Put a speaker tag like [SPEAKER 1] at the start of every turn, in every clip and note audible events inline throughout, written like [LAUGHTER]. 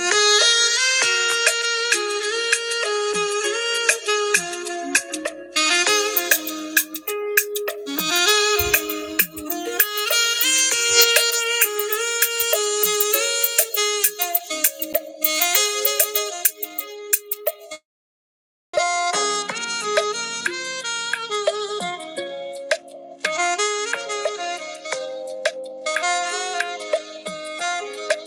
[SPEAKER 1] Thank you.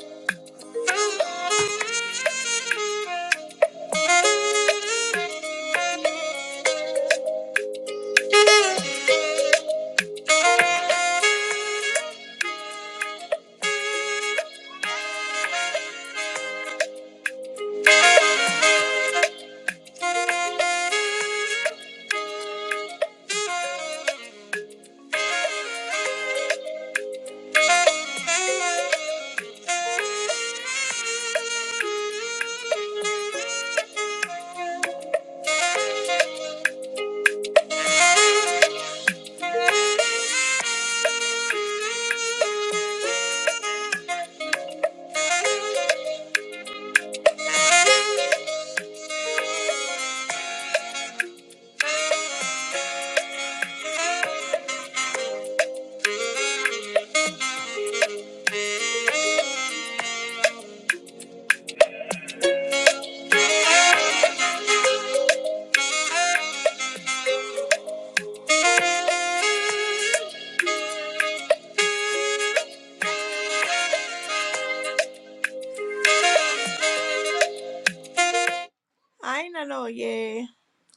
[SPEAKER 1] I don't know, yeah.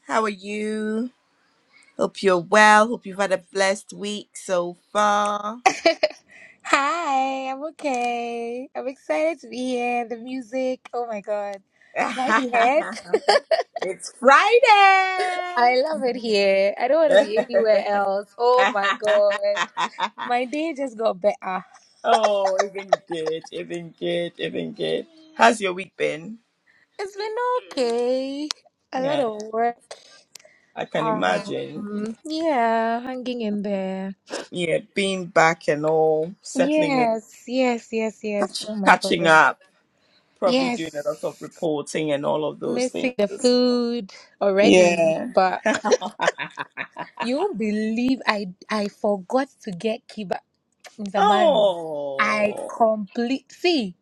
[SPEAKER 1] How are you? Hope you're well. Hope you've had a blessed week so far.
[SPEAKER 2] [LAUGHS] Hi, I'm okay. I'm excited to be here. The music, oh my God. Can I
[SPEAKER 1] [LAUGHS]
[SPEAKER 2] be heard?
[SPEAKER 1] it's Friday.
[SPEAKER 2] [LAUGHS] I love it here. I don't want to
[SPEAKER 1] [LAUGHS]
[SPEAKER 2] be anywhere else. Oh my God. My day just got better.
[SPEAKER 1] oh, even good, even good, even good. How's your week been?
[SPEAKER 2] It's been okay. A lot
[SPEAKER 1] Yeah,
[SPEAKER 2] of work.
[SPEAKER 1] I can imagine.
[SPEAKER 2] Um, yeah, hanging in there.
[SPEAKER 1] Yeah, being back and all, settling in,
[SPEAKER 2] Yes, yes, yes, yes.
[SPEAKER 1] catch-
[SPEAKER 2] Oh my
[SPEAKER 1] catching
[SPEAKER 2] God.
[SPEAKER 1] up, probably doing a
[SPEAKER 2] Yes.
[SPEAKER 1] lot of reporting and all of those things.
[SPEAKER 2] Missing the food already,
[SPEAKER 1] Yeah.
[SPEAKER 2] but You won't believe I I forgot to get Kiba Mr. Mario. I
[SPEAKER 1] Oh,
[SPEAKER 2] complete see.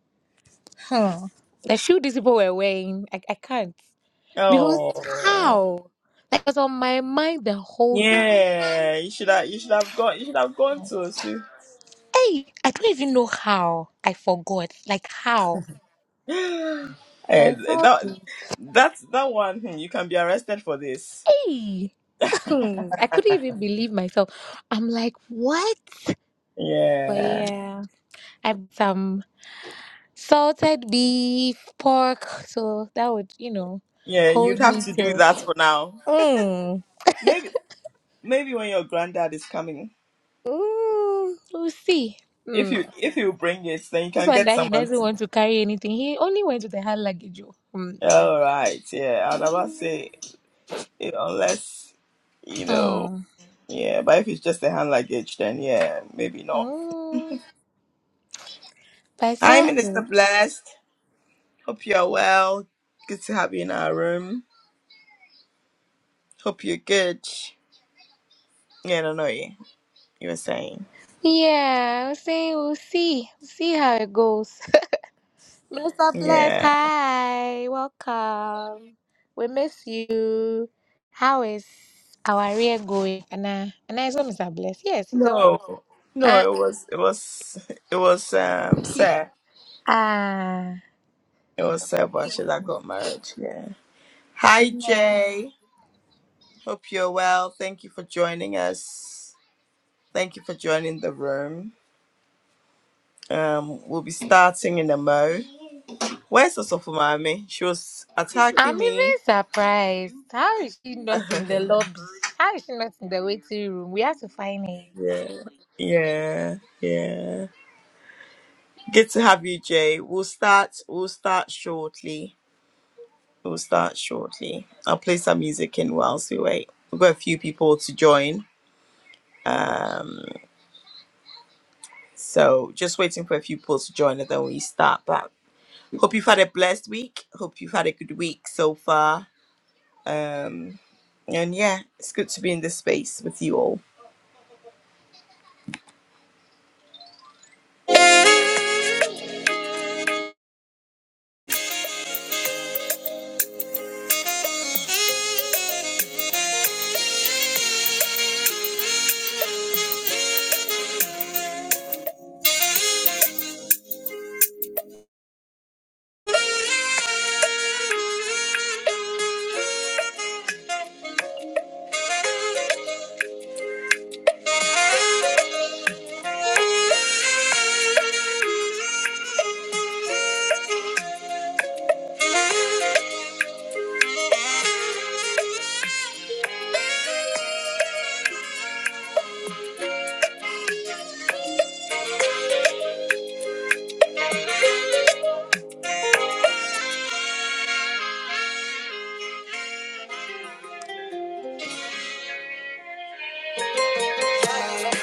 [SPEAKER 2] Huh. The shoe these people were wearing, I, I can't. Because
[SPEAKER 1] oh,
[SPEAKER 2] how? Like it was on my mind the whole time.
[SPEAKER 1] yeah. You should have, you should have gone, you should have gone to see.
[SPEAKER 2] Hey, I don't even know how I forgot. Like how?
[SPEAKER 1] [GASPS] Eh,
[SPEAKER 2] But it's all
[SPEAKER 1] that,
[SPEAKER 2] good.
[SPEAKER 1] that, that one. hmm, You can be arrested for this.
[SPEAKER 2] Hey. [LAUGHS] I couldn't even believe myself. I'm like, what? But
[SPEAKER 1] Yeah,
[SPEAKER 2] yeah. I have some. salted beef, pork. So that would, you know,
[SPEAKER 1] yeah. You'd
[SPEAKER 2] hold
[SPEAKER 1] have
[SPEAKER 2] me
[SPEAKER 1] to do
[SPEAKER 2] till.
[SPEAKER 1] that for now.
[SPEAKER 2] Mm,
[SPEAKER 1] Maybe, maybe when your granddad is coming,
[SPEAKER 2] mm, we'll see.
[SPEAKER 1] if you,
[SPEAKER 2] Mm.
[SPEAKER 1] if you bring it, then you
[SPEAKER 2] This
[SPEAKER 1] can
[SPEAKER 2] one
[SPEAKER 1] get
[SPEAKER 2] that he
[SPEAKER 1] someone.
[SPEAKER 2] doesn't want to carry anything. He only went with the hand luggage. oh. Mm.
[SPEAKER 1] To, all right. Yeah, I'd about
[SPEAKER 2] Mm.
[SPEAKER 1] say eh, unless you know.
[SPEAKER 2] Hmm.
[SPEAKER 1] Yeah, but if it's just a hand luggage, then yeah, maybe not.
[SPEAKER 2] Mm. But it's
[SPEAKER 1] Hi,
[SPEAKER 2] all
[SPEAKER 1] Minister
[SPEAKER 2] good.
[SPEAKER 1] Blessed. Hope you're well. Good to have you in our room. Hope you're good. Yeah, no, no, you, you were saying.
[SPEAKER 2] Yeah, I was saying We'll see. We'll see how it goes. [LAUGHS] Mr. Bless,
[SPEAKER 1] Yeah.
[SPEAKER 2] hi, welcome. We miss you. How is our rear going? Anna, Anna is what Mr. Bless. Yes, he's away.
[SPEAKER 1] No.
[SPEAKER 2] Ah,
[SPEAKER 1] No, it was it was it was um Sir.
[SPEAKER 2] ah,
[SPEAKER 1] It was Sir
[SPEAKER 2] forgive
[SPEAKER 1] Bosher that
[SPEAKER 2] me.
[SPEAKER 1] got married. Yeah. Hi
[SPEAKER 2] Yeah.
[SPEAKER 1] Jay. Hope you're well. Thank you for joining us. Thank you for joining the room. Um we'll be starting in a mo. Where's the Sofumami? She was
[SPEAKER 2] I'm
[SPEAKER 1] attacking
[SPEAKER 2] even
[SPEAKER 1] me.
[SPEAKER 2] surprised. How is she not
[SPEAKER 1] [LAUGHS]
[SPEAKER 2] in the lobby? How is she not in the waiting room? We have to find her.
[SPEAKER 1] yeah. Yeah. Yeah. Good to have you, Jay. We'll start. We'll start shortly. We'll start shortly. I'll play some music in whilst we wait. We've got a few people to join. Um, so just waiting for a few people to join, and then we start. But hope you've had a blessed week. Hope you've had a good week so far. Um, and yeah, it's good to be in this space with you all. I'm not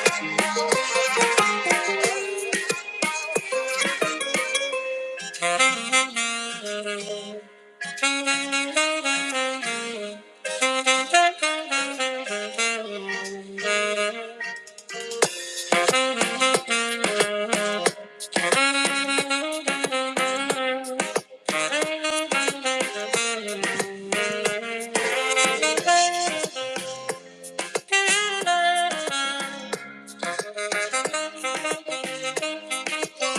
[SPEAKER 1] afraid to love you.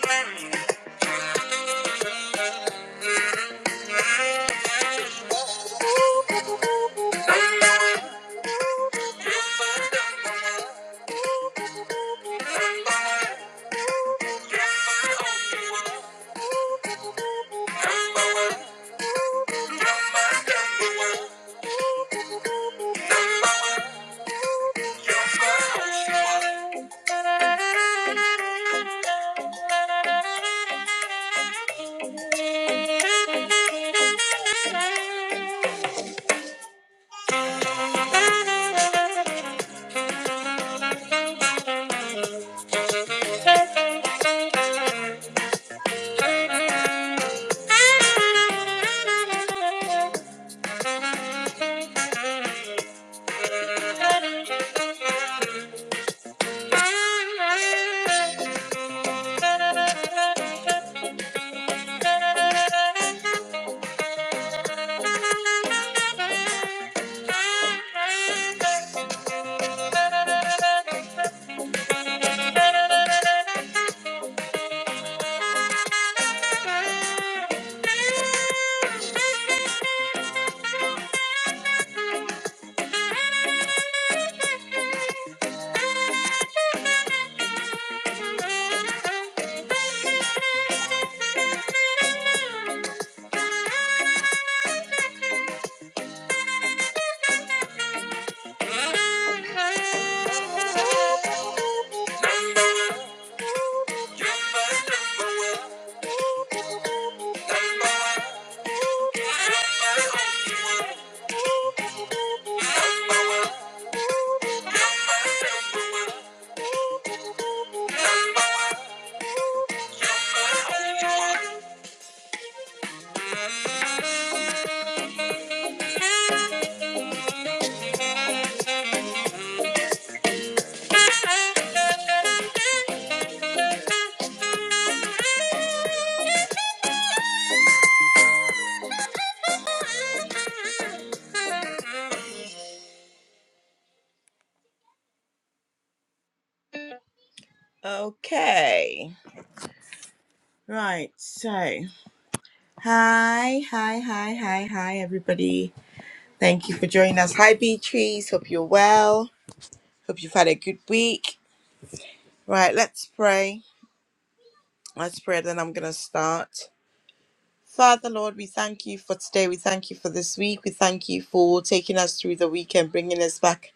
[SPEAKER 1] Thank you. Thank you. Thank you. Thank you. Thank you. Number one. Okay. Right. So, hi, hi, hi, hi, hi, everybody. Thank you for joining us. Hi, Bee Trees. Hope you're well. Hope you've had a good week. Right. Let's pray. Let's pray, then I'm going to start. Father, Lord, we thank you for today. We thank you for this week. We thank you for taking us through the week and bringing us back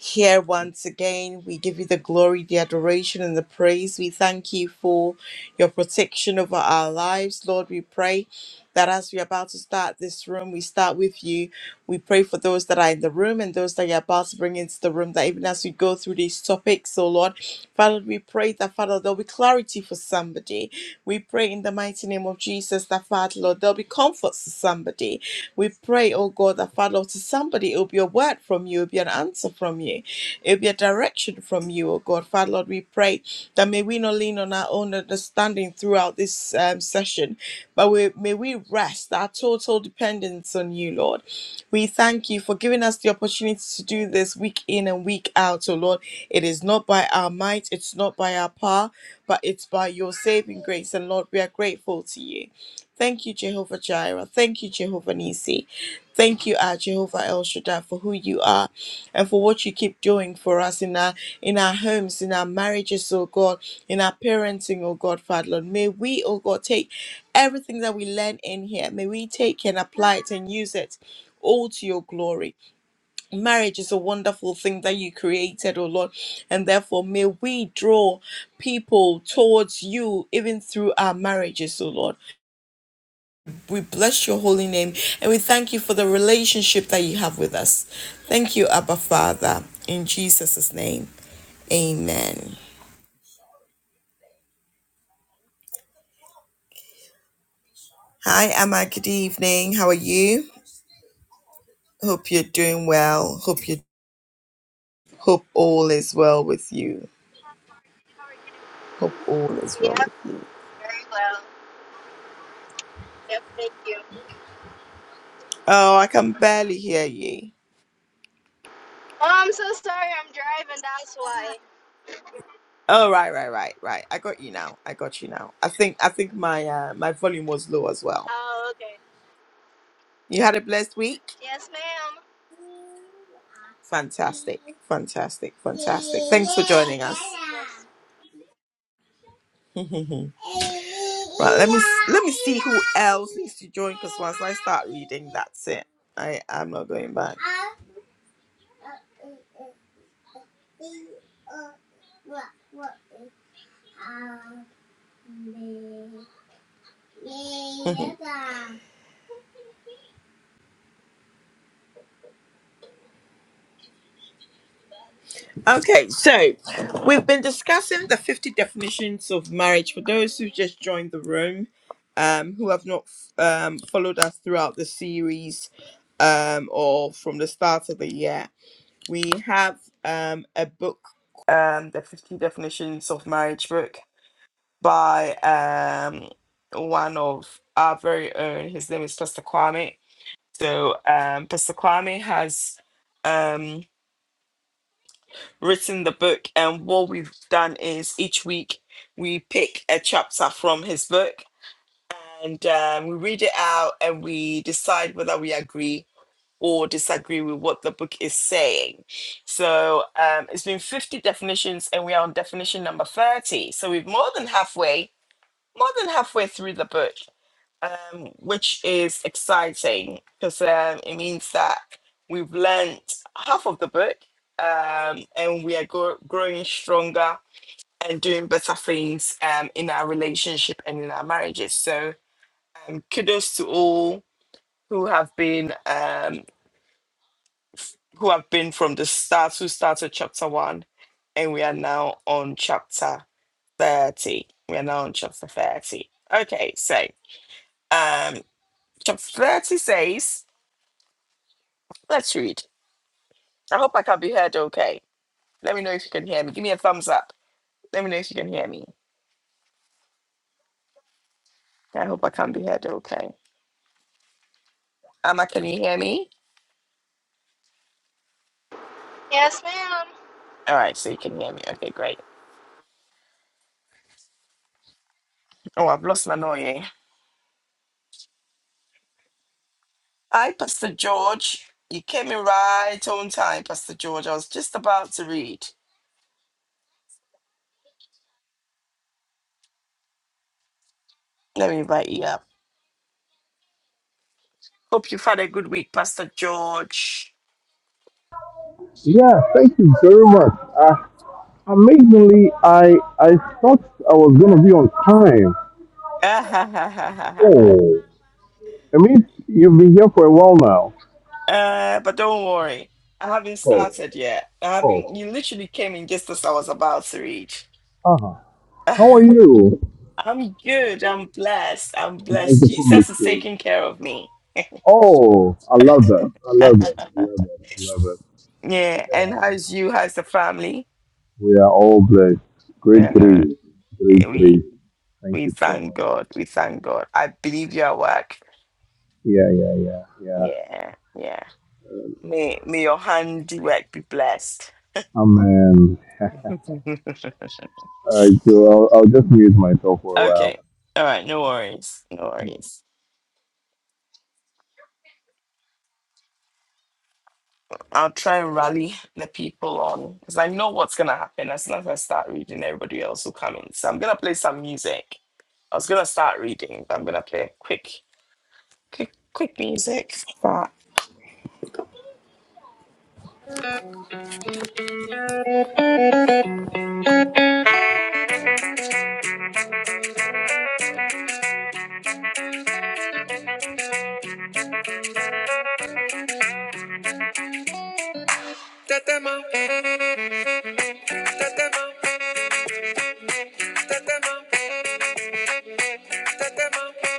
[SPEAKER 1] here once again. We give you the glory, the adoration, and the praise. We thank you for your protection over our lives. Lord, we pray that as we're about to start this room, we start with you. We pray for those that are in the room and those that you're about to bring into the room, that even as we go through these topics, oh Lord, Father, we pray that, Father, there'll be clarity for somebody. We pray in the mighty name of Jesus that, Father, Lord, there'll be comfort for somebody somebody. We pray, oh God, that Father, to somebody it will be a word from you, it will be an answer from you, it will be a direction from you, oh God. Father, Lord, we pray that may we not lean on our own understanding throughout this um, session, but we, may we rest our total dependence on you, Lord. We thank you for giving us the opportunity to do this week in and week out, oh Lord. It is not by our might, it's not by our power, but it's by your saving grace. And Lord, we are grateful to you. Thank you, Jehovah Jireh. Thank you, Jehovah Nisi. Thank you, our Jehovah El Shaddai, for who you are and for what you keep doing for us in our in our homes, in our marriages, oh God, in our parenting, oh God, Father Lord. May we, oh God, take everything that we learn in here. May we take and apply it and use it. All to your glory. Marriage is a wonderful thing that you created, oh Lord, and therefore may we draw people towards you even through our marriages, oh Lord we bless your holy name and we thank you for the relationship that you have with us. Thank you, Abba Father, in Jesus' name. Amen. Hi, Amma. Good evening. How are you? Hope you're doing well. Hope you hope all is well with you. Hope all is well with you. Oh, I can barely hear you. Oh, right, right, right, right. I got you now. I got you now. I think I think my uh, my volume was low as well. You had a blessed week. Fantastic, fantastic, fun. [LAUGHS] Please to join that's it. I am not going back. Okay, so we've been discussing the 50 definitions of marriage for those who just joined the room, um, who have not um, followed us throughout the series um, or from the start of the year. We have um, a book, um, the 50 definitions of marriage book by um, one of our very own. His name is Pastor Kwame So um, Pastor Kwame has um, written the book, and what we've done is each week we pick a chapter from his book and um, we read it out and we decide whether we agree or disagree with what the book is saying. So um, it's been 50 definitions, and we are on definition number 30. So we've more than halfway, more than halfway through the book um, which is exciting because um, it means that we've learned half of the book um, and we are gro- growing stronger and doing better things um, in our relationship and in our marriages. So um, kudos to all who have been um, who have been from the start who started chapter one, and we are now on chapter thirty. We are now on chapter thirty. Okay, so um, chapter thirty says, "Let's read." I hope I can be heard okay. Let me know if you can hear me. Give me a thumbs up. Let me know if you can hear me. I hope I can be heard okay. Amma, can you hear me? All right, so you can hear me. Okay, great. Oh, I've lost my noise. Hi, Pastor George. You came in right on time, Pastor George. I was just about to read. Let me invite you up. Hope you've had a good week, Pastor George. [LAUGHS]
[SPEAKER 3] Yeah, thank you very much. Uh, amazingly, I I thought I was gonna be on time.
[SPEAKER 1] Ah ha ha ha ha ha
[SPEAKER 3] Oh, I mean, you've been here for a while now.
[SPEAKER 1] ha. uh, but don't worry. I haven't
[SPEAKER 3] oh,
[SPEAKER 1] started yet. I haven't.
[SPEAKER 3] oh.
[SPEAKER 1] You literally came in just as I was about to read.
[SPEAKER 3] Uh-huh. How are
[SPEAKER 1] [LAUGHS]
[SPEAKER 3] you?
[SPEAKER 1] I'm good. I'm blessed. I'm
[SPEAKER 3] Where's
[SPEAKER 1] blessed.
[SPEAKER 3] the public
[SPEAKER 1] Jesus is
[SPEAKER 3] too?
[SPEAKER 1] taking care of me.
[SPEAKER 3] Oh, I love that. I
[SPEAKER 1] [LAUGHS]
[SPEAKER 3] love it. I love it. I love it.
[SPEAKER 1] Yeah. And
[SPEAKER 3] Yeah.
[SPEAKER 1] how's you? How's the family?
[SPEAKER 3] We are all blessed. Great
[SPEAKER 1] Yeah.
[SPEAKER 3] grief.
[SPEAKER 1] eh,
[SPEAKER 3] Great
[SPEAKER 1] We
[SPEAKER 3] grief. Thank
[SPEAKER 1] we
[SPEAKER 3] you so
[SPEAKER 1] thank
[SPEAKER 3] much.
[SPEAKER 1] God. We thank God. I believe your work.
[SPEAKER 3] Yeah, yeah, yeah, yeah.
[SPEAKER 1] Yeah. Yeah. May may your handiwork be blessed.
[SPEAKER 3] Amen.
[SPEAKER 1] [LAUGHS]
[SPEAKER 3] All right, so I'll, I'll just mute myself for a while.
[SPEAKER 1] okay. All right. No worries. No worries. I'll try and rally the people on because I know what's gonna happen as soon as I start reading. Everybody else will come in. So I'm gonna play some music. I was gonna start reading, but I'm gonna play quick, quick, quick music. But Tetema, eh, tetema, eh, tetema, eh, tetema.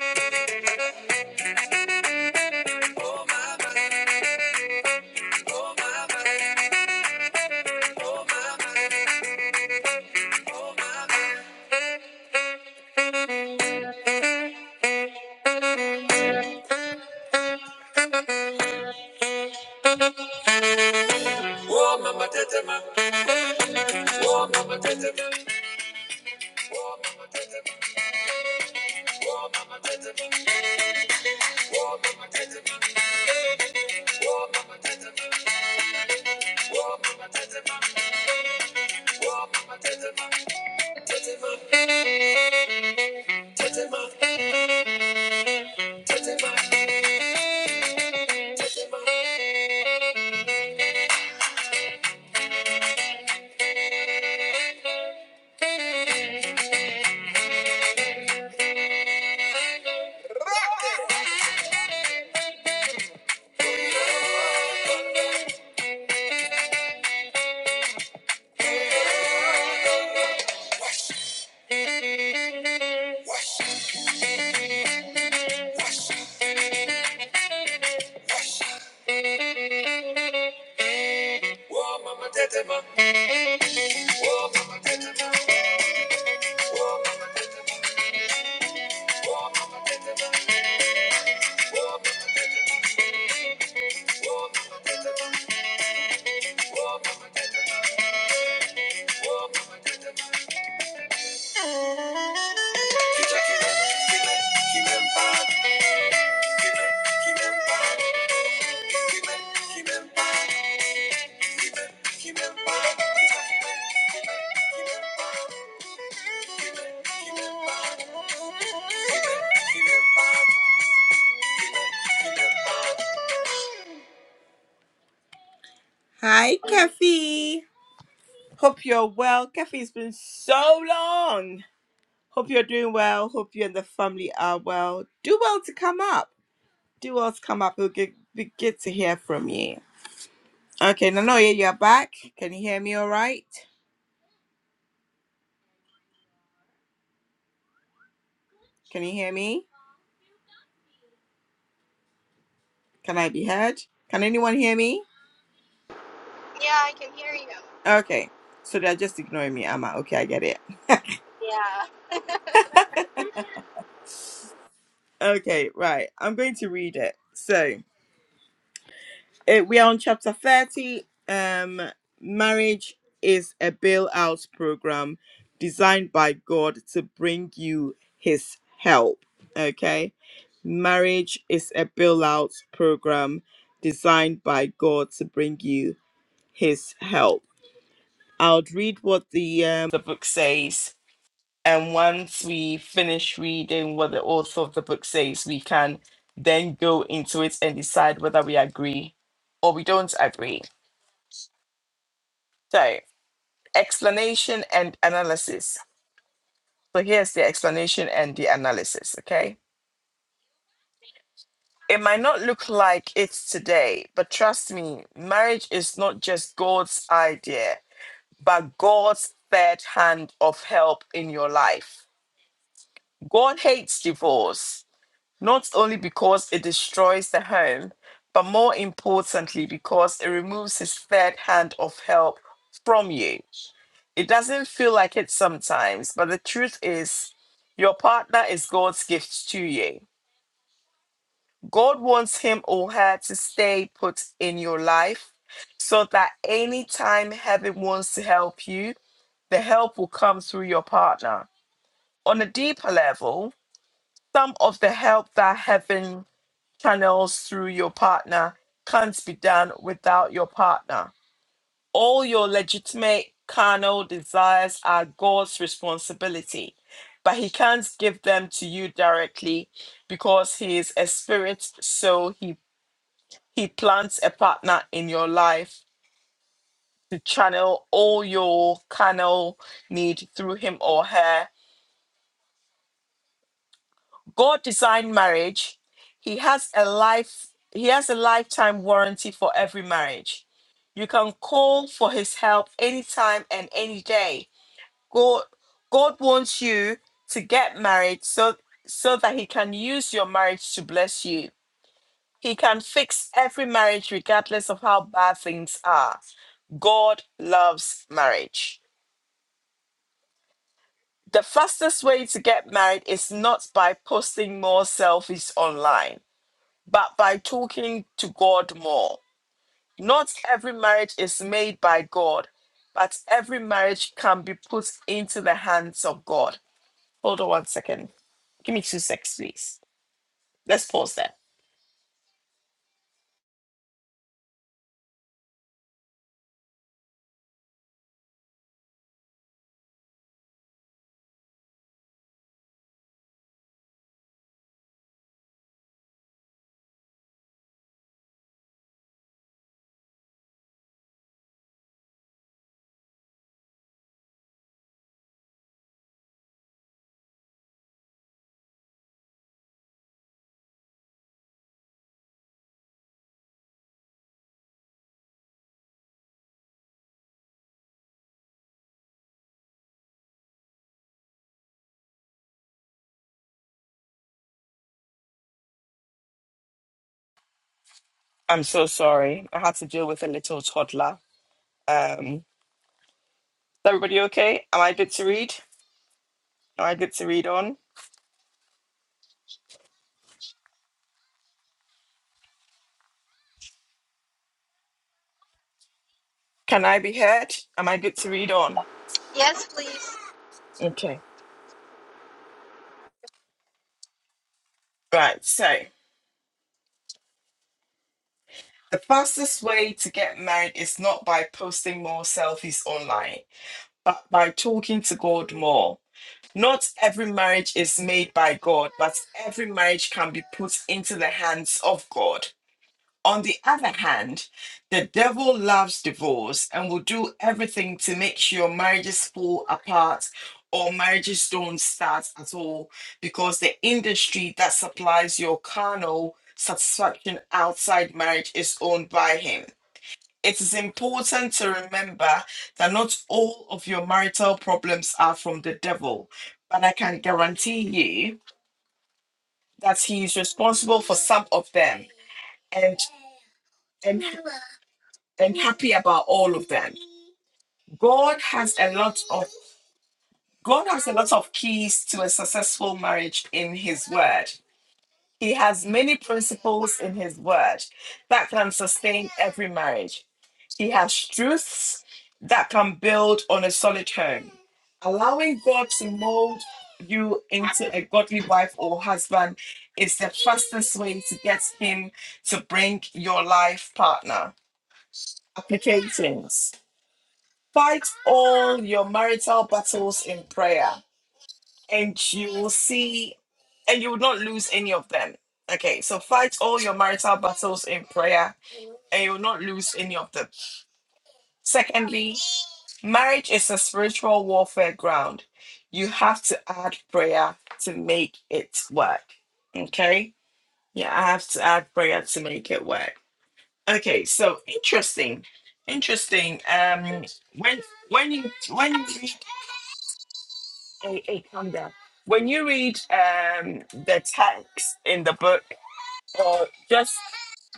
[SPEAKER 1] Whoa, mama, tetema. Whoa, mama, tetema. Whoa, mama, tetema. Whoa, mama, tetema. Whoa, mama, tetema. Whoa, whoa, whoa. Kicha, kicha, kicha, kicha, kicha, Hi, Keffy. Hope you're well. Keffy, it's been so long. Hope you're doing well. Hope you and the family are well. Do well to come up. Do well to come up. It'll get, be good to hear from you. Okay, Nanoye, you're back. Can you hear me all right? Can you hear me? Can I be heard? Can anyone hear me? Okay. So they're just ignoring me, am I? Okay, I get it. Okay, right. I'm going to read it. So eh, we are on chapter 30. Um, marriage is a bailout program designed by God to bring you his help. Okay. Marriage is a bailout program designed by God to bring you his help. I'll read what the um, the book says And once we finish reading what the author of the book says, we can then go into it and decide whether we agree or we don't agree. So, explanation and analysis. So, here's the explanation and the analysis, okay? It might not look like it's today, but trust me, marriage is not just God's idea, but God's third hand of help in your life. God hates divorce not only because it destroys the home, but more importantly, because it removes his third hand of help from you. It doesn't feel like it sometimes, but the truth is, your partner is God's gift to you. God wants him or her to stay put in your life so that anytime heaven wants to help you, the help will come through your partner. On a deeper level, some of the help that heaven channels through your partner can't be done without your partner. All your legitimate carnal desires are God's responsibility, but He can't give them to you directly because He is a spirit, so He, he plants a partner in your life to channel all your carnal need through Him or her God designed marriage. He has a life he has a lifetime warranty for every marriage. You can call for his help anytime and any day. God God wants you to get married so so that he can use your marriage to bless you. He can fix every marriage regardless of how bad things are. God loves marriage. The fastest way to get married is not by posting more selfies online but by talking to God more. Not every marriage is made by God, but every marriage can be put into the hands of God. Hold on one second. Give me two seconds, please. Let's pause there. I'm so sorry. I had to deal with a little toddler. Um, is everybody okay? Am I good to read? Am I good to read on? Can I be heard? Am I good to read on? Okay. Right. So the fastest way to get married is not by posting more selfies online by, by talking to God more. Not every marriage is made by God, but every marriage can be put into the hands of God. On the other hand, the devil loves divorce and will do everything to make sure marriages fall apart or marriages don't start at all because the industry that supplies your carnal satisfaction outside marriage is owned by him. It is important to remember that not all of your marital problems are from the devil, but I can guarantee you that he is responsible for some of them and and and happy about all of them. God has a lot of God has a lot of keys to a successful marriage in his word. He has many principles in his word that can sustain every marriage. He has truths that can build on a solid home. Allowing God to mold you into a godly wife or husband is the fastest way to get Him to bring your life partner. Applications Fight all your marital battles in prayer, and you will see, and you will not lose any of them. Okay, so fight all your marital battles in prayer, and you will not lose any of them. Secondly, Marriage is a spiritual warfare ground. You have to add prayer to make it work. Okay? Yeah, I have to add prayer to make it work. Okay, so interesting. Interesting. Um when when you when you read a, a calm down. When you read um the text in the book or just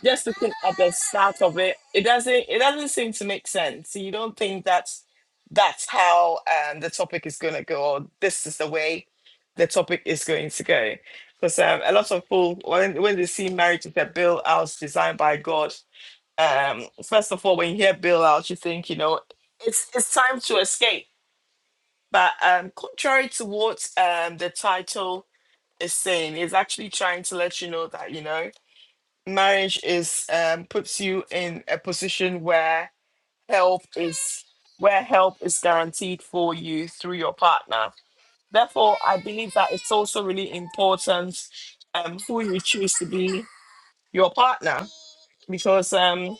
[SPEAKER 1] just looking the start of it it doesn't it doesn't seem to make sense so you don't think that's that's how um, the topic is going to go or this is the way the topic is going to go because um, a lot of people when, when they see marriage as a bill out designed by god um, first of all when you hear bill out you think you know it's it's time to escape but um, contrary to what um, the title is saying is actually trying to let you know that you know marriage is um, puts you in a position where help is where help is guaranteed for you through your partner. Therefore, I believe that it's also really important um, who you choose to be your partner, because um,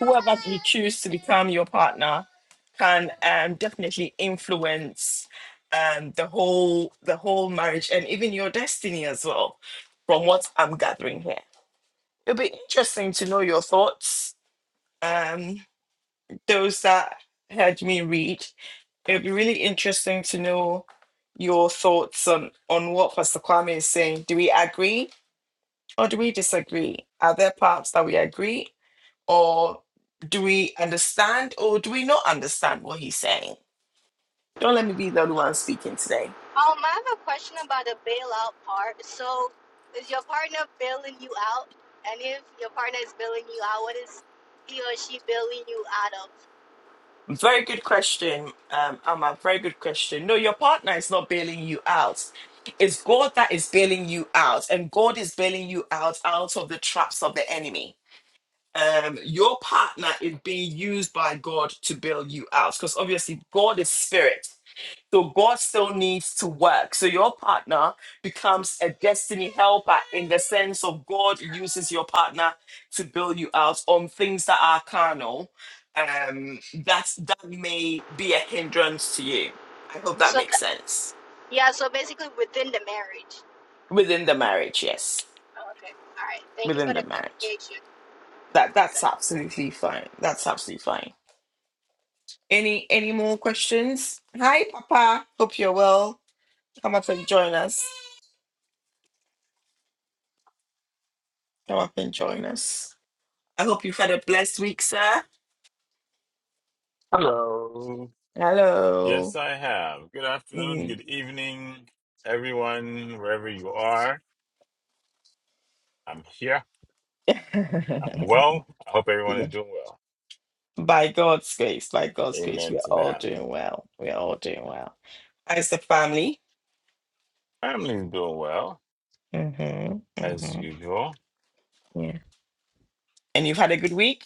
[SPEAKER 1] whoever you choose to become your partner can um, definitely influence um, the whole the whole marriage and even your destiny as well. From what I'm gathering here, it'll be interesting to know your thoughts um, those that heard me read, it would be really interesting to know your thoughts on, on what Pastor Kwame is saying. Do we agree or do we disagree? Are there parts that we agree or do we understand or do we not understand what he's saying? Don't let me be the only one speaking today. Very good question, um, Amma. Very good question. No, your partner is not bailing you out. It's God that is bailing you out, and God is bailing you out out of the traps of the enemy um, your partner is being used by God to build you out. Because obviously, God is spirit. So God still needs to work. So your partner becomes a destiny helper in the sense of God uses your partner to build you out on things that are carnal. Um, that that may be a hindrance to you. I hope that makes sense within the marriage. Yes, within the marriage. That that's absolutely fine. That's absolutely fine Any any more questions? Hi, Papa. Hope you're well. Come up and join us. Come up and join us. I hope you've had a blessed week, sir.
[SPEAKER 4] Hello. Yes,
[SPEAKER 1] Hello.
[SPEAKER 4] I have. Good afternoon,
[SPEAKER 1] Mm.
[SPEAKER 4] good evening, everyone, wherever you are. I'm here. I'm
[SPEAKER 1] [LAUGHS]
[SPEAKER 4] well. I hope everyone
[SPEAKER 1] yeah.
[SPEAKER 4] is doing well.
[SPEAKER 1] By God's grace, by God's grace,
[SPEAKER 4] Amen
[SPEAKER 1] we are
[SPEAKER 4] to
[SPEAKER 1] all
[SPEAKER 4] that.
[SPEAKER 1] doing well. We are all doing well. As the family.
[SPEAKER 4] Family is doing well,
[SPEAKER 1] Mm-hmm.
[SPEAKER 4] as
[SPEAKER 1] Mm-hmm.
[SPEAKER 4] usual.
[SPEAKER 1] Yeah. And you've had a good week?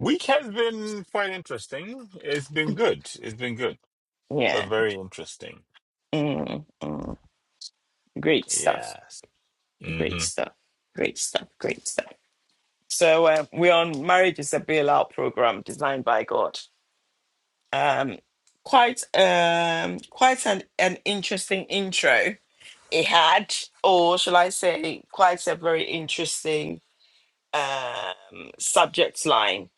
[SPEAKER 4] Week has been quite interesting. It's been good. It's been good, but
[SPEAKER 1] Yeah.
[SPEAKER 4] very interesting.
[SPEAKER 1] Mm, mm. Great stuff.
[SPEAKER 4] Yes.
[SPEAKER 1] Great
[SPEAKER 4] hmm
[SPEAKER 1] stuff. Great stuff. Great stuff. So uh, we're on marriage is a bailout program designed by God. Um, quite um, quite an, an interesting intro it had, or shall I say, quite a very interesting um, subject line.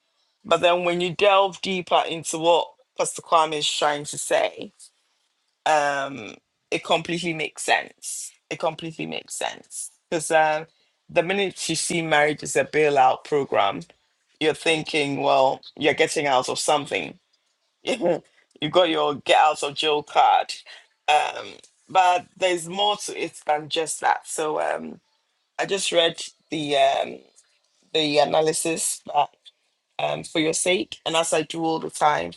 [SPEAKER 1] But then when you delve deeper into what Pastor Kwame is trying to say, um, it completely makes sense. It completely makes sense because um, the minute you see marriage as a bailout program, you're thinking, well, you're getting out of something. [LAUGHS] you got your get out of jail card. Um, but there's more to it than just that. So um, I just read the um, the analysis that, um, for your sake, and as I do all the time,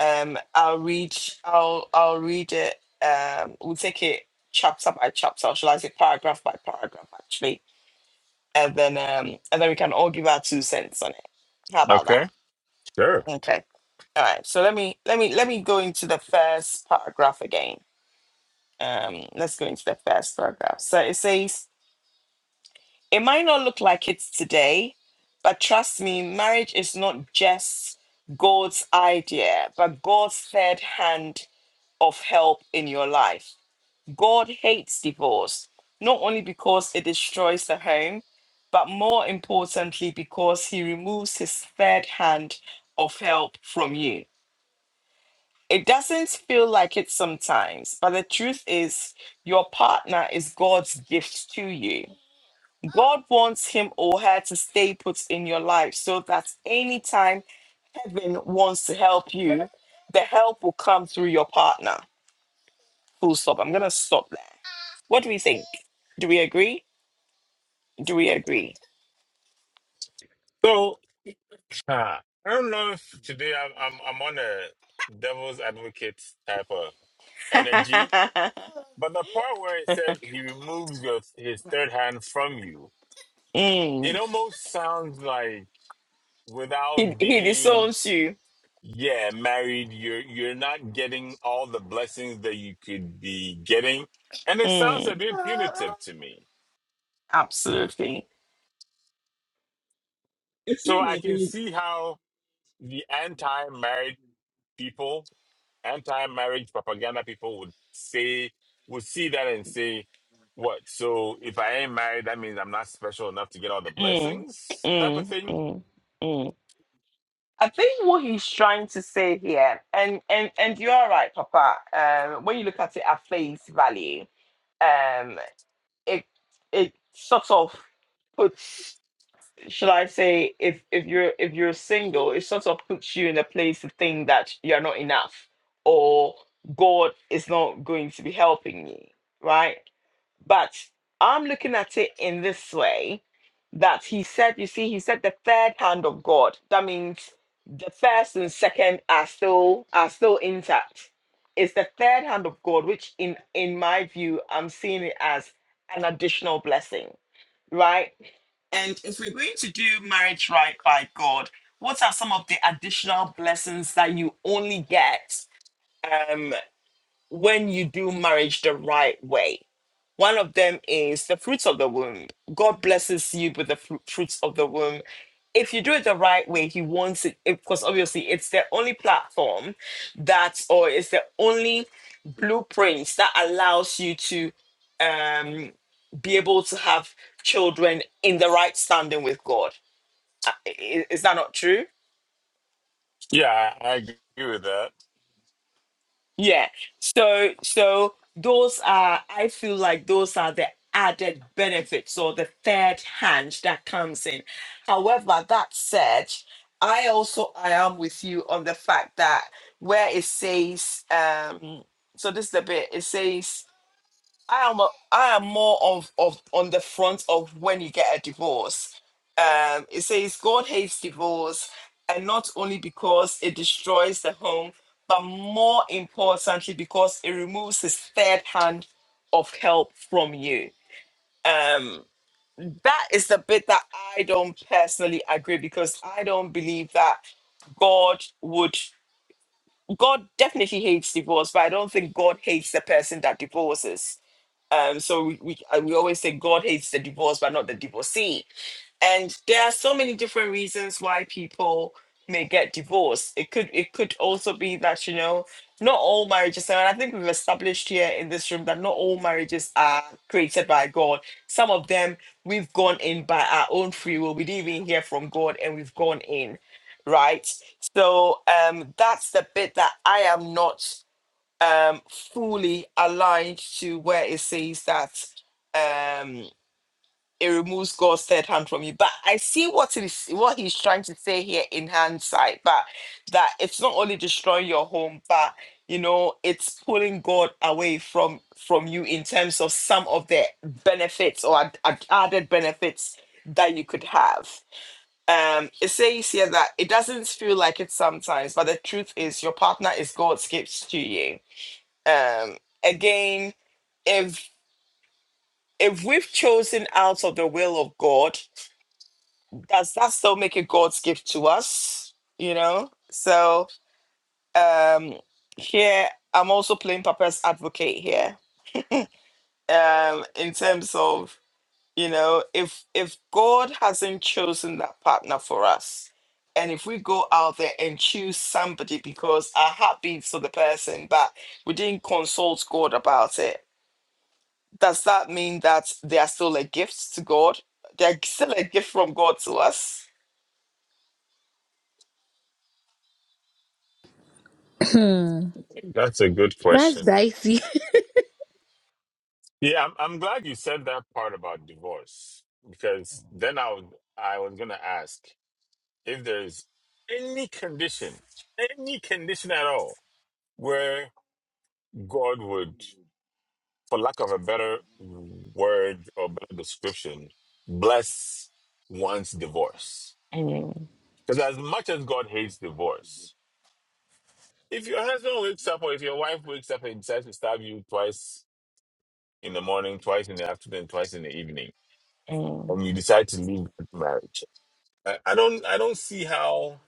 [SPEAKER 1] um, I'll read I'll I'll read it. Um, we'll take it chapter by chapter, or shall I say paragraph by paragraph, actually, and then um, and then we can all give our two cents on it. How about that?
[SPEAKER 4] Okay. Sure.
[SPEAKER 1] Okay. All right. So let me let me let me go into the first paragraph again. Um, let's go into the first paragraph. So it says, "It might not look like it's today, but trust me, marriage is not just God's idea, but God's third hand of help in your life. God hates divorce, not only because it destroys the home, but more importantly because He removes His third hand of help from you." It doesn't feel like it sometimes, but the truth is, your partner is God's gift to you. God wants him or her to stay put in your life so that anytime heaven wants to help you, the help will come through your partner. Full stop. I'm going to stop there. What do we think? Do we agree? Do we agree?
[SPEAKER 4] So, uh, I don't know if today I'm, I'm, I'm on a devil's advocate type of energy
[SPEAKER 1] [LAUGHS]
[SPEAKER 4] But the part where it said he removes your his third hand from you, it
[SPEAKER 1] Mm.
[SPEAKER 4] almost sounds like
[SPEAKER 1] He,
[SPEAKER 4] without
[SPEAKER 1] he
[SPEAKER 4] being
[SPEAKER 1] disowns you.
[SPEAKER 4] yeah married, you're you're not getting all the blessings that you could be getting, and it sounds a
[SPEAKER 1] Mm.
[SPEAKER 4] bit punitive to me.
[SPEAKER 1] Absolutely.
[SPEAKER 4] So I can see how the anti-marriage people, anti-marriage propaganda people would say, would see that and say, what? So if I ain't married, that means I'm not special enough to get all the
[SPEAKER 1] Mm.
[SPEAKER 4] blessings type of
[SPEAKER 1] Mm.
[SPEAKER 4] thing?
[SPEAKER 1] Mm. Mm. I think what he's trying to say here, and and and you are right, Papa. Um, when you look at it at face value, um, it it sort of puts, shall I say, if if you're if you're single, it sort of puts you in a place to think that you're not enough or God is not going to be helping you, right? But I'm looking at it in this way that he said, you see, he said the third hand of God. That means the first and second are still are still intact. It's the third hand of God, which in in my view, I'm seeing it as an additional blessing, right? And if we're going to do marriage right by God, what are some of the additional blessings that you only get um, when you do marriage the right way? One of them is the fruits of the womb. God blesses you with the fru- fruits of the womb. If you do it the right way, He wants it, because obviously it's the only platform that, or it's the only blueprint that allows you to um, be able to have children in the right standing with God. Uh, i- i- Is that not true?
[SPEAKER 4] Yeah, I I agree with that.
[SPEAKER 1] Yeah. So so those are I feel like those are the added benefits or the third hand that comes in. However, that said, I also I am with you on the fact that where it says um so this is the bit it says I am a, I am more of, of on the front of when you get a divorce. Um, it says God hates divorce, and not only because it destroys the home, but more importantly because it removes his third hand of help from you. Um, that is the bit that I don't personally agree because I don't believe that God would. God definitely hates divorce, but I don't think God hates the person that divorces um, so we, we uh, we always say God hates the divorce, but not the divorcee. And there are so many different reasons why people may get divorced. It could it could also be that you know not all marriages, and I think we've established here in this room that not all marriages are created by God. Some of them we've gone in by our own free will. We didn't even hear from God, and we've gone in, right? So um, that's the bit that I am not um, fully aligned to where it says that um, it removes God's third hand from you. But I see what it is, what he's trying to say here in hindsight, but that it's not only destroying your home, but you know, it's pulling God away from from you in terms of some of the benefits or ad- ad- added benefits that you could have. Um, it says here that it doesn't feel like it sometimes, but the truth is your partner is God's gift to you um, again, if if we've chosen out of the will of God, does that still make it God's gift to us? You know? So um here I'm also playing Papa's advocate here. Um in terms of, you know, if if God hasn't chosen that partner for us, and if we go out there and choose somebody because our heart beats for the person, but we didn't consult God about it, does that mean that they are still a gift to God? They're still a gift from God to us.
[SPEAKER 2] Hmm,
[SPEAKER 4] That's a good
[SPEAKER 2] that's
[SPEAKER 4] question.
[SPEAKER 2] dicey. [LAUGHS]
[SPEAKER 4] Yeah, I'm, I'm glad you said that part about divorce because then I would, I was going to ask if there's any condition, any condition at all where God would for lack of a better word or better description, bless one's divorce. Because as much as God hates divorce, if your husband wakes up or if your wife wakes up and decides to stab you twice in the morning, twice in the afternoon, twice in the evening,
[SPEAKER 1] Mm,
[SPEAKER 4] and you decide to leave that marriage, I, I don't, I don't see how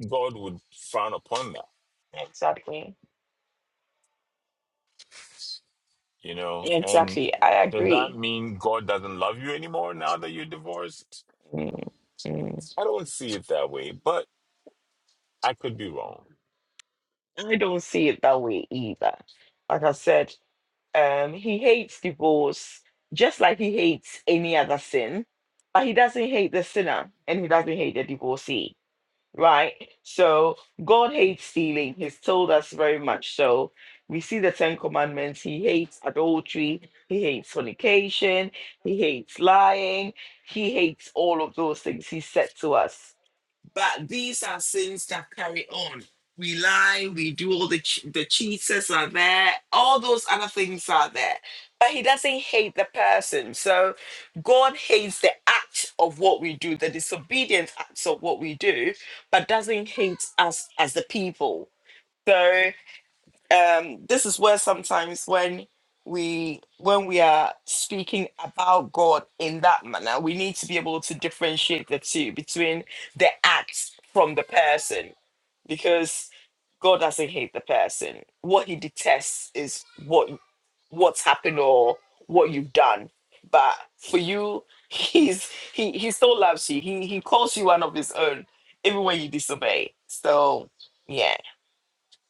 [SPEAKER 4] God would frown upon that,
[SPEAKER 1] exactly.
[SPEAKER 4] you know. And
[SPEAKER 1] Exactly. I
[SPEAKER 4] does that
[SPEAKER 1] agree.
[SPEAKER 4] mean God doesn't love you anymore now that you're divorced?
[SPEAKER 1] Mm, mm.
[SPEAKER 4] I don't see it that way, but I could be wrong.
[SPEAKER 1] I don't see it that way either. Like I said, um, he hates divorce just like he hates any other sin, but he doesn't hate the sinner and he doesn't hate the divorcee. right? So God hates stealing. He's told us very much so. We see the Ten Commandments. He hates adultery. He hates fornication. He hates lying. He hates all of those things he said to us but these are sins that carry on. We lie, we do all the ch- the cheaters are there, all those other things are there. But he doesn't hate the person. So God hates the act of what we do, the disobedient acts of what we do, but doesn't hate us as the people. So um, this is where sometimes when we when we are speaking about God in that manner, we need to be able to differentiate the two between the act from the person, because God doesn't hate the person. What He detests is what what's happened or what you've done. But for you, [LAUGHS] He's He He still loves you. He He calls you one of His own, even when you disobey. So yeah,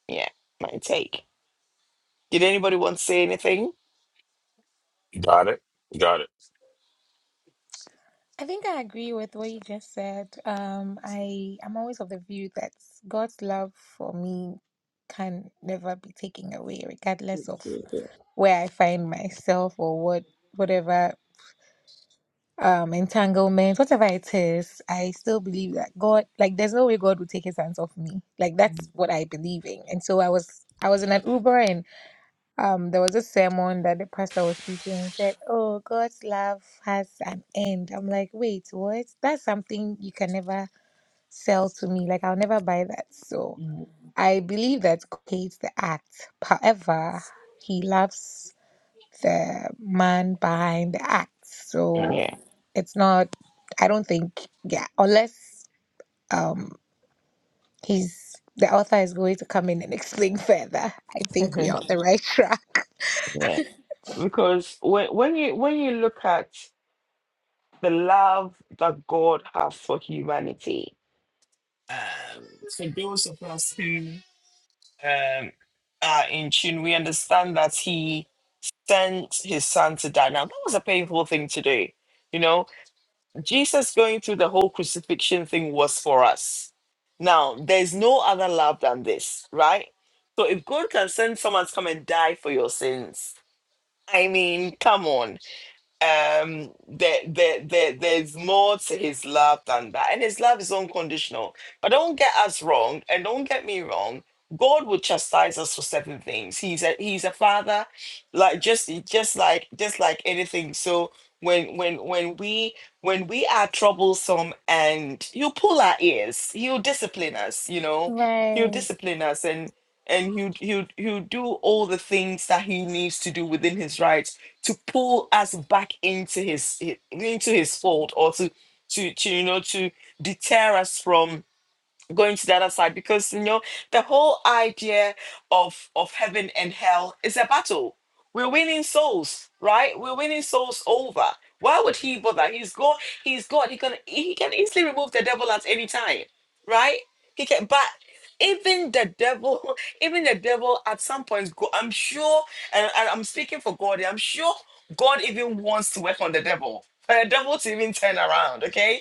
[SPEAKER 1] yeah, my take. Did anybody want to say anything?
[SPEAKER 4] Got it. Got it.
[SPEAKER 2] I think I agree with what you just said. Um, I am always of the view that God's love for me can never be taken away, regardless of where I find myself or what whatever um entanglement, whatever it is. I still believe that God, like, there's no way God would take His hands off me. Like
[SPEAKER 1] Mm,
[SPEAKER 2] that's what I believe in, and so I was I was in an Uber and um there was a sermon that the pastor was teaching and said oh god's love has an end i'm like wait what that's something you can never sell to me like i'll never buy that so
[SPEAKER 1] mm,
[SPEAKER 2] i believe that god hates the act however he loves the man behind the act so
[SPEAKER 1] Yeah,
[SPEAKER 2] it's not i don't think yeah unless um, He's the author is going to come in and explain further. I think we are
[SPEAKER 1] [LAUGHS]
[SPEAKER 2] on the right track.
[SPEAKER 1] yeah.
[SPEAKER 2] [LAUGHS]
[SPEAKER 1] Because when when you when you look at the love that God has for humanity, um, for those of us who um, are in tune, we understand that He sent His Son to die. Now that was a painful thing to do, you know. Jesus going through the whole crucifixion thing was for us. Now, there's no other love than this, right? So if God can send someone to come and die for your sins, I mean, come on um there, there there there's more to his love than that and his love is unconditional but don't get us wrong and don't get me wrong god will chastise us for certain things he's a he's a father like just just like just like anything so when when when we when we are troublesome and he'll pull our ears he'll discipline us you know he'll
[SPEAKER 2] Right.
[SPEAKER 1] discipline us and and he'll, he'll, he'll do all the things that he needs to do within his rights to pull us back into his into his fold or to to, to you know to deter us from going to the other side because you know the whole idea of of heaven and hell is a battle we're winning souls right we're winning souls over why would he bother he's god he's god he can he can easily remove the devil at any time right he can but even the devil [LAUGHS] even the devil at some point go- i'm sure and, and i'm speaking for god here, i'm sure god even wants to work on the devil for the devil to even turn around okay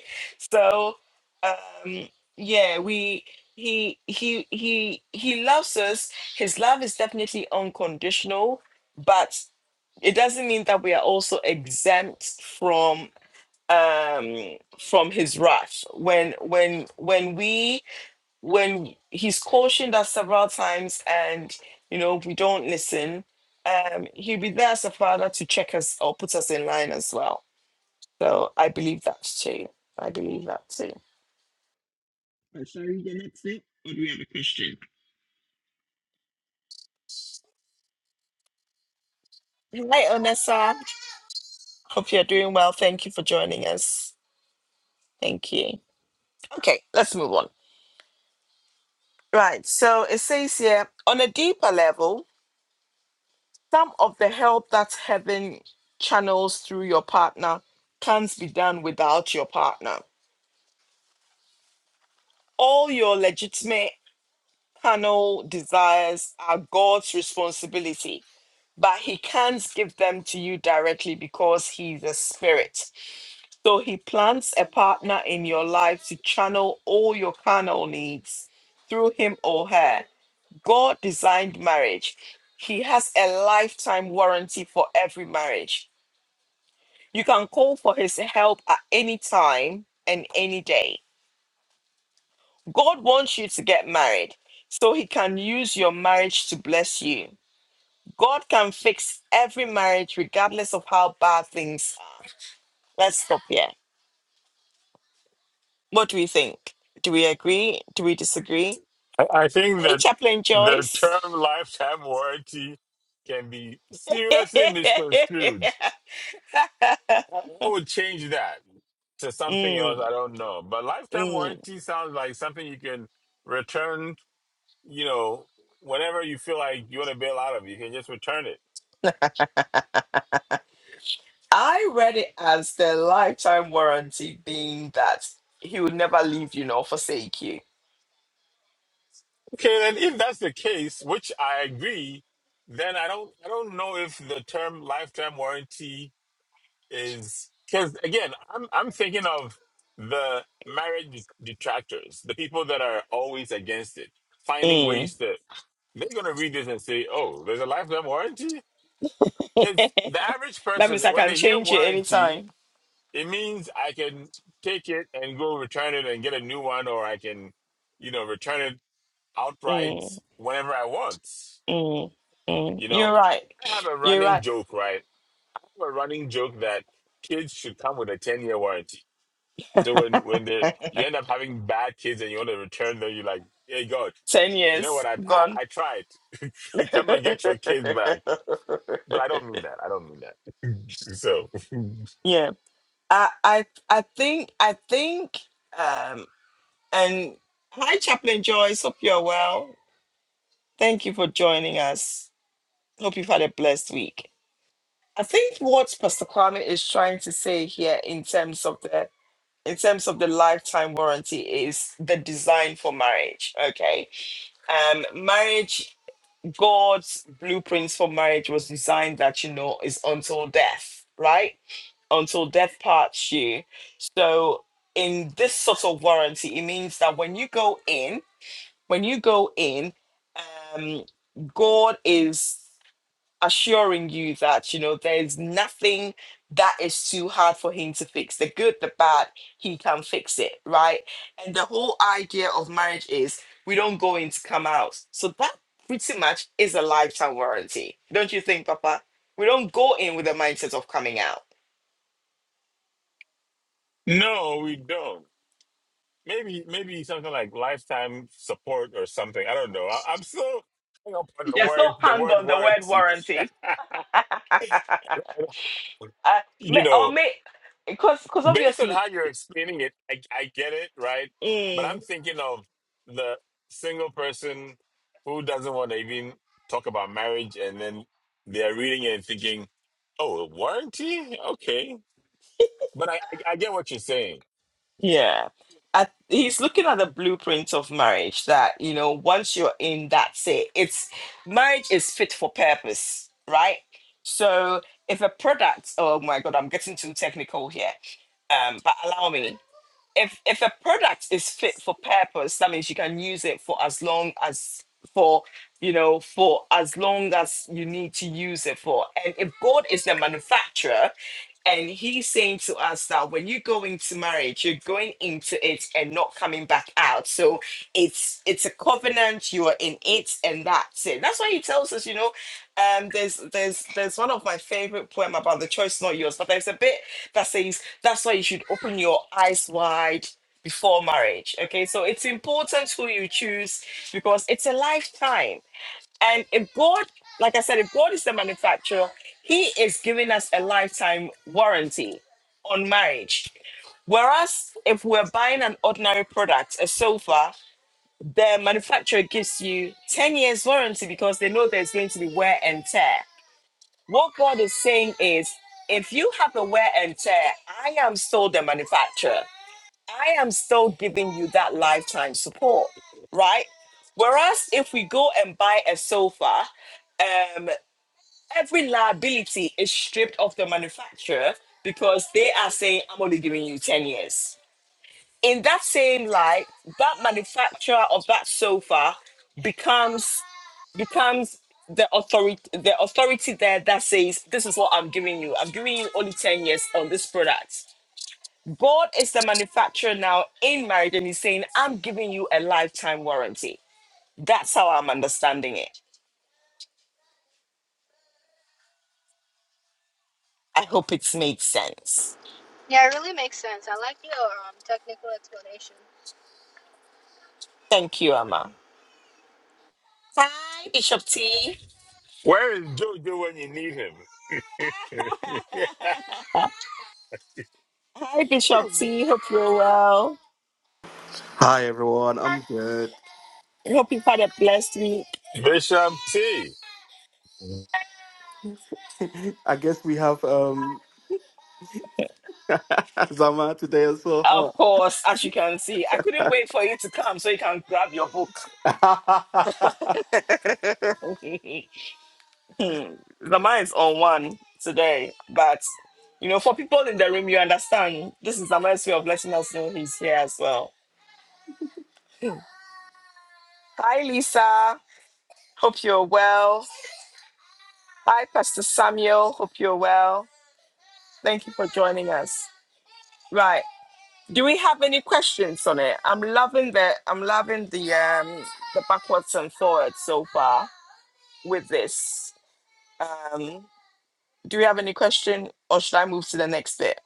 [SPEAKER 1] so um yeah we he he he he loves us his love is definitely unconditional but it doesn't mean that we are also exempt from um from his wrath when when when we when he's cautioned us several times and you know we don't listen um he'll be there as a father to check us or put us in line as well so i believe that too i believe that too Uh, sorry the next it or do we have a question Hi, Onessa. Hope you're doing well. Thank you for joining us. Thank you. Okay, let's move on. Right, so it says here on a deeper level, some of the help that heaven channels through your partner can't be done without your partner. All your legitimate carnal desires are God's responsibility, but He can't give them to you directly because He's a spirit. So he plants a partner in your life to channel all your carnal needs through him or her. God designed marriage. He has a lifetime warranty for every marriage. You can call for his help at any time and any day. God wants you to get married so he can use your marriage to bless you. God can fix every marriage regardless of how bad things are. Let's stop here. What do we think? Do we agree? Do we disagree?
[SPEAKER 4] I, I think
[SPEAKER 1] Hey,
[SPEAKER 4] that
[SPEAKER 1] Chaplain
[SPEAKER 4] the
[SPEAKER 1] Joyce.
[SPEAKER 4] term lifetime warranty can be seriously misconstrued.
[SPEAKER 1] [LAUGHS]
[SPEAKER 4] I, I would change that to something else.
[SPEAKER 1] Mm,
[SPEAKER 4] I don't know. But lifetime
[SPEAKER 1] mm.
[SPEAKER 4] warranty sounds like something you can return, you know, whenever you feel like you want to bail out of, you can just return it.
[SPEAKER 1] I read it as the lifetime warranty being that he will never leave you nor forsake you.
[SPEAKER 4] Okay, then if that's the case, which I agree, then I don't I don't know if the term lifetime warranty is because again, I'm I'm thinking of the marriage detractors, the people that are always against it, finding
[SPEAKER 1] Mm.
[SPEAKER 4] ways to they're gonna read this and say, "Oh, there's a lifetime warranty."
[SPEAKER 1] [LAUGHS]
[SPEAKER 4] Because
[SPEAKER 1] that
[SPEAKER 4] the average person,
[SPEAKER 1] means I
[SPEAKER 4] when
[SPEAKER 1] can
[SPEAKER 4] they hear
[SPEAKER 1] change it
[SPEAKER 4] warranty,
[SPEAKER 1] anytime.
[SPEAKER 4] it means I can take it and go return it and get a new one, or I can, you know, return it outright
[SPEAKER 1] Mm,
[SPEAKER 4] whenever I want.
[SPEAKER 1] mm, mm.
[SPEAKER 4] You know,
[SPEAKER 1] You're right.
[SPEAKER 4] I have a
[SPEAKER 1] You're
[SPEAKER 4] running
[SPEAKER 1] right.
[SPEAKER 4] joke, right? I have a running joke that kids should come with a ten year warranty So when when they you end up having bad kids and you want to return them, you're like, hey God,
[SPEAKER 1] Ten
[SPEAKER 4] you know what?
[SPEAKER 1] years
[SPEAKER 4] I
[SPEAKER 1] gone.
[SPEAKER 4] I, I tried. [LAUGHS]
[SPEAKER 1] [LAUGHS]
[SPEAKER 4] Come and get your kids back. But I don't mean that. I don't mean that. So [LAUGHS]
[SPEAKER 1] yeah. I I I think I think um and hi Chaplain Joyce, hope you're well. Thank you for joining us. Hope you've had a blessed week. I think what Pastor Kwame is trying to say here in terms of the in terms of the lifetime warranty is the design for marriage. Okay. Um marriage, God's blueprints for marriage was designed that you know is until death, right? Until death parts you. So in this sort of warranty, it means that when you go in, when you go in, um God is assuring you that you know there's nothing that is too hard for him to fix the good the bad he can fix it right and the whole idea of marriage is we don't go in to come out so that pretty much is a lifetime warranty don't you think papa we don't go in with the mindset of coming out
[SPEAKER 4] no, we don't. Maybe maybe something like lifetime support or something. I don't know. I, I'm still hung up on the
[SPEAKER 1] you're so
[SPEAKER 4] word
[SPEAKER 1] [LAUGHS]
[SPEAKER 4] the
[SPEAKER 1] hung
[SPEAKER 4] word
[SPEAKER 1] on the word
[SPEAKER 4] warranty.
[SPEAKER 1] warranty [LAUGHS] uh,
[SPEAKER 4] [LAUGHS]
[SPEAKER 1] may,
[SPEAKER 4] you
[SPEAKER 1] or
[SPEAKER 4] know.
[SPEAKER 1] may because because
[SPEAKER 4] based on
[SPEAKER 1] obviously
[SPEAKER 4] how you're explaining it, I, I get it, right? But I'm thinking of the single person who doesn't want to even talk about marriage, and then they're reading it and thinking, "Oh, a warranty? Okay." But I, I, I get what you're saying.
[SPEAKER 1] Yeah. I, he's looking at the blueprint of marriage that, you know, once you're in, that's it. It's marriage is fit for purpose, right? So if a product, oh my God, I'm getting too technical here, um, but allow me if if a product is fit for purpose that means you can use it for as long as for you know for as long as you need to use it for and if god is the manufacturer and he's saying to us that when you go into marriage you're going into it and not coming back out so it's it's a covenant you are in it and that's it that's why he tells us you know um there's there's there's one of my favorite poem about the choice not yours but there's a bit that says that's why you should open your eyes wide before marriage. Okay, so it's important who you choose because it's a lifetime. And if God, like I said, if God is the manufacturer, He is giving us a lifetime warranty on marriage. Whereas if we're buying an ordinary product, a sofa, the manufacturer gives you 10 years warranty because they know there's going to be wear and tear. What God is saying is, if you have a wear and tear, I am still the manufacturer. I am still giving you that lifetime support, right? Whereas if we go and buy a sofa, um, every liability is stripped of the manufacturer because they are saying, I'm only giving you 10 years. In that same light, that manufacturer of that sofa becomes becomes the authority the authority there that says this is what i'm giving you i'm giving you only 10 years on this product god is the manufacturer now in marriage and he's saying i'm giving you a lifetime warranty that's how i'm understanding it i hope it's made sense thank you amma hi bishop t
[SPEAKER 4] Where is Jojo when you need
[SPEAKER 1] [LAUGHS] hi bishop
[SPEAKER 4] him?
[SPEAKER 1] t hope you're well
[SPEAKER 5] Hi everyone, I'm good.
[SPEAKER 1] I hope you've had a blessed week
[SPEAKER 4] [LAUGHS] Bishop T.
[SPEAKER 5] [LAUGHS] I guess we have um [LAUGHS] Zama today as
[SPEAKER 1] of
[SPEAKER 5] well.
[SPEAKER 1] course as you can see i couldn't wait for you to come so you can grab your book
[SPEAKER 5] huh? [LAUGHS]
[SPEAKER 1] Hmm. the mind's on one today, but you know, for people in the room, you understand this is the man's way of letting us know he's here as well. Hi, Lisa. Hope you're well. Hi, Pastor Samuel. Hope you're well. Thank you for joining us. Right. Do we have any questions on it? I'm loving the I'm loving the um the backwards and forwards so far with this. Um, do we have any question or should I move to the next bit?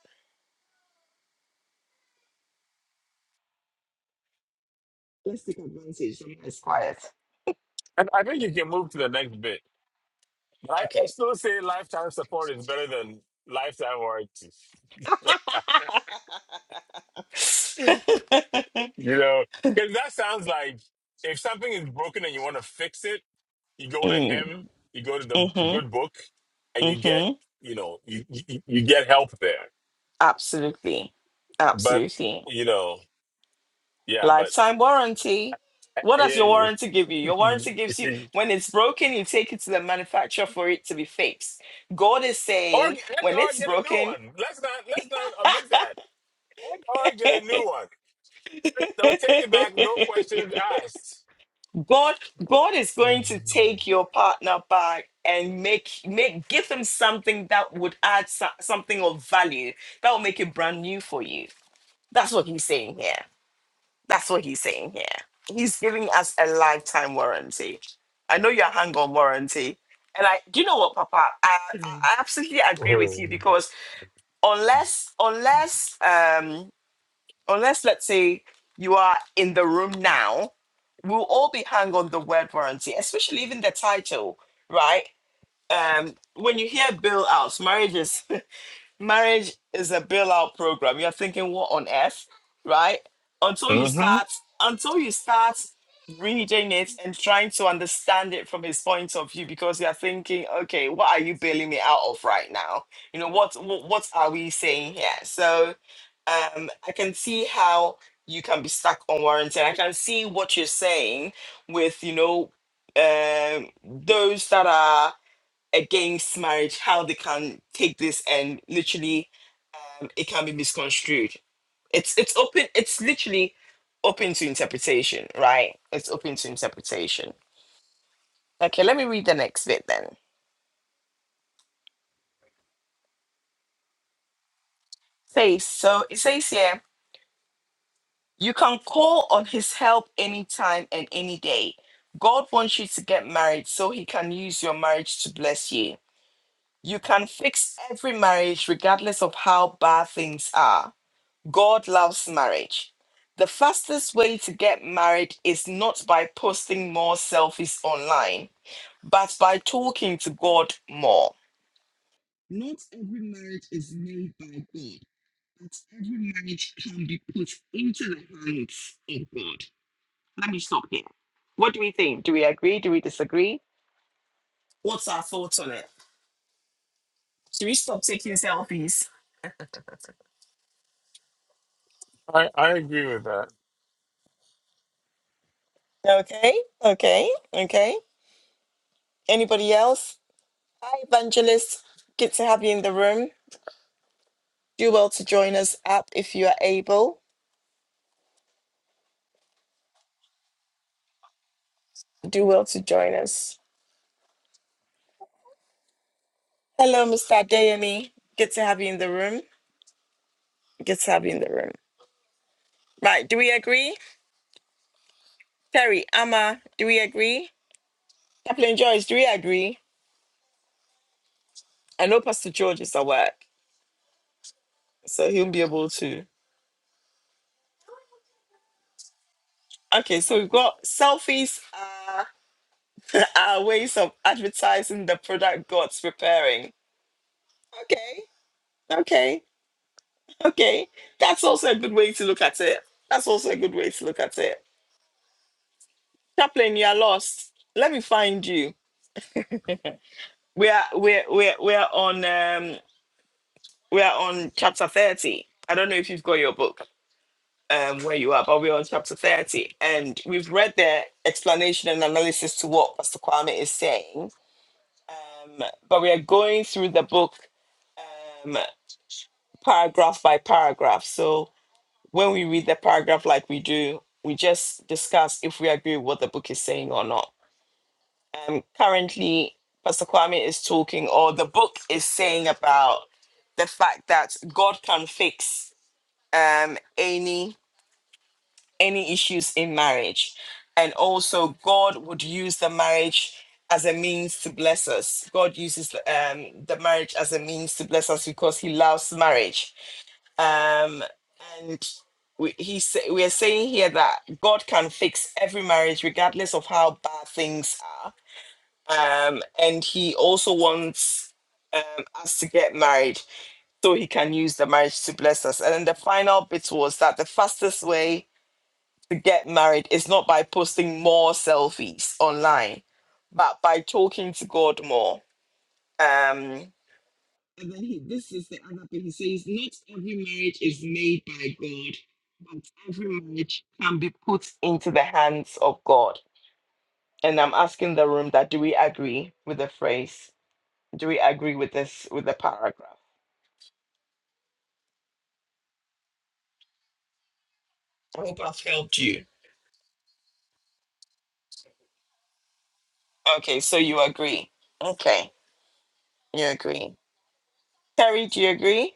[SPEAKER 1] Let's take advantage. The man is quiet.
[SPEAKER 4] And I think you can move to the next bit. But I, I
[SPEAKER 1] Okay.
[SPEAKER 4] still say lifetime support is better than lifetime warranty.
[SPEAKER 1] [LAUGHS]
[SPEAKER 4] [LAUGHS] You know, because that sounds like if something is broken and you want to fix it, you go to
[SPEAKER 1] mm,
[SPEAKER 4] him, you go to the
[SPEAKER 1] mm-hmm.
[SPEAKER 4] good book, and you get,
[SPEAKER 1] Mm-hmm.
[SPEAKER 4] you know, you you, you get help there.
[SPEAKER 1] Absolutely.
[SPEAKER 4] But
[SPEAKER 1] Absolutely.
[SPEAKER 4] you know, yeah, but
[SPEAKER 1] Lifetime warranty.
[SPEAKER 4] I
[SPEAKER 1] What
[SPEAKER 4] I
[SPEAKER 1] does
[SPEAKER 4] hear
[SPEAKER 1] your
[SPEAKER 4] you.
[SPEAKER 1] warranty give you?
[SPEAKER 4] [LAUGHS] or
[SPEAKER 1] Your warranty gives you
[SPEAKER 4] and
[SPEAKER 1] when it's broken, you take it to the manufacturer for it to be fixed. God is
[SPEAKER 4] or
[SPEAKER 1] saying when it's
[SPEAKER 4] get a new
[SPEAKER 1] broken,
[SPEAKER 4] one. Let's not let's not omit that. And or get a new one. They'll take it back, no
[SPEAKER 1] [LAUGHS]
[SPEAKER 4] questions asked.
[SPEAKER 1] God God is going to take your partner back and make make give them something that would add so- something of value that will make it brand new for you. That's what he's saying here. That's what he's saying here. He's giving us a lifetime warranty. I know you're hung on warranty. And I do you know what, Papa? I, I I absolutely agree with you because unless unless um unless let's say you are in the room now we'll all be hung on the word warranty, especially even the title, right? Um, when you hear bill outs, marriages, [LAUGHS] marriage is a bailout program. You're thinking, what on earth, right? Until you start, until you start reading it and trying to understand it from his point of view, because you're thinking, okay, what are you bailing me out of right now? You know what? What, what are we saying here? So, um, I can see how you can be stuck on warranty. I can see what you're saying with, you know, um, those that are against marriage how they can take this and literally um, it can be misconstrued it's it's open it's literally open to interpretation right it's open to interpretation okay let me read the next bit then says so it says here you can call on his help anytime and any day god wants you to get married so he can use your marriage to bless you you can fix every marriage regardless of how bad things are God loves marriage. The fastest way to get married is not by posting more selfies online, but by talking to God more. Not every marriage is made by God, but every marriage can be put into the hands of God. Let me stop here. What do we think? Do we agree? Do we disagree? What's our thoughts on it? Should we stop taking selfies? [LAUGHS]
[SPEAKER 4] I I agree with
[SPEAKER 1] Okay, okay, okay. Anybody else? Hi, Evangelist. Good to have you in the room. Do well to join us up if you are able. Do well to join us. Hello, Mr. Adeyemi. Good to have you in the room. Good to have you in the room. Right, do we agree? Terry, Amma, do we agree? Chaplain Joyce, do we agree? I know Pastor George is at work, so he'll be able to. Okay, so we've got selfies are, [LAUGHS] are ways of advertising the product God's preparing. Okay, okay. Okay, that's also a good way to look at it. That's also a good way to look at it. Chaplain, you are lost. Let me find you. We are we're we're we're on um we are on chapter thirty. I don't know if you've got your book um where you are, but we're on chapter thirty, and we've read the explanation and analysis to what Pastor Kwame is saying. Um, but we are going through the book um paragraph by paragraph. So when we read the paragraph like we do, we just discuss if we agree with what the book is saying or not. Um, currently, Pastor Kwame is talking, or the book is saying about the fact that God can fix um, any any issues in marriage, and also God would use the marriage as a means to bless us. God uses um, the marriage as a means to bless us because He loves marriage um, and we, he say, we are saying here that God can fix every marriage, regardless of how bad things are. Um, and He also wants um, us to get married so He can use the marriage to bless us. And then the final bit was that the fastest way to get married is not by posting more selfies online, but by talking to God more. Um, and then he, this is the other thing. He says, Not every marriage is made by God, but every marriage can be put into the hands of God. And I'm asking the room that do we agree with the phrase? Do we agree with this, with the paragraph? I hope I've helped you. Okay, so you agree. Okay, you agree. Terry, do you agree?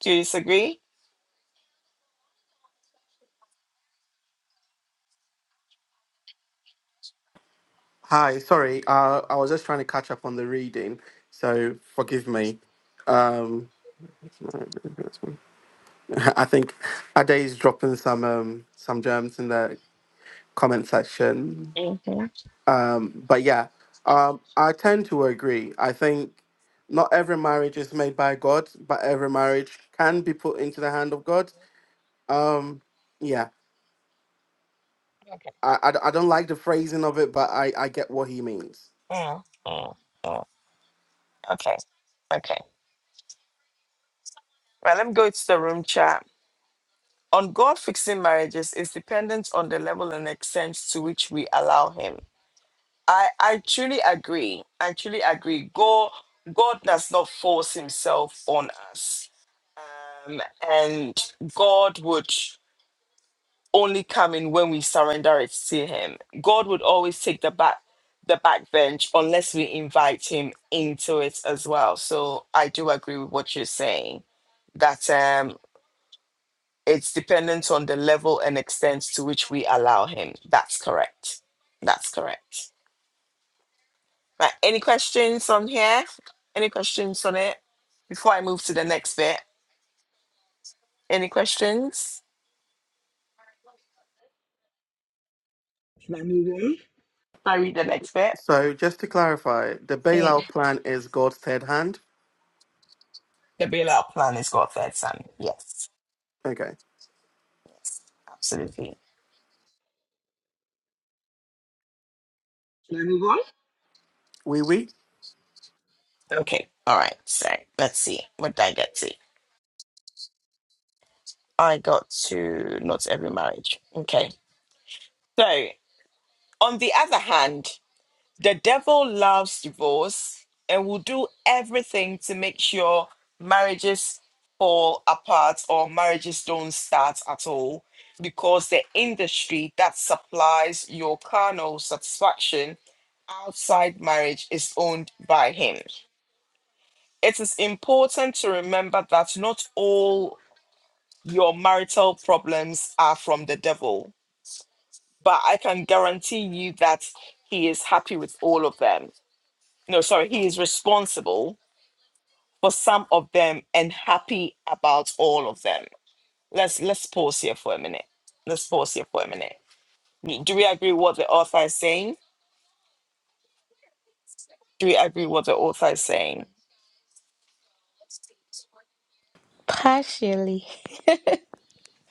[SPEAKER 1] Do you disagree?
[SPEAKER 5] Hi, sorry. Uh, I was just trying to catch up on the reading, so forgive me. Um, [LAUGHS] I think Ade's dropping some um some germs in the comment section.
[SPEAKER 1] hmm Okay.
[SPEAKER 5] Um, but yeah, um, I tend to agree. I think not every marriage is made by God, but every marriage can be put into the hand of God Um, yeah, I. I. I I d- I don't like the phrasing of it, but I, I get what he means.
[SPEAKER 1] Mm, mm, mm. Okay, okay. Well, let me go to the room chat. On God fixing marriages is dependent on the level and extent to which we allow Him. I, I truly agree. I truly agree. God, God does not force Himself on us. Um, and God would only come in when we surrender it to Him. God would always take the back the back bench unless we invite Him into it as well. So I do agree with what you're saying. That um it's dependent on the level and extent to which we allow him. That's correct. That's correct. Right. Any questions on here? Any questions on it? Before I move to the next bit, any questions? Should I move on? I read the next bit.
[SPEAKER 5] So just to clarify, the bailout plan is God's third hand.
[SPEAKER 1] The bailout plan is got third son. Yes,
[SPEAKER 5] Okay,
[SPEAKER 1] absolutely.
[SPEAKER 5] we oui, oui.
[SPEAKER 1] Okay. All right. So let's see. What did I get to? I got to not every marriage. Okay. So on the other hand, The devil loves divorce and will do everything to make sure marriages fall apart or marriages don't start at all because the industry that supplies your carnal satisfaction outside marriage is owned by him. It is important to remember that not all your marital problems are from the devil, but I can guarantee you that he is happy with all of them no, sorry, he is responsible for some of them and happy about all of them. Let's let's pause here for a minute. Let's pause here for a minute. Do we agree what the author is saying? Do we agree what the author is saying?
[SPEAKER 2] Partially.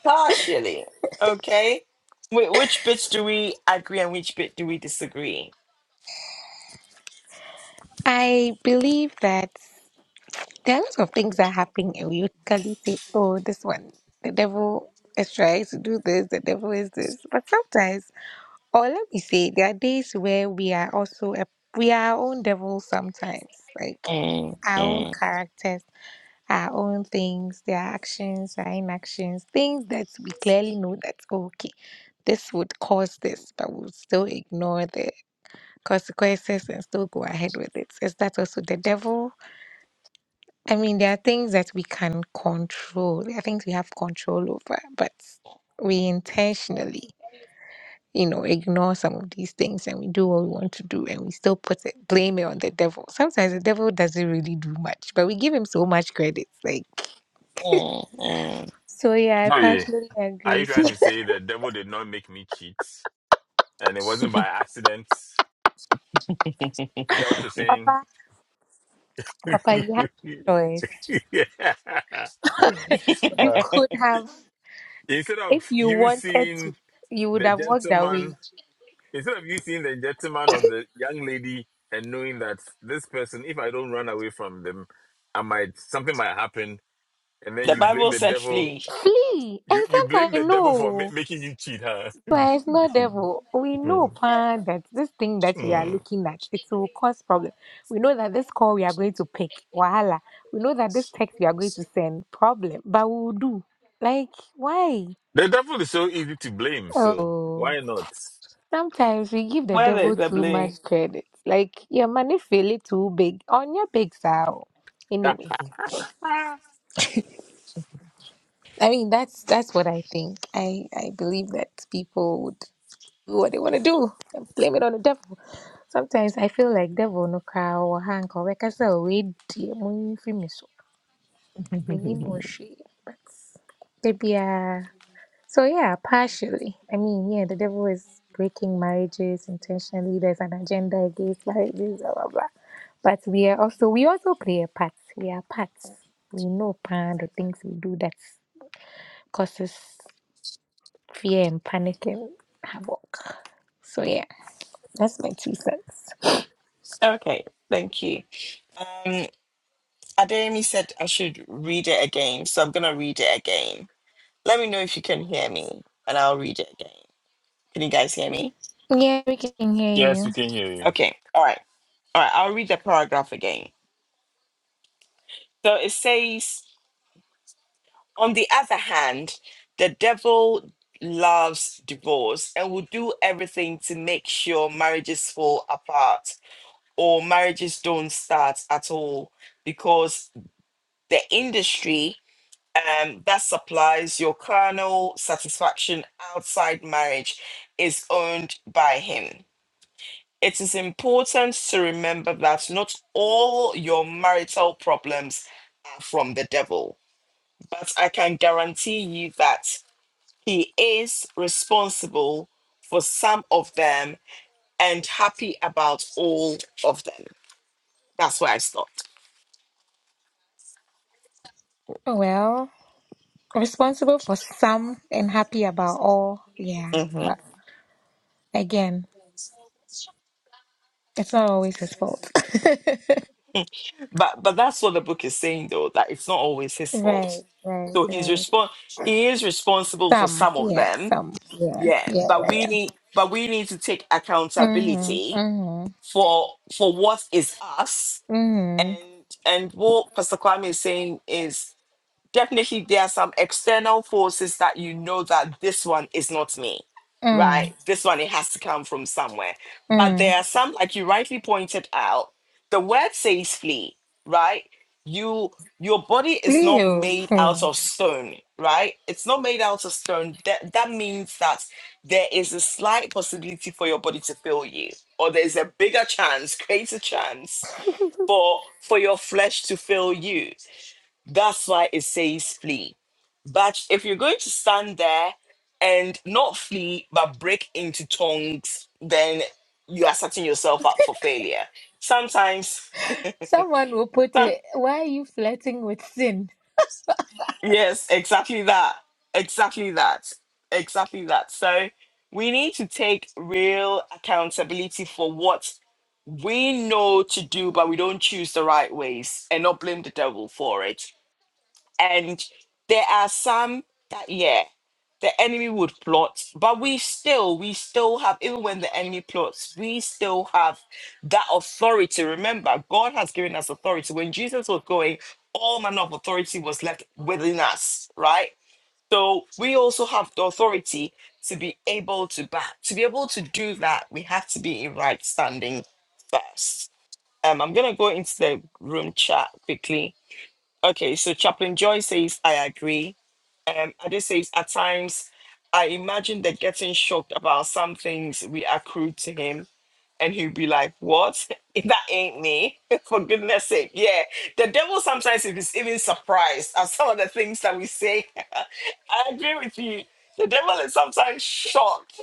[SPEAKER 1] Partially. Okay. Wh- Which bits do we agree and which bit do we disagree?
[SPEAKER 2] I believe that there are lots of things that happen and we usually say, Oh, this one, the devil is trying to do this, the devil is this. But sometimes Or let me say, there are days where we are also a, we are our own devils sometimes, like
[SPEAKER 1] Mm,
[SPEAKER 2] our own
[SPEAKER 1] mm,
[SPEAKER 2] characters, our own things, their actions, our inactions, things that we clearly know that okay, this would cause this, but we'll still ignore the consequences and still go ahead with it. Is that also the devil? I mean, there are things that we can control. There are things we have control over, but we intentionally you know, ignore some of these things and we do what we want to do and we still put it, blame it on the devil. Sometimes the devil doesn't really do much, but we give him so much credit. Like,
[SPEAKER 1] mm,
[SPEAKER 2] so yeah, I
[SPEAKER 4] that.
[SPEAKER 2] partially
[SPEAKER 4] Are
[SPEAKER 2] agree.
[SPEAKER 4] you trying
[SPEAKER 2] [LAUGHS]
[SPEAKER 4] to say the devil did not make me cheat and it wasn't by accident? Is that what you're saying?
[SPEAKER 2] Papa, Papa, you have a
[SPEAKER 4] [LAUGHS]
[SPEAKER 2] choice.
[SPEAKER 4] Yeah.
[SPEAKER 2] [LAUGHS] You
[SPEAKER 4] Uh,
[SPEAKER 1] mm.
[SPEAKER 2] could have,
[SPEAKER 4] instead
[SPEAKER 2] if
[SPEAKER 4] of
[SPEAKER 2] you
[SPEAKER 4] you
[SPEAKER 2] wanted
[SPEAKER 4] seeing
[SPEAKER 2] to, you would
[SPEAKER 4] the
[SPEAKER 2] have walked away.
[SPEAKER 4] gentleman, instead of you seeing the gentleman or the young lady and knowing that this person, if I don't run away from them, I might, something might happen. And
[SPEAKER 1] [LAUGHS]
[SPEAKER 4] then
[SPEAKER 1] The
[SPEAKER 4] you blame
[SPEAKER 1] Bible
[SPEAKER 4] the
[SPEAKER 1] said
[SPEAKER 4] devil.
[SPEAKER 1] flee.
[SPEAKER 2] Flee.
[SPEAKER 4] You,
[SPEAKER 2] And
[SPEAKER 4] you
[SPEAKER 2] sometimes
[SPEAKER 4] blame
[SPEAKER 2] I
[SPEAKER 4] the devil for
[SPEAKER 2] know.
[SPEAKER 4] ma- making you cheat, huh?
[SPEAKER 2] But it's not devil. We know
[SPEAKER 4] [LAUGHS]
[SPEAKER 2] pa, that this thing that we are
[SPEAKER 4] Hmm.
[SPEAKER 2] looking at, it will cause problem. We know that this call we are going to pick, wahala. We know that this text we are going to send, problem. But we will do. Like, why?
[SPEAKER 4] The devil is so easy to blame, so
[SPEAKER 2] Oh,
[SPEAKER 4] why not?
[SPEAKER 2] sometimes we give the
[SPEAKER 1] Where
[SPEAKER 2] devil
[SPEAKER 1] there's a
[SPEAKER 2] too
[SPEAKER 1] bloom.
[SPEAKER 2] much credit. Like, your money feel it too big on your big sow.
[SPEAKER 4] [LAUGHS]
[SPEAKER 2] Anyway, I mean that's that's what I think. I I believe that people would do what they want to do and blame it on the devil. Sometimes I feel like devil no cry or ha anka ɔbɛka sɛ weedie mo yi mfiri me so. Mennim ho hwee but maybe biara. So yeah, partially. I mean, yeah, the devil is breaking marriages intentionally. There's an agenda against marriages, blah blah blah. But we are also we also play a part. We are parts. We know pan the things we do that causes fear and panic and havoc. So yeah, that's my two cents.
[SPEAKER 1] Okay, thank you. Um, Ademi said I should read it again, so I'm gonna read it again. Let me know if you can hear me, and I'll read it again. Can you guys hear me?
[SPEAKER 2] Yeah, we can hear
[SPEAKER 4] yes, we
[SPEAKER 2] you.
[SPEAKER 4] can hear you.
[SPEAKER 1] Okay, all right, all right, I'll read the paragraph again. So it says, on the other hand, the devil loves divorce and will do everything to make sure marriages fall apart or marriages don't start at all because the industry um, that supplies your carnal satisfaction outside marriage is owned by him. It is important to remember that not all your marital problems are from the devil, but I can guarantee you that he is responsible for some of them and happy about all of them. That's where I stopped.
[SPEAKER 2] Oh, Well. responsible for some and happy about all. Yeah. But again, it's not always his fault. [LAUGHS]
[SPEAKER 1] but but that's what the book is saying though that it's not always his
[SPEAKER 2] right,
[SPEAKER 1] fault
[SPEAKER 2] right,
[SPEAKER 1] so he's
[SPEAKER 2] right.
[SPEAKER 1] respon he is responsible for
[SPEAKER 2] Some,
[SPEAKER 1] some of
[SPEAKER 2] yeah,
[SPEAKER 1] them
[SPEAKER 2] some, yeah,
[SPEAKER 1] yeah
[SPEAKER 2] yeah,
[SPEAKER 1] but
[SPEAKER 2] yeah,
[SPEAKER 1] we
[SPEAKER 2] yeah.
[SPEAKER 1] need but we need to take
[SPEAKER 2] Mhm,
[SPEAKER 1] accountability
[SPEAKER 2] mhm,
[SPEAKER 1] for for what is us and
[SPEAKER 2] mhm,
[SPEAKER 1] and what pastor kwame is saying is definitely there are some external forces that you know that this one is not me
[SPEAKER 2] mm,
[SPEAKER 1] right this one it has to come from somewhere but
[SPEAKER 2] mm.
[SPEAKER 1] there are some like you rightly pointed out the word says flee right you your body is not
[SPEAKER 2] Leo,
[SPEAKER 1] made out
[SPEAKER 2] hmm.
[SPEAKER 1] of stone right it's not made out of stone that that means that there is a slight possibility for your body to fail you or there's a bigger chance greater chance for for your flesh to fail you that's why it says flee. But if you're going to stand there and not flee, but break into tongues, then you are setting yourself up for failure. Sometimes,
[SPEAKER 2] someone will
[SPEAKER 1] [LAUGHS]
[SPEAKER 2] put
[SPEAKER 1] some-
[SPEAKER 2] it. Why are you flirting with sin?
[SPEAKER 1] yes, exactly that. Exactly that. Exactly that. So we need to take real accountability for what we know to do, but we don't choose the right ways and not blame the devil for it And there are some that, yeah, the enemy would plot, but we still, we still have, even when the enemy plots, we still have that authority. Remember, God has given us authority. When Jesus was going, all manner of authority was left within us, right? So we also have the authority to be able to back, to be able to do that, we have to be in right standing first. Um, I'm gonna go into the room chat quickly Okay, so Chaplain Joy says, I agree. Um, Ade says, at times, I imagine that getting shocked about some things we accrued to him, and he'll be like, What? [LAUGHS] That ain't me. [LAUGHS] For goodness sake. Yeah, the devil sometimes is even surprised at some of the things that we say. [LAUGHS] I agree with you. The devil is sometimes shocked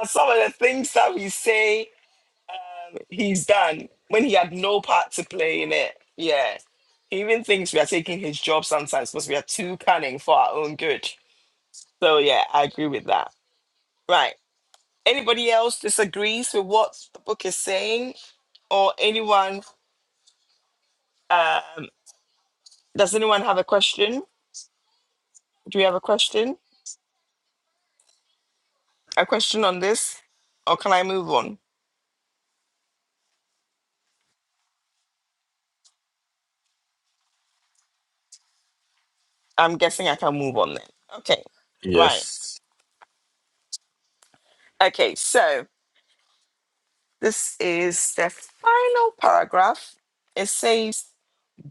[SPEAKER 1] at some of the things that we say he's done when he had no part to play in it. Yeah. He even thinks we are taking his job sometimes because we are too cunning for our own good. So yeah, I agree with that. Right. Anybody else disagrees with what the book is saying? Or anyone um does anyone have a question? Do we have a question? A question on this? Or can I move on? I'm guessing I can move on then. Okay. Right.
[SPEAKER 4] Yes,
[SPEAKER 1] Okay, so this is the final paragraph. It says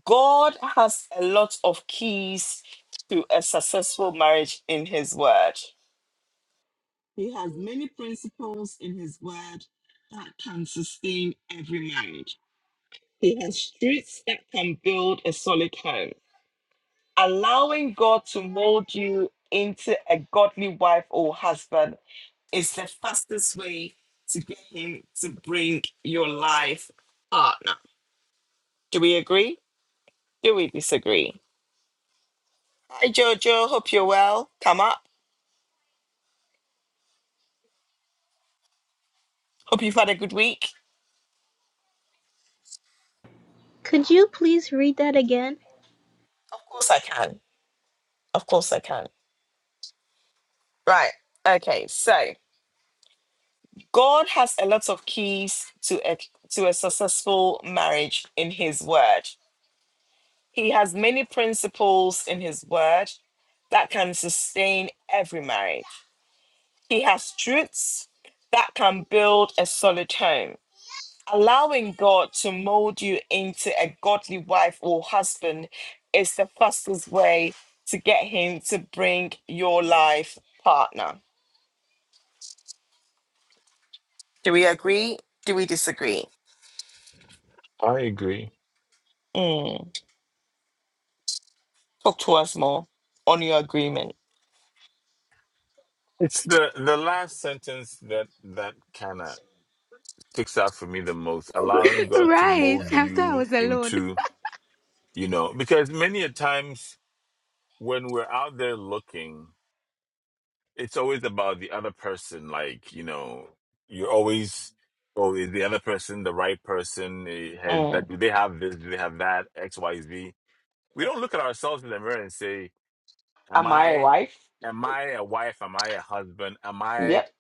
[SPEAKER 1] God has a lot of keys to a successful marriage in His Word. He has many principles in His Word that can sustain every marriage. He has streets that can build a solid home. Allowing God to mold you into a godly wife or husband is the fastest way to get Him to bring your life partner. Do we agree? Do we disagree? Hi, Jojo. Hope you're well. Come up. Hope you've had a good week. Of course I can. Of course I can. Right. Okay. So God has a lot of keys to a, to a successful marriage in His Word. He has many principles in His Word that can sustain every marriage. He has truths that can build a solid home. allowing God to mold you into a godly wife or husband is the fastest way to get Him to bring your life partner. Do we agree? Do we disagree?
[SPEAKER 4] I agree.
[SPEAKER 1] Mm. Talk to us more on your agreement.
[SPEAKER 4] It's the the last sentence that that kind of sticks out for me the most. Allowing
[SPEAKER 2] [LAUGHS]
[SPEAKER 4] God to
[SPEAKER 2] Right,
[SPEAKER 4] mold
[SPEAKER 2] after I
[SPEAKER 4] you
[SPEAKER 2] was alone.
[SPEAKER 4] into, you know, because many a times when we're out there looking, it's always about the other person. Like you know, you're always, oh, is the other person the right person? Eh, Has that?
[SPEAKER 1] Mm.
[SPEAKER 4] Do they have this? Do they have that? X, Y, Z We don't look at ourselves in the mirror and say, Am
[SPEAKER 1] Am I a
[SPEAKER 4] I
[SPEAKER 1] wife?
[SPEAKER 4] am I a wife? Am I a husband? Am I
[SPEAKER 1] Yep.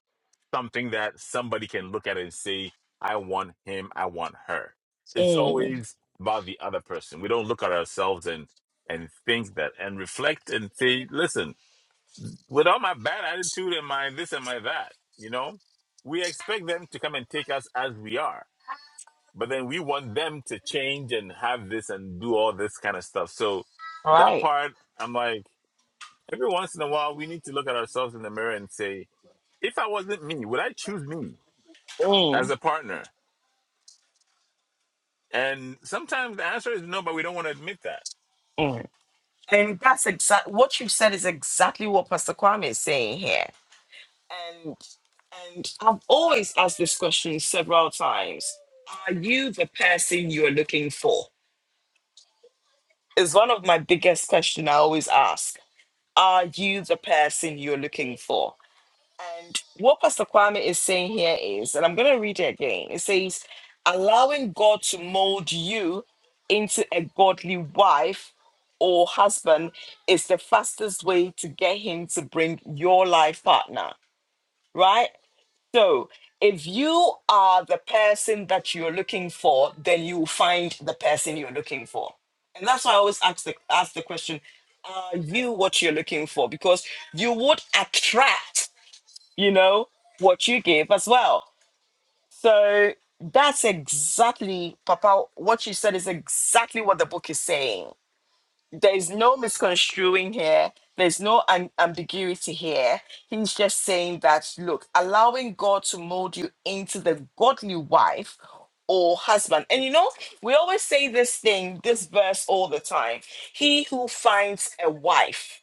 [SPEAKER 4] something that somebody can look at and say, I want him, I want her? It's
[SPEAKER 1] Mm.
[SPEAKER 4] always about the other person. We don't look at ourselves and and think that and reflect and say, listen, with all my bad attitude and my this and my that, you know, we expect them to come and take us as we are. But then we want them to change and have this and do all this kind of stuff. So that
[SPEAKER 1] Right.
[SPEAKER 4] part, I'm like, every once in a while we need to look at ourselves in the mirror and say, if I wasn't me, would I choose me as
[SPEAKER 1] Mm.
[SPEAKER 4] a partner? And sometimes the answer is no, but we don't want to admit that.
[SPEAKER 1] Mm. And that's exactly what you said is exactly what Pastor Kwame is saying here. And and I've always asked this question several times. Are you the person you're looking for? Is one of my biggest questions I always ask. Are you the person you're looking for? And what Pastor Kwame is saying here is, and I'm going to read it again. It says, allowing God to mold you into a godly wife or husband is the fastest way to get him to bring your life partner, right? So, if you are the person that you're looking for, then you will find the person you're looking for. And that's why I always ask the, ask the question Are you what you're looking for? Because you would attract, you know, what you give as well. So, that's exactly, Papa, what you said is exactly what the book is saying there's no misconstruing here. There's no am- ambiguity here. He's just saying that, look, allowing God to mold you into the godly wife or husband. And you know, we always say this thing, this verse all the time. He who finds a wife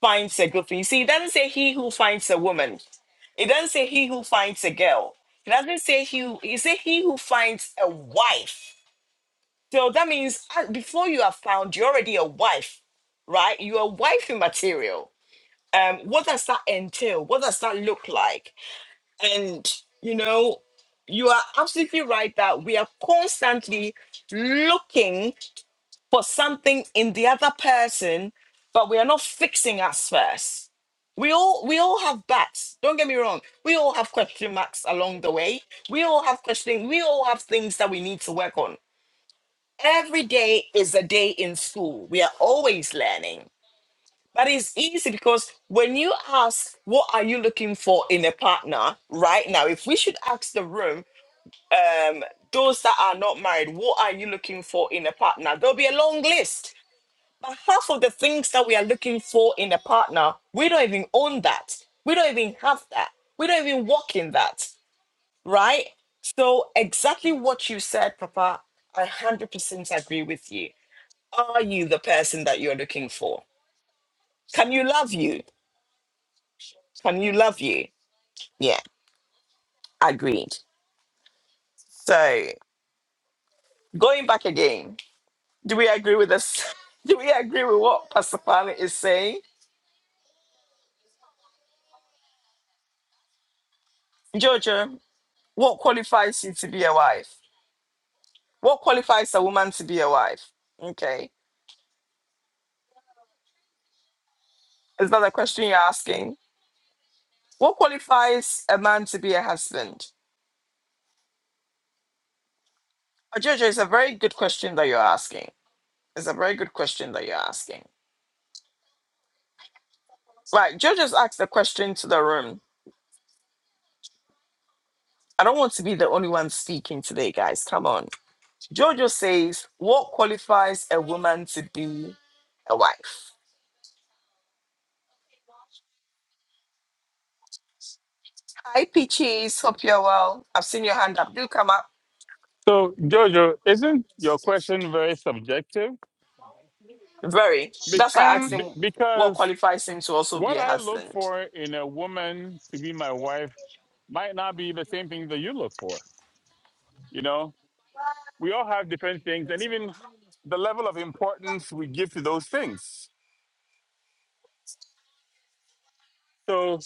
[SPEAKER 1] finds a good thing. You see, it doesn't say he who finds a woman. It doesn't say he who finds a girl. It doesn't say he, who- it say he who finds a wife so that means uh, before you are found, you're already a wife, right? You are wifey material. Um, what does that entail? What does that look like? And you know, you are absolutely right that we are constantly looking for something in the other person, but we are not fixing us first. We all we all have bats. Don't get me wrong. We all have question marks along the way. We all have questioning. We all have things that we need to work on. Every day is a day in school. We are always learning. But it's easy because when you ask, what are you looking for in a partner right now? If we should ask the room, um, those that are not married, what are you looking for in a partner? There'll be a long list. But half of the things that we are looking for in a partner, we don't even own that. We don't even have that. We don't even work in that, right? So, exactly what you said, Papa, I 100% agree with you are you the person that you're looking for? Can you love you? Can you love you? Yeah, agreed. So going back again, do we agree with this? [LAUGHS] Do we agree with what Pastor Kwame is saying? Jojo, what qualifies you to be a wife? What qualifies a woman to be a wife? Okay. Is that the question you're asking? What qualifies a man to be a husband? Uh, Jojo, it's a very good question that you're asking. It's a very good question that you're asking. Right, Jojo's asked the question to the room I don't want to be the only one speaking today, guys. Come on. Jojo says, What qualifies a woman to be a wife? Hi, Peaches. Hope you're well. I've seen your hand up. Do come up.
[SPEAKER 4] So, Jojo, isn't your question very subjective?
[SPEAKER 1] Very.
[SPEAKER 4] Be-
[SPEAKER 1] That's why I asked
[SPEAKER 6] Um,
[SPEAKER 4] be-
[SPEAKER 1] him what
[SPEAKER 4] because
[SPEAKER 1] qualifies him to also be
[SPEAKER 4] what
[SPEAKER 1] a
[SPEAKER 4] I look
[SPEAKER 1] husband.
[SPEAKER 4] for in a woman to be my wife might not be the same thing that you look for. You know, we all have different things, and even the level of importance we give to those things. So,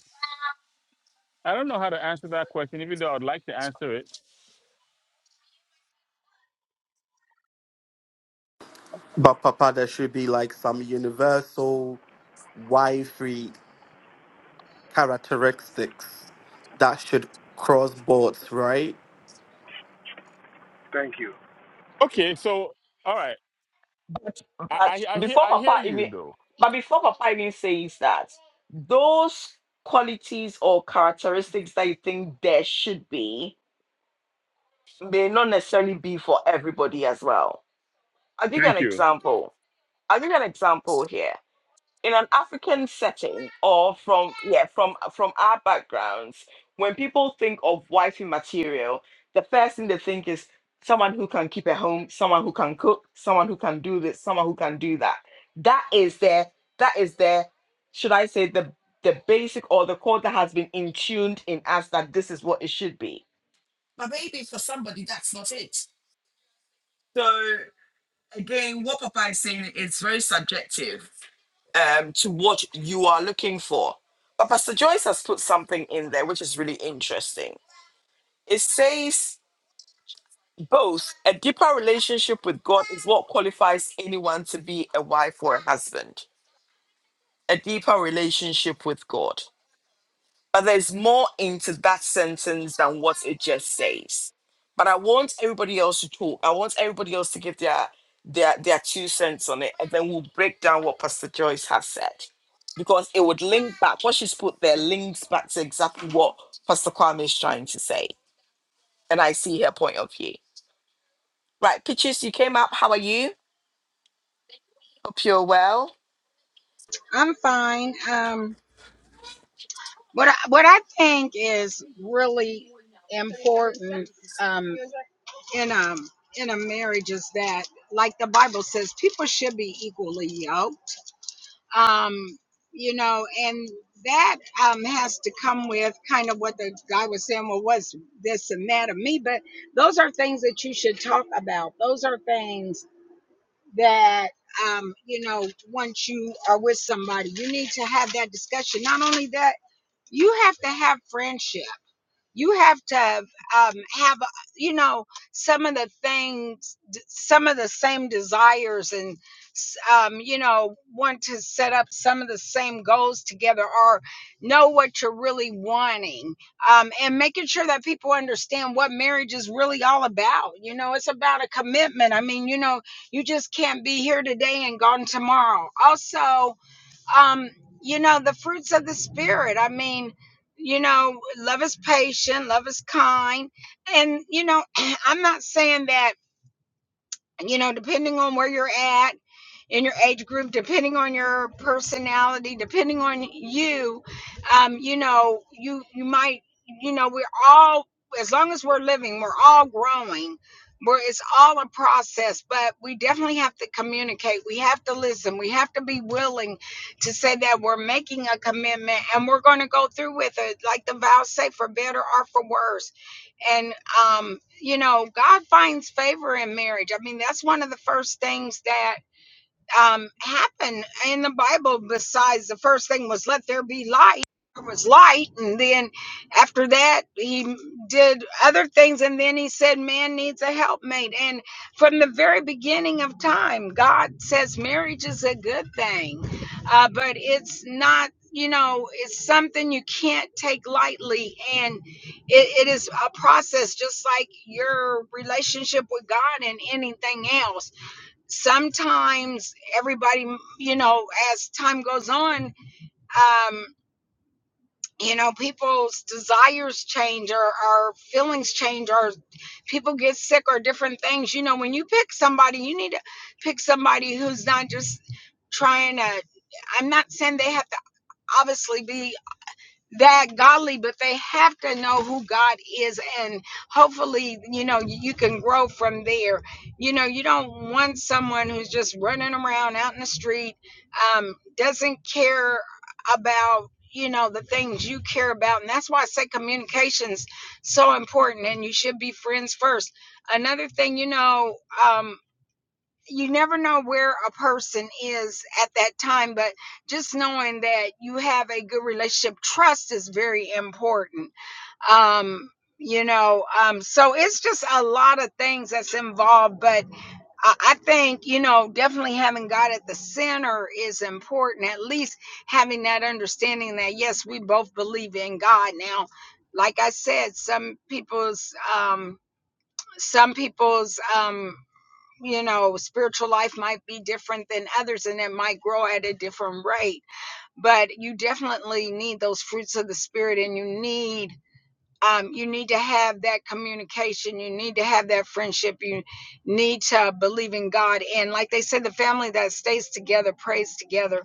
[SPEAKER 4] I don't know how to answer that question, even though I'd like to answer it.
[SPEAKER 5] But Papa, there should be like some universal Y3 characteristics that should cross boards, right?
[SPEAKER 7] Thank you.
[SPEAKER 4] Okay, so all right,
[SPEAKER 1] But, but
[SPEAKER 4] I, I I hear
[SPEAKER 1] before
[SPEAKER 4] I hear
[SPEAKER 1] Papa
[SPEAKER 4] you
[SPEAKER 1] even,
[SPEAKER 4] though.
[SPEAKER 1] but before Papa even says that, those qualities or characteristics that you think there should be may not necessarily be for everybody as well. I'll give you an
[SPEAKER 4] Thank you.
[SPEAKER 1] example I'll give you an example here. In an African setting, or from yeah, from from our backgrounds, when people think of wifey material, the first thing they think is someone who can keep a home, someone who can cook, someone who can do this, someone who can do that. That is their that is their should I say the the basic or the code that has been intuned in us that this is what it should be. But maybe for somebody, that's not it. So again, what Papa is saying is very subjective um, to what you are looking for. But Pastor Joyce has put something in there which is really interesting. It says both a deeper relationship with God is what qualifies anyone to be a wife or a husband. A deeper relationship with God. But there's more into that sentence than what it just says. But I want everybody else to talk. I want everybody else to give their their their two cents on it, and then we'll break down what Pastor Joyce has said. Because it would link back, what she's put there links back to exactly what Pastor Kwame is trying to say. And I see her point of view. Right, Peaches, you came up. How are you? Hope you're well.
[SPEAKER 6] I'm fine. Um, what I, what I think is really important um, in a in a marriage is that, like the Bible says, people should be equally yoked. Um, you know, and that um has to come with kind of what the guy was saying. Well, what's this and that of me? But those are things that you should talk about. Those are things that um, you know, once you are with somebody, you need to have that discussion. Not only that, you have to have friendships you have to have, um, have uh, you know some of the things some of the same desires and um, you know want to set up some of the same goals together or know what you're really wanting um, and making sure that people understand what marriage is really all about you know it's about a commitment i mean you know you just can't be here today and gone tomorrow also um, you know, the fruits of the spirit. I mean, you know, love is patient, love is kind. And, you know, [CLEARS THROAT] I'm not saying that you know, depending on where you're at in your age group, depending on your personality, depending on you, um, you know, you you might, you know, we're all as long as we're living, we're all growing. We're, it's all a process, but we definitely have to communicate. We have to listen. We have to be willing to say that we're making a commitment and we're going to go through with it, like the vows say, for better or for worse and um you know god finds favor in marriage i mean that's one of the first things that um, happen in the Bible besides the first thing was let there be light. There was light, and then after that, he did other things, and then he said, Man needs a helpmate. And from the very beginning of time, God says marriage is a good thing, uh, but it's not, you know, it's something you can't take lightly, and it, it is a process just like your relationship with God and anything else sometimes everybody you know as time goes on um you know people's desires change or, or feelings change or people get sick or different things you know when you pick somebody you need to pick somebody who's not just trying to i'm not saying they have to obviously be that godly, but they have to know who God is. And hopefully, you know, you you can grow from there. You know, you don't want someone who's just running around out in the street, um, doesn't care about you know the things you care about and that's why i say communications so important and you should be friends first another thing you know um, you never know where a person is at that time, but just knowing that you have a good relationship, trust is very important. Um, you know, um, so it's just a lot of things that's involved, but I, I think, you know, definitely having God at the center is important, at least having that understanding that, yes, we both believe in God. Now, like I said, some people's, um, some people's, um, you know, spiritual life might be different than others and it might grow at a different rate. But you definitely need those fruits of the spirit and you need um, you need to have that communication. You need to have that friendship. You need to believe in God. And like they said, the family that stays together, prays together,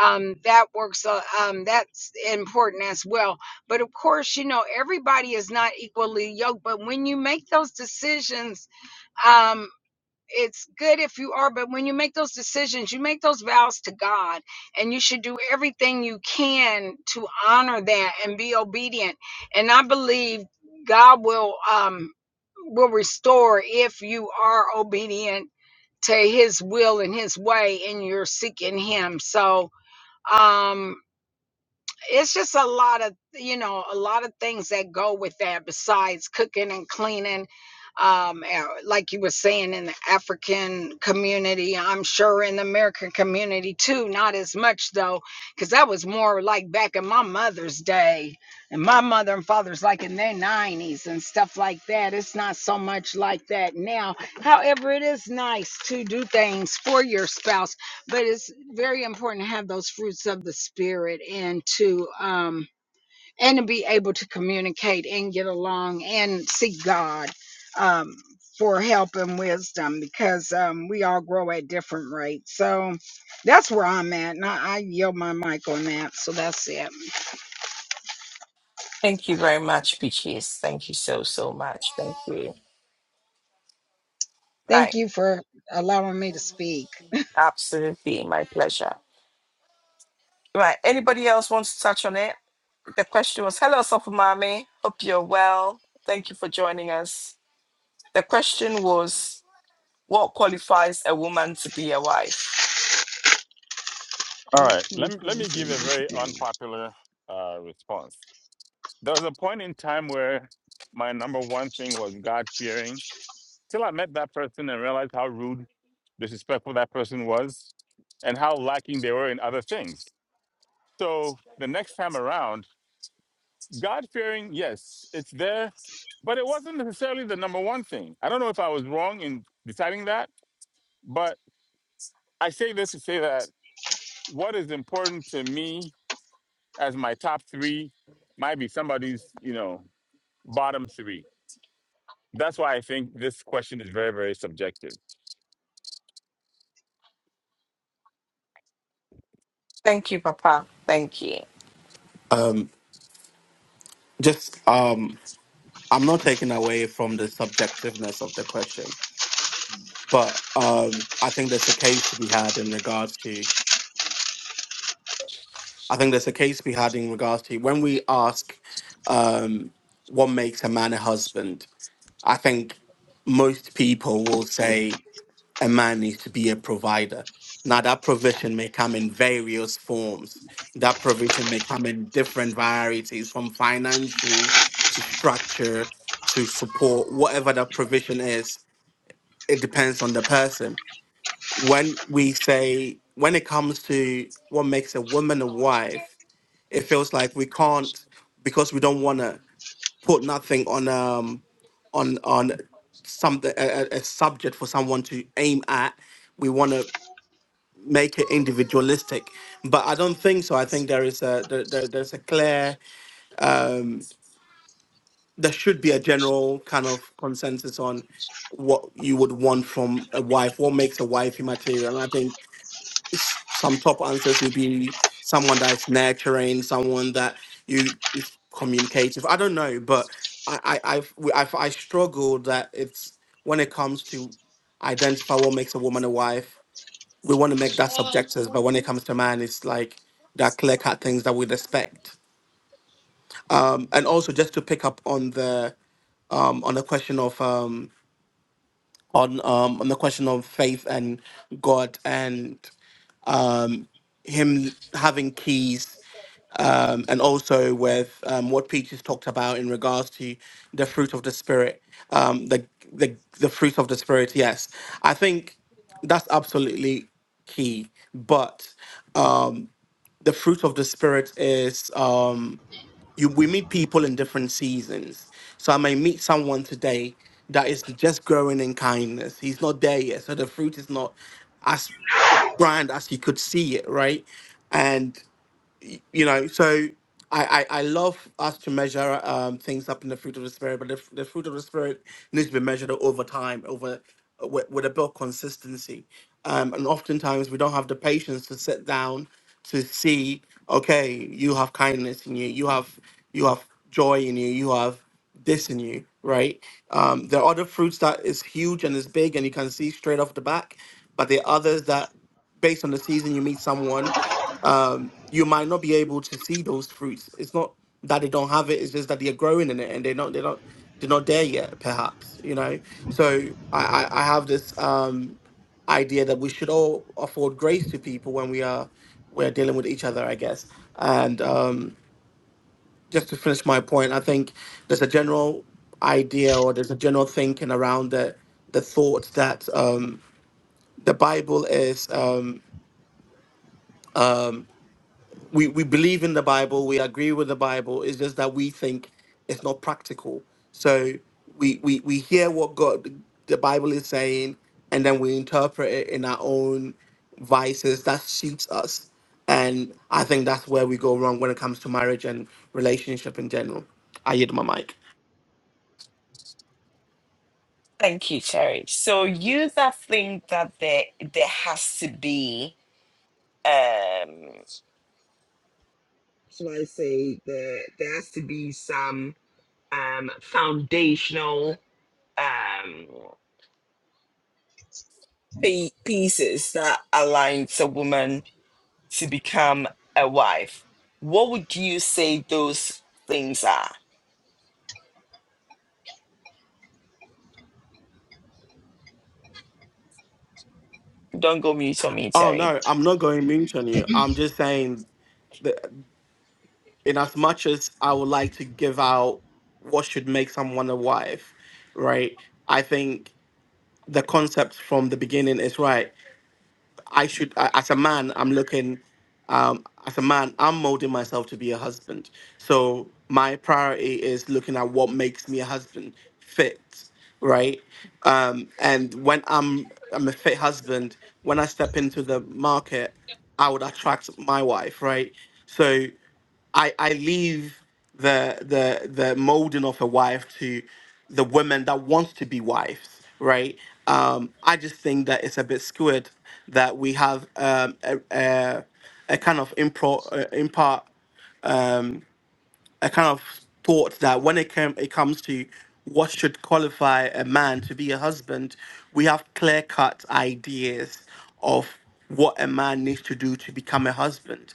[SPEAKER 6] um, that works. Uh, um, that's important as well. But of course, you know, everybody is not equally yoked. But when you make those decisions, um, it's good if you are, but when you make those decisions, you make those vows to God, and you should do everything you can to honor that and be obedient. And I believe God will um, will restore if you are obedient to His will and His way, and you're seeking Him. So. Um, it's just a lot of you know a lot of things that go with that besides cooking and cleaning um uh, like you were saying in the african community i'm sure in the american community too not as much though because that was more like back in my mother's day and my mother and father's like in their 90s and stuff like that it's not so much like that now however it is nice to do things for your spouse but it's very important to have those fruits of the spirit and to um and to be able to communicate and get along and seek god um for help and wisdom because um we all grow at different rates so that's where i'm at and i, I yield my mic on that so that's it
[SPEAKER 1] Thank you very much, Peaches. Thank you so, so much. Thank you.
[SPEAKER 6] thank
[SPEAKER 1] Right.
[SPEAKER 6] you for allowing me to speak
[SPEAKER 1] Absolutely. My pleasure. Right. Anybody else wants to touch on it? The question was Hello, Sofumami. Hope you're well. Thank you for joining us. The question was What qualifies a woman to be a wife?
[SPEAKER 4] All
[SPEAKER 1] What
[SPEAKER 4] right, let me let me
[SPEAKER 1] qualifies a
[SPEAKER 4] give a
[SPEAKER 1] woman to
[SPEAKER 4] very
[SPEAKER 1] be a wife?
[SPEAKER 4] unpopular uh, response. There was a point in time where my number one thing was God fearing. Till I met that person and realized how rude, disrespectful that person was, and how lacking they were in other things. So the next time around, God fearing, yes, it's there, but it wasn't necessarily the number one thing. I don't know if I was wrong in deciding that, but I say this to say that what is important to me as my top three might be somebody's, you know, bottom three. That's why I think this question is very, very subjective.
[SPEAKER 1] Thank you, Papa. Thank you.
[SPEAKER 5] Um, just um, I'm not taking away from the subjectiveness of the question, but um, I think there's a case to be had in regards to I think there's a case to be had in regards to when we ask um, what makes a man a husband. I think most people will say a man needs to be a provider. Now, that provision may come in various forms. That provision may come in different varieties, from financial to structure to support, whatever that provision is. It depends on the person. When we say, when it comes to what makes a woman a wife, it feels like we can't because we don't want to put nothing on um on on some a, a a subject for someone to aim at we want to make it individualistic but i don't think so i think there is a there, there- there's a clear there should be a general kind of consensus on what you would want from a wife what makes a wife immaterial and i think some top answers would be someone that is nurturing, someone that you is communicative. I don't know, but I I I've, we- I've, I struggle that it's when it comes to identify what makes a woman a wife. We want to make that subjective, but when it comes to man, it's like that clear cut things that we'd expect. Um, And also, just to pick up on the um on the question of um on um on the question of faith and God and him having keys and also with um, what Peaches talked about in regards to the fruit of the spirit, um, the the the fruit of the spirit. Yes, I think that's absolutely key. But the fruit of the spirit is um, you, we meet people in different seasons. So I may meet someone today that is just growing in kindness. He's not there yet, so the fruit is not as grand as you could see it, right? And you know so I, I i love us to measure um things up in the fruit of the spirit but the, f- the fruit of the spirit needs to be measured over time over uh, with, with a built consistency um and oftentimes we don't have the patience to sit down to see okay you have kindness in you you have you have joy in you you have this in you right um there are other fruits that is huge and is big and you can see straight off the back but there are others that based on the season you meet someone um, you might not be able to see those fruits. It's not that they don't have it; it's just that they're growing in it, and they're not they're not they're not there yet. Perhaps you know. So I I, I have this um, idea that we should all afford grace to people when we are we're dealing with each other, I guess. And um, just to finish my point, I think there's a general idea or there's a general thinking around the the thought that um, the Bible is. Um, we we believe in the Bible, we agree with the Bible. It's just that we think it's not practical. So we we we hear what God the Bible is saying, and then we interpret it in our own vices that suits us. And I think that's where we go wrong when it comes to marriage and relationship in general. I hit my mic.
[SPEAKER 1] Thank you, Terry. So, you that think that there, there has to be, um, should I say, there, there has to be some um, foundational. Um, pi- pieces that aligns a woman to become a wife, what would you say those things are? Don't go mute on me,
[SPEAKER 5] Oh
[SPEAKER 1] Terry.
[SPEAKER 5] no, I'm not going moot on you. I'm just saying that in as much as I would like to give out what should make someone a wife, right? I think the concept from the beginning is right. I should, I- as a man, I'm looking, um, as a man, I'm molding myself to be a husband. So my priority is looking at what makes me a husband fit, right? Um, and when I'm, I'm a fit husband, when I step into the market, I would attract my wife, right? So I I leave the the the molding of a wife to the women that want to be wives, right? Um, I just think that it's a bit skewed that we have um, a, a a kind of impro uh, impart a kind of thought that when it came it comes to what should qualify a man to be a husband, we have clear cut ideas of what a man needs to do to become a husband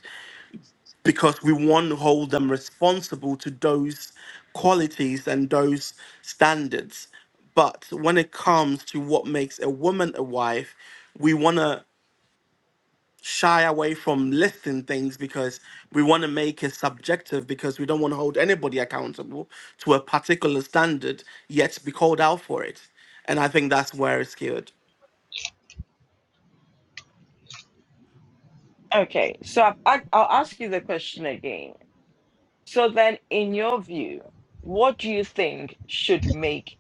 [SPEAKER 5] because we want to hold them responsible to those qualities and those standards. But when it comes to what makes a woman a wife, we want to shy away from listing things because we want to make it subjective because we don't want to hold anybody accountable to a particular standard yet be called out for it. And I think that's where it's skewed.
[SPEAKER 1] Okay, so I've, I, I'll ask you the question again. So then, in your view, what do you think should make?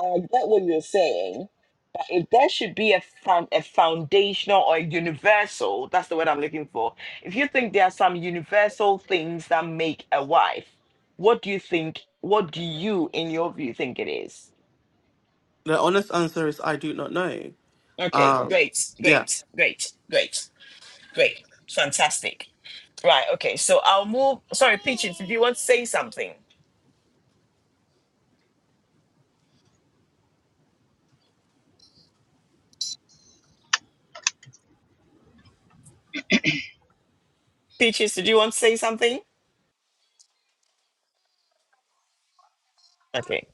[SPEAKER 1] 'Cause I get what you're saying, it- there should be a, found, a foundational or a universal that's the word i'm looking for if you think there are some universal things that make a wife what do you think what do you in your view think it is
[SPEAKER 5] The honest answer is I do not know.
[SPEAKER 1] okay
[SPEAKER 5] Um,
[SPEAKER 1] great
[SPEAKER 5] yeah.
[SPEAKER 1] great great great great fantastic right okay so i'll move sorry peaches did you want to say something peaches did you want to say something okay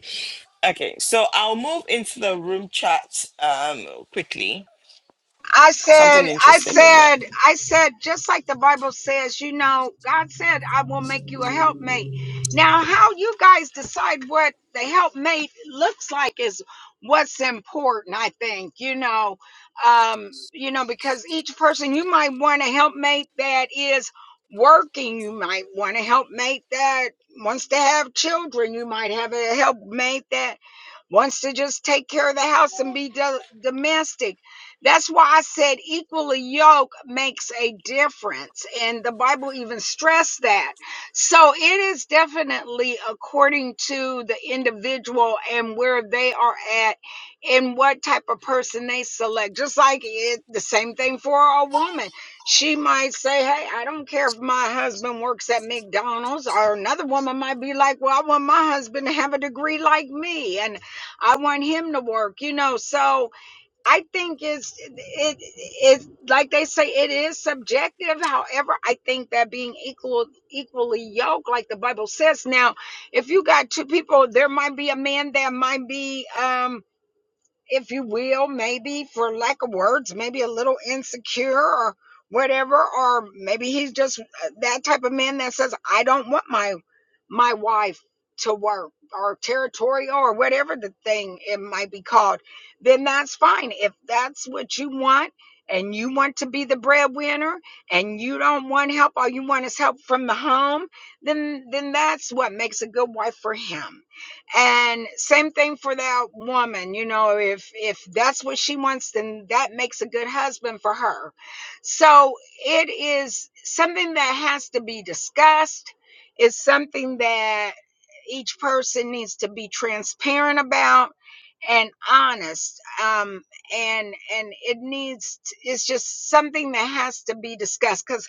[SPEAKER 1] okay so i'll move into the room chat um quickly
[SPEAKER 6] I said,
[SPEAKER 1] something
[SPEAKER 6] I
[SPEAKER 1] interesting in there
[SPEAKER 6] said, I said, just like the Bible says, you know, God said, I will make you a helpmate. Now, how you guys decide what the helpmate looks like is what's important, I think, you know, um, you know, because each person, you might want a helpmate that is working. You might want a helpmate that wants to have children. You might have a helpmate that wants to just take care of the house and be do- domestic that's why I said equally yoke makes a difference. And the Bible even stressed that. So it is definitely according to the individual and where they are at and what type of person they select. Just like it, the same thing for a woman. She might say, Hey, I don't care if my husband works at McDonald's, or another woman might be like, Well, I want my husband to have a degree like me and I want him to work, you know. So, I think it's it it's like they say it is subjective. However, I think that being equal equally yoked, like the Bible says. Now, if you got two people, there might be a man that might be um if you will, maybe for lack of words, maybe a little insecure or whatever, or maybe he's just uh, that type of man that says, I don't want my my wife to work or territorial or whatever the thing it might be called, then that's fine. If that's what you want and you want to be the breadwinner and you don't want help, all you want is help from the home, then then that's what makes a good wife for him and same thing for that woman, you know, if if that's what she wants, then that makes a good husband for her. So it is something that has to be discussed. It's something that each person needs to be transparent about and honest. Um, and and it needs t- it's just something that has to be discussed because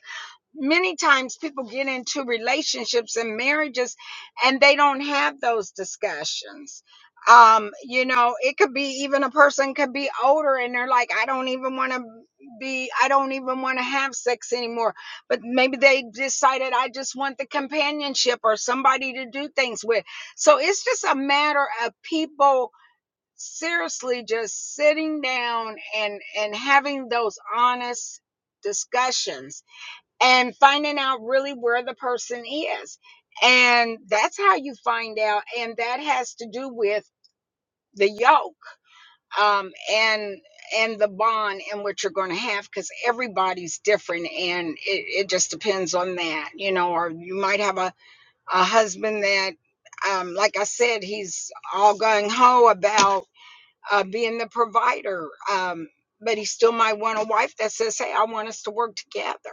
[SPEAKER 6] many times people get into relationships and marriages and they don't have those discussions um you know it could be even a person could be older and they're like i don't even want to be i don't even want to have sex anymore but maybe they decided i just want the companionship or somebody to do things with so it's just a matter of people seriously just sitting down and and having those honest discussions and finding out really where the person is. And that's how you find out. And that has to do with the yoke um, and and the bond and what you're going to have because everybody's different and it, it just depends on that you know or you might have a, a husband that um, like i said he's all gung-ho about uh, being the provider um, but he still might want a wife that says hey i want us to work together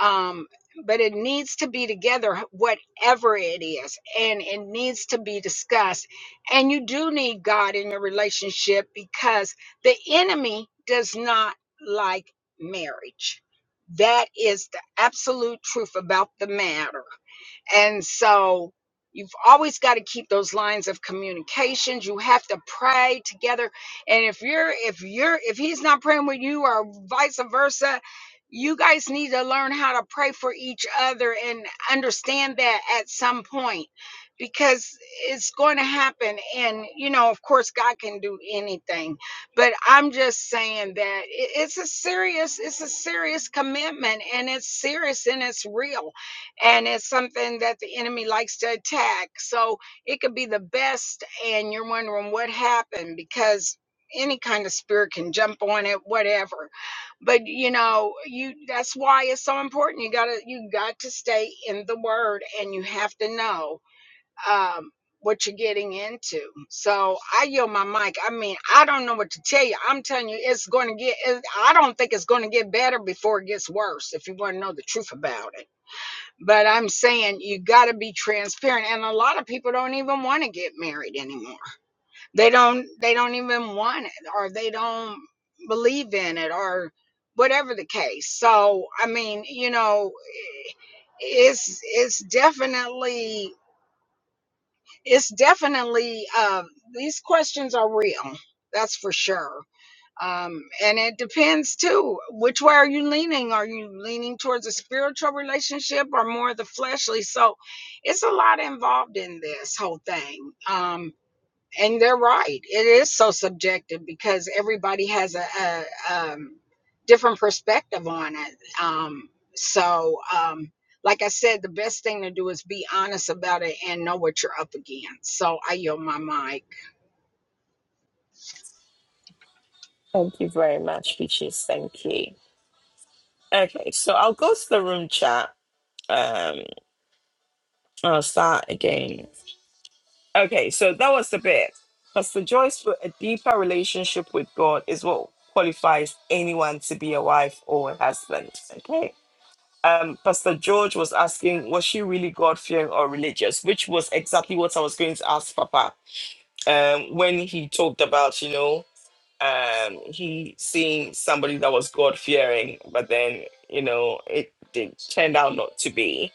[SPEAKER 6] um, but it needs to be together whatever it is and it needs to be discussed and you do need god in your relationship because the enemy does not like marriage that is the absolute truth about the matter and so you've always got to keep those lines of communications. You have to pray together. And if you're if you're if he's not praying with you or vice versa, you guys need to learn how to pray for each other and understand that at some point because it's going to happen and you know of course god can do anything but i'm just saying that it- it's a serious it's a serious commitment and it's serious and it's real and it's something that the enemy likes to attack. So it could be the best, and you're wondering what happened because any kind of spirit can jump on it, whatever. But you know, you that's why it's so important. You gotta you got to stay in the word, and you have to know. Um, what you're getting into. So I yield my mic. I mean, I don't know what to tell you. I'm telling you, it's going to get, it, I don't think it's going to get better before it gets worse, if you want to know the truth about it. But I'm saying you got to be transparent, and a lot of people don't even want to get married anymore. They don't. They don't even want it, or they don't believe in it, or whatever the case. So I mean, you know, it's it's definitely it's definitely uh, these questions are real. That's for sure. Um, and it depends too. Which way are you leaning? Are you leaning towards a spiritual relationship or more of the fleshly? So it's a lot involved in this whole thing. Um, and they're right. It is so subjective because everybody has a, a um, different perspective on it. Um, so, um, like I said, the best thing to do is be honest about it and know what you're up against. So I yield my mic.
[SPEAKER 1] Thank you very much, Peaches. Thank you. Okay, so I'll go to the room chat. Um, I'll start again. Okay, so that was the bit. Pastor Joyce wrote, a deeper relationship with God is what qualifies anyone to be a wife or a husband. Okay. Um, Pastor George was asking, was she really God fearing or religious? Which was exactly what I was going to ask Papa um, when he talked about, you know. um he seen somebody that was god fearing but then you know it, it turned out not to be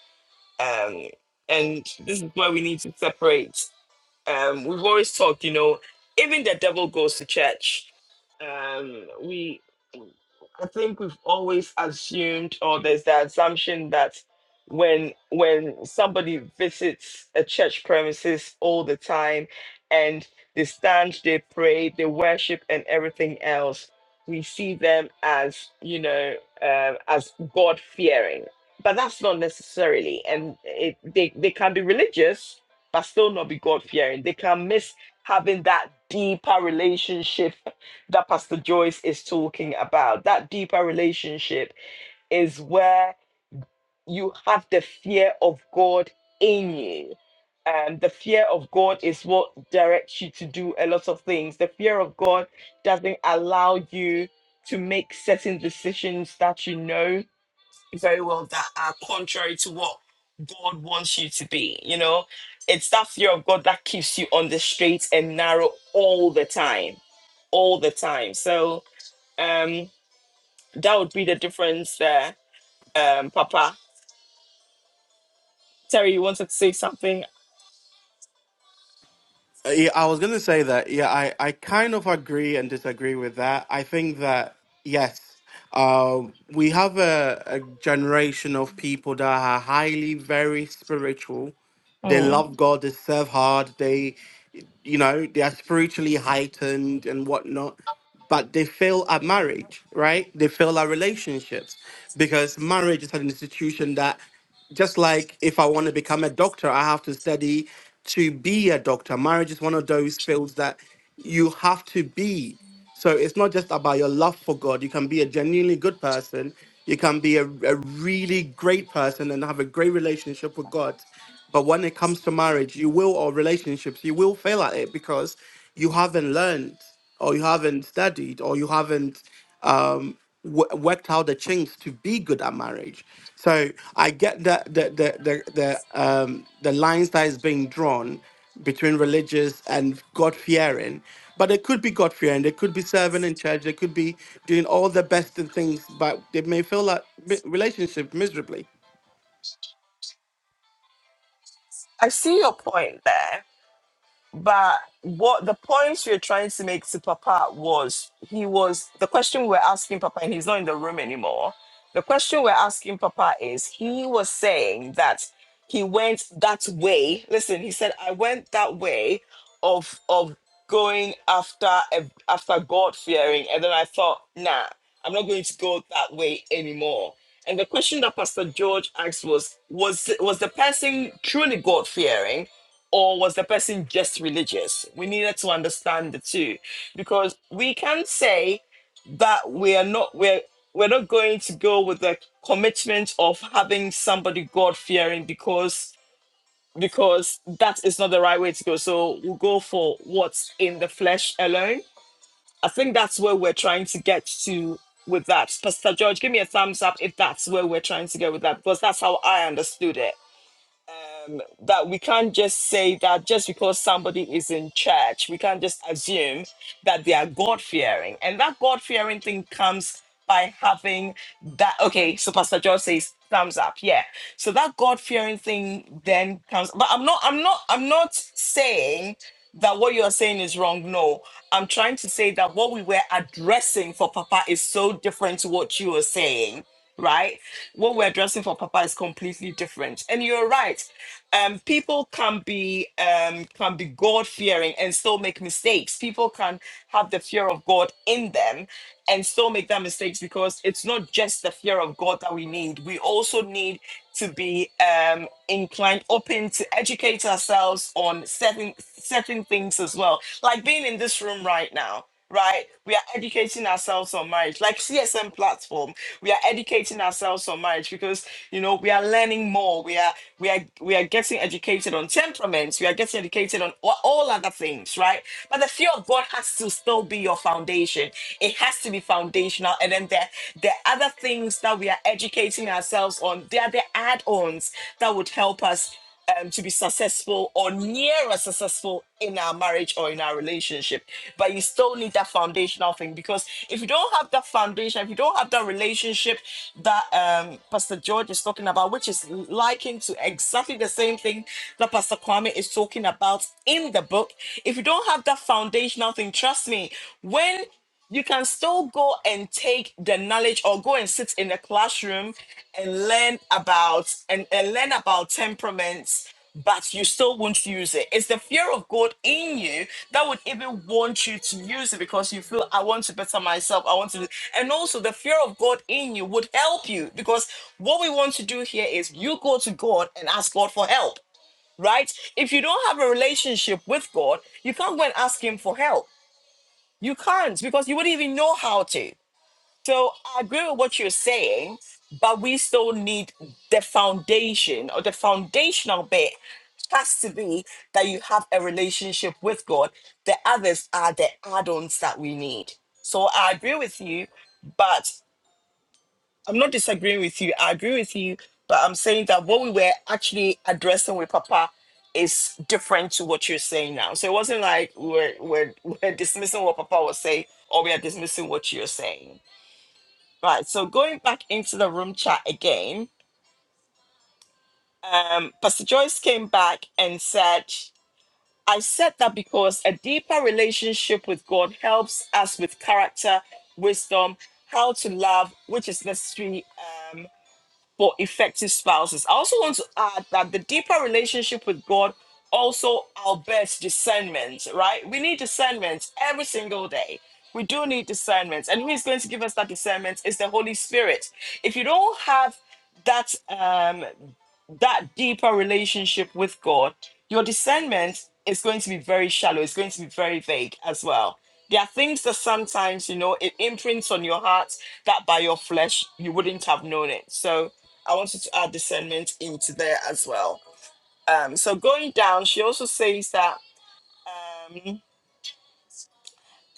[SPEAKER 1] um and this is where we need to separate um, we've always talked, you know, even the devil goes to church. Um, we, I think we've always assumed, or there's the assumption that when when somebody visits a church premises all the time, and they stand, they pray, they worship, and everything else, we see them as you know um as God fearing. But that's not necessarily, and it, they they can be religious, but still not be God fearing. They can miss having that deeper relationship that Pastor Joyce is talking about. That deeper relationship is where you have the fear of God in you. And the fear of God is what directs you to do a lot of things. The fear of God doesn't allow you to make certain decisions that you know very well that are contrary to what God wants you to be. You know, it's that fear of God that keeps you on the straight and narrow all the time, all the time. So um, that would be the difference there, um, Papa. Terry, you wanted to say something?
[SPEAKER 5] Uh, Yeah, I was gonna say that. Yeah, I, I kind of agree and disagree with that. I think that yes, um, we have a, a generation of people that are highly very spiritual. They
[SPEAKER 1] Mm.
[SPEAKER 5] love God. They serve hard. They, you know, they are spiritually heightened and whatnot but they fail at marriage, right? They fail at relationships because marriage is an institution that, just like if I want to become a doctor, I have to study to be a doctor. Marriage is one of those fields that you have to be. So it's not just about your love for God. You can be a genuinely good person, you can be a, a really great person and have a great relationship with God. But when it comes to marriage, you will, or relationships, you will fail at it because you haven't learned or you haven't studied, or you haven't um, w- worked out the change to be good at marriage. So I get that the the the the, um, the lines that is being drawn between religious and God fearing, but it could be God fearing. They could be serving in church. They could be doing all the best in things, but they may feel that mi- relationship miserably.
[SPEAKER 1] I see your point there. But what the points we were trying to make to Papa was he was the question we were asking Papa, and he's not in the room anymore. The question we're asking Papa is he was saying that he went that way. Listen, he said, I went that way of of going after a- after God fearing, and then I thought, nah, I'm not going to go that way anymore. And the question that Pastor George asked was, was was the person truly God fearing? or was the person just religious? We needed to understand the two because we can say that we are not we're we're not going to go with the commitment of having somebody God fearing because because that is not the right way to go. So we'll go for what's in the flesh alone. I think that's where we're trying to get to with that. Pastor George, give me a thumbs up if that's where we're trying to go with that because that's how I understood it um, that we can't just say that just because somebody is in church, we can't just assume that they are God fearing. And that God fearing thing comes by having that. Okay, so Pastor George says thumbs up. Yeah. So that God fearing thing then comes. But I'm not. I'm not. I'm not saying that what you're saying is wrong. No, I'm trying to say that what we were addressing for Papa is so different to what you are saying right? what we're addressing for Papa is completely different. And you're right. Um, people can be um, can be God fearing and still make mistakes. People can have the fear of God in them and still make that mistakes because it's not just the fear of God that we need. We also need to be um, inclined, open to educate ourselves on certain certain things as well. Like being in this room right now, right? We are educating ourselves on marriage, like CSM platform we are educating ourselves so much because you know we are learning more we are we are we are getting educated on temperaments we are getting educated on all, all other things right but the fear of god has to still be your foundation it has to be foundational and then there the other things that we are educating ourselves on they are the add-ons that would help us um, to be successful or nearer successful in our marriage or in our relationship. But you still need that foundational thing because if you don't have that foundation, if you don't have that relationship that um, Pastor George is talking about, which is likened to exactly the same thing that Pastor Kwame is talking about in the book, if you don't have that foundational thing, trust me, when you can still go and take the knowledge or go and sit in the classroom and learn about and, and learn about temperaments but you still won't use it it's the fear of god in you that would even want you to use it because you feel i want to better myself i want to do-" and also the fear of god in you would help you because what we want to do here is you go to god and ask god for help right if you don't have a relationship with god you can't go and ask him for help you can't because you wouldn't even know how to so I agree with what you're saying, but we still need the foundation or the foundational bit has to be that you have a relationship with God. The others are the add ons that we need. So I agree with you, but I'm not disagreeing with you. I agree with you, but I'm saying that what we were actually addressing with Papa is different to what you're saying now. So it wasn't like we're, we're, [LAUGHS] we're dismissing what Papa was saying or we are dismissing what you're saying. Right, so going back into the room chat again, um, Pastor Joyce came back and said, I said that because a deeper relationship with God helps us with character, wisdom, how to love, which is necessary. um, for effective spouses. I also want to add that the deeper relationship with God also outbets discernment, right? We need discernment every single day. We do need discernment. And who is going to give us that discernment is the Holy Spirit. If you don't have that um that deeper relationship with God, your discernment is going to be very shallow. It's going to be very vague as well. There are things that sometimes, you know, it imprints on your heart that by your flesh you wouldn't have known it. So I wanted to add discernment into there as well. Um, so going down, she also says that um,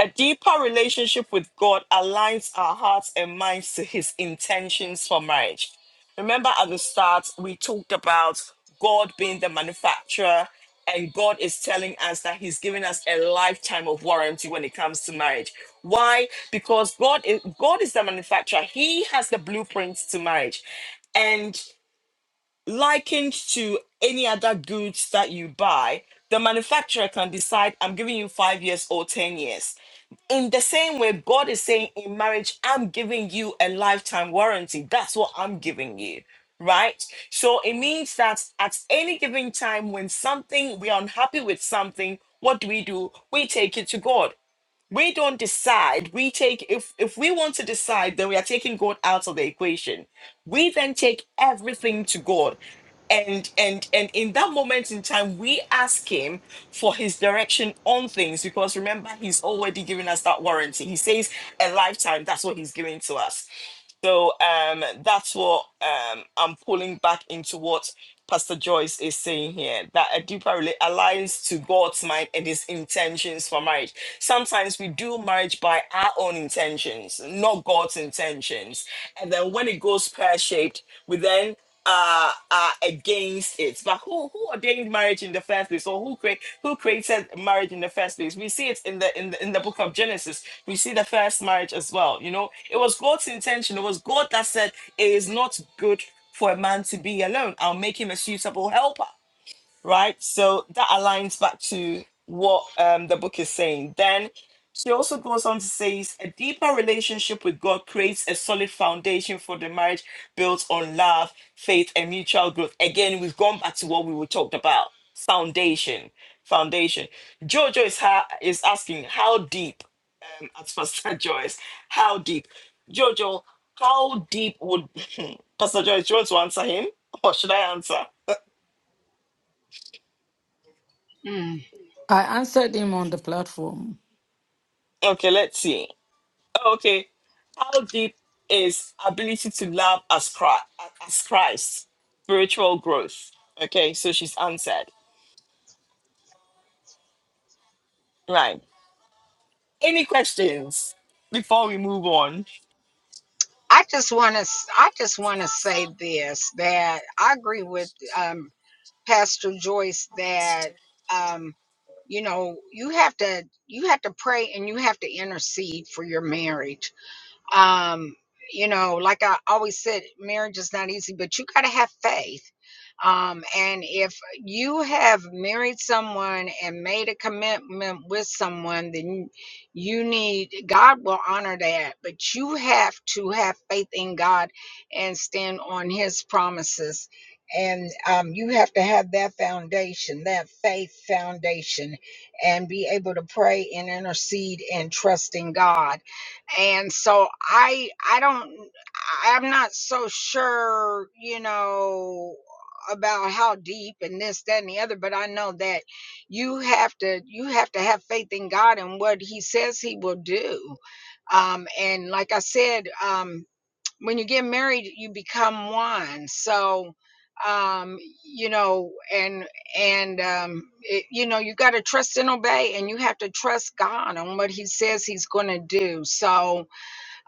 [SPEAKER 1] a deeper relationship with God aligns our hearts and minds to His intentions for marriage. Remember at the start, we talked about God being the manufacturer, and God is telling us that He's giving us a lifetime of warranty when it comes to marriage. Why? Because God is God is the manufacturer. He has the blueprints to marriage, and likened to any other goods that you buy, the manufacturer can decide, I'm giving you five years or 10 years. In the same way, God is saying in marriage, I'm giving you a lifetime warranty. That's what I'm giving you, right? So it means that at any given time, when something, we are unhappy with something, what do we do? We take it to God we don't decide we take if if we want to decide then we are taking god out of the equation we then take everything to god and and and in that moment in time we ask him for his direction on things because remember he's already given us that warranty he says a lifetime that's what he's giving to us so um, that's what um, I'm pulling back into what Pastor Joyce is saying here that a deeper rela- alliance to God's mind and his intentions for marriage. Sometimes we do marriage by our own intentions, not God's intentions. And then when it goes pear shaped, we then uh are against it but who who ordained marriage in the first place or who create who created marriage in the first place we see it in the in the, in the book of genesis we see the first marriage as well. You know, it was God's intention. It was God that said, It is not good for a man to be alone. I'll make him a suitable helper right? So that aligns back to what um, the book is saying. Then she also goes on to say a deeper relationship with God creates a solid foundation for the marriage built on love, faith, and mutual growth. Again, we've gone back to what we were talked about foundation. Foundation. Jojo is, ha- is asking, how deep? Um, at Pastor [LAUGHS] Joyce, how deep? Jojo, how deep would [LAUGHS] Pastor Joyce, do you want to answer him? Or should I answer?
[SPEAKER 8] I answered him on the platform.
[SPEAKER 1] Okay, let's see. Oh, Okay. How deep is ability to love as Christ, as Christ spiritual growth? Okay, so she's answered. Right. Any questions before we move on?
[SPEAKER 6] I just want to I just want to say this that I agree with um, Pastor Joyce that um, you know you have to you have to pray and you have to intercede for your marriage um you know like i always said marriage is not easy but you got to have faith um and if you have married someone and made a commitment with someone then you need god will honor that but you have to have faith in god and stand on his promises and um, you have to have that foundation that faith foundation and be able to pray and intercede and trust in god and so i i don't i'm not so sure you know about how deep and this that and the other but i know that you have to you have to have faith in god and what he says he will do um and like i said um when you get married you become one so um you know and and um it, you know you got to trust and obey and you have to trust god on what he says he's going to do so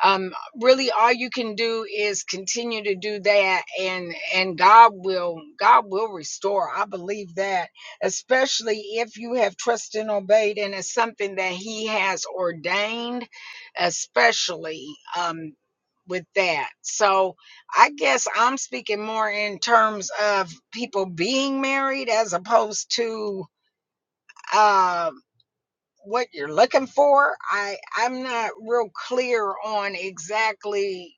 [SPEAKER 6] um really all you can do is continue to do that and and god will god will restore i believe that especially if you have trusted and obeyed and it's something that he has ordained especially um with that so i guess i'm speaking more in terms of people being married as opposed to uh what you're looking for i i'm not real clear on exactly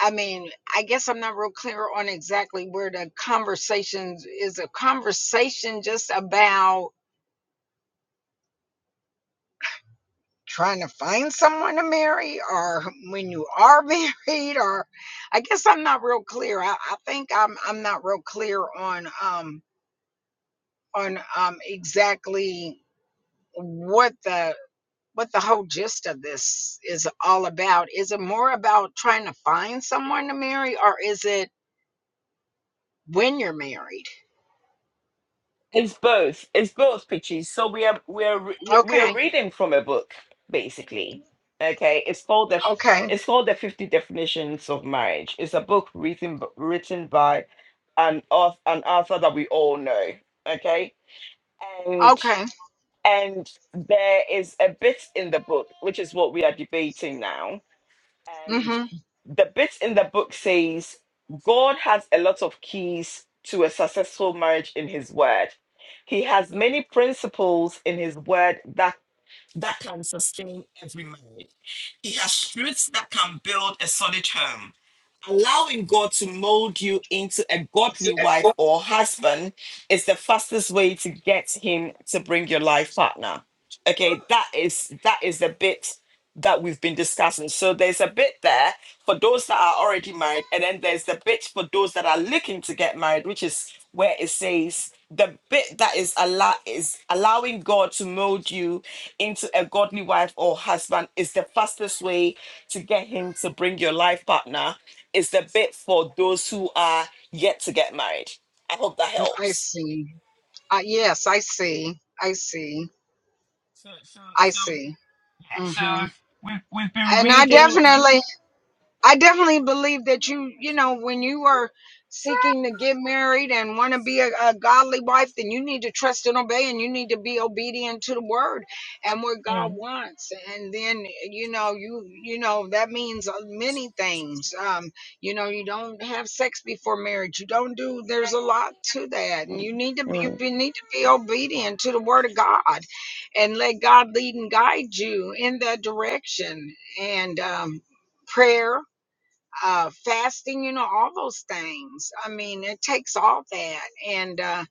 [SPEAKER 6] I mean, I guess I'm not real clear on exactly where the conversation is a conversation just about trying to find someone to marry or when you are [LAUGHS] married or I guess I'm not real clear. I, I think I'm I'm not real clear on um on um exactly what the what the whole gist of this is all about. Is it more about trying to find someone to marry or is it when you're married?
[SPEAKER 1] It's both. It's both pitches. So we are we are re- we we are
[SPEAKER 6] Okay.
[SPEAKER 1] reading from a book, basically. Okay, it's called the
[SPEAKER 6] Okay.
[SPEAKER 1] it's called the Fifty Definitions of Marriage. It's a book written b- written by an author, an author that we all know. Okay, and.
[SPEAKER 6] Okay.
[SPEAKER 1] And there is a bit in the book, which is what we are debating now. And
[SPEAKER 6] Mm-hmm.
[SPEAKER 1] the bit in the book says God has a lot of keys to a successful marriage in his word. He has many principles in his word that that can sustain every marriage. He has truths that can build a solid home allowing God to mold you into a
[SPEAKER 6] It's
[SPEAKER 1] godly
[SPEAKER 6] at- Oh,
[SPEAKER 1] wife or husband is the fastest way to get him to bring your life partner. Okay, that is that is the bit that we've been discussing. So there's a bit there for those that are already married, and then there's the bit for those that are looking to get married, which is where it says the bit that is allow is allowing God to mold you into a godly wife or husband is the fastest way to get him to bring your life partner is the bit for those who are yet to get married. I hope that
[SPEAKER 6] I
[SPEAKER 1] helps.
[SPEAKER 6] see. Uh, yes, I see. I see.
[SPEAKER 1] So, so,
[SPEAKER 6] I
[SPEAKER 1] so,
[SPEAKER 6] see.
[SPEAKER 1] yeah, so
[SPEAKER 6] Mm-hmm.
[SPEAKER 1] we've, we've been
[SPEAKER 6] And I Mhm.
[SPEAKER 1] reading.
[SPEAKER 6] definitely, I definitely believe that you, you know, when you are seeking to get married and want to be a, a godly wife, then you need to trust and obey and you need to be obedient to the word and what God
[SPEAKER 1] Mm,
[SPEAKER 6] wants. And then, you know, you, you know, that means uh, many things. Um, you know, you don't have sex before marriage. You don't do, there's a lot to that. And
[SPEAKER 1] mm,
[SPEAKER 6] you need to be, you
[SPEAKER 1] mm.
[SPEAKER 6] be- need to be obedient to the word of God and let God lead and guide you in that direction. And, um, prayer uh, fasting, you know, all those things. I mean, it takes all that, and uh,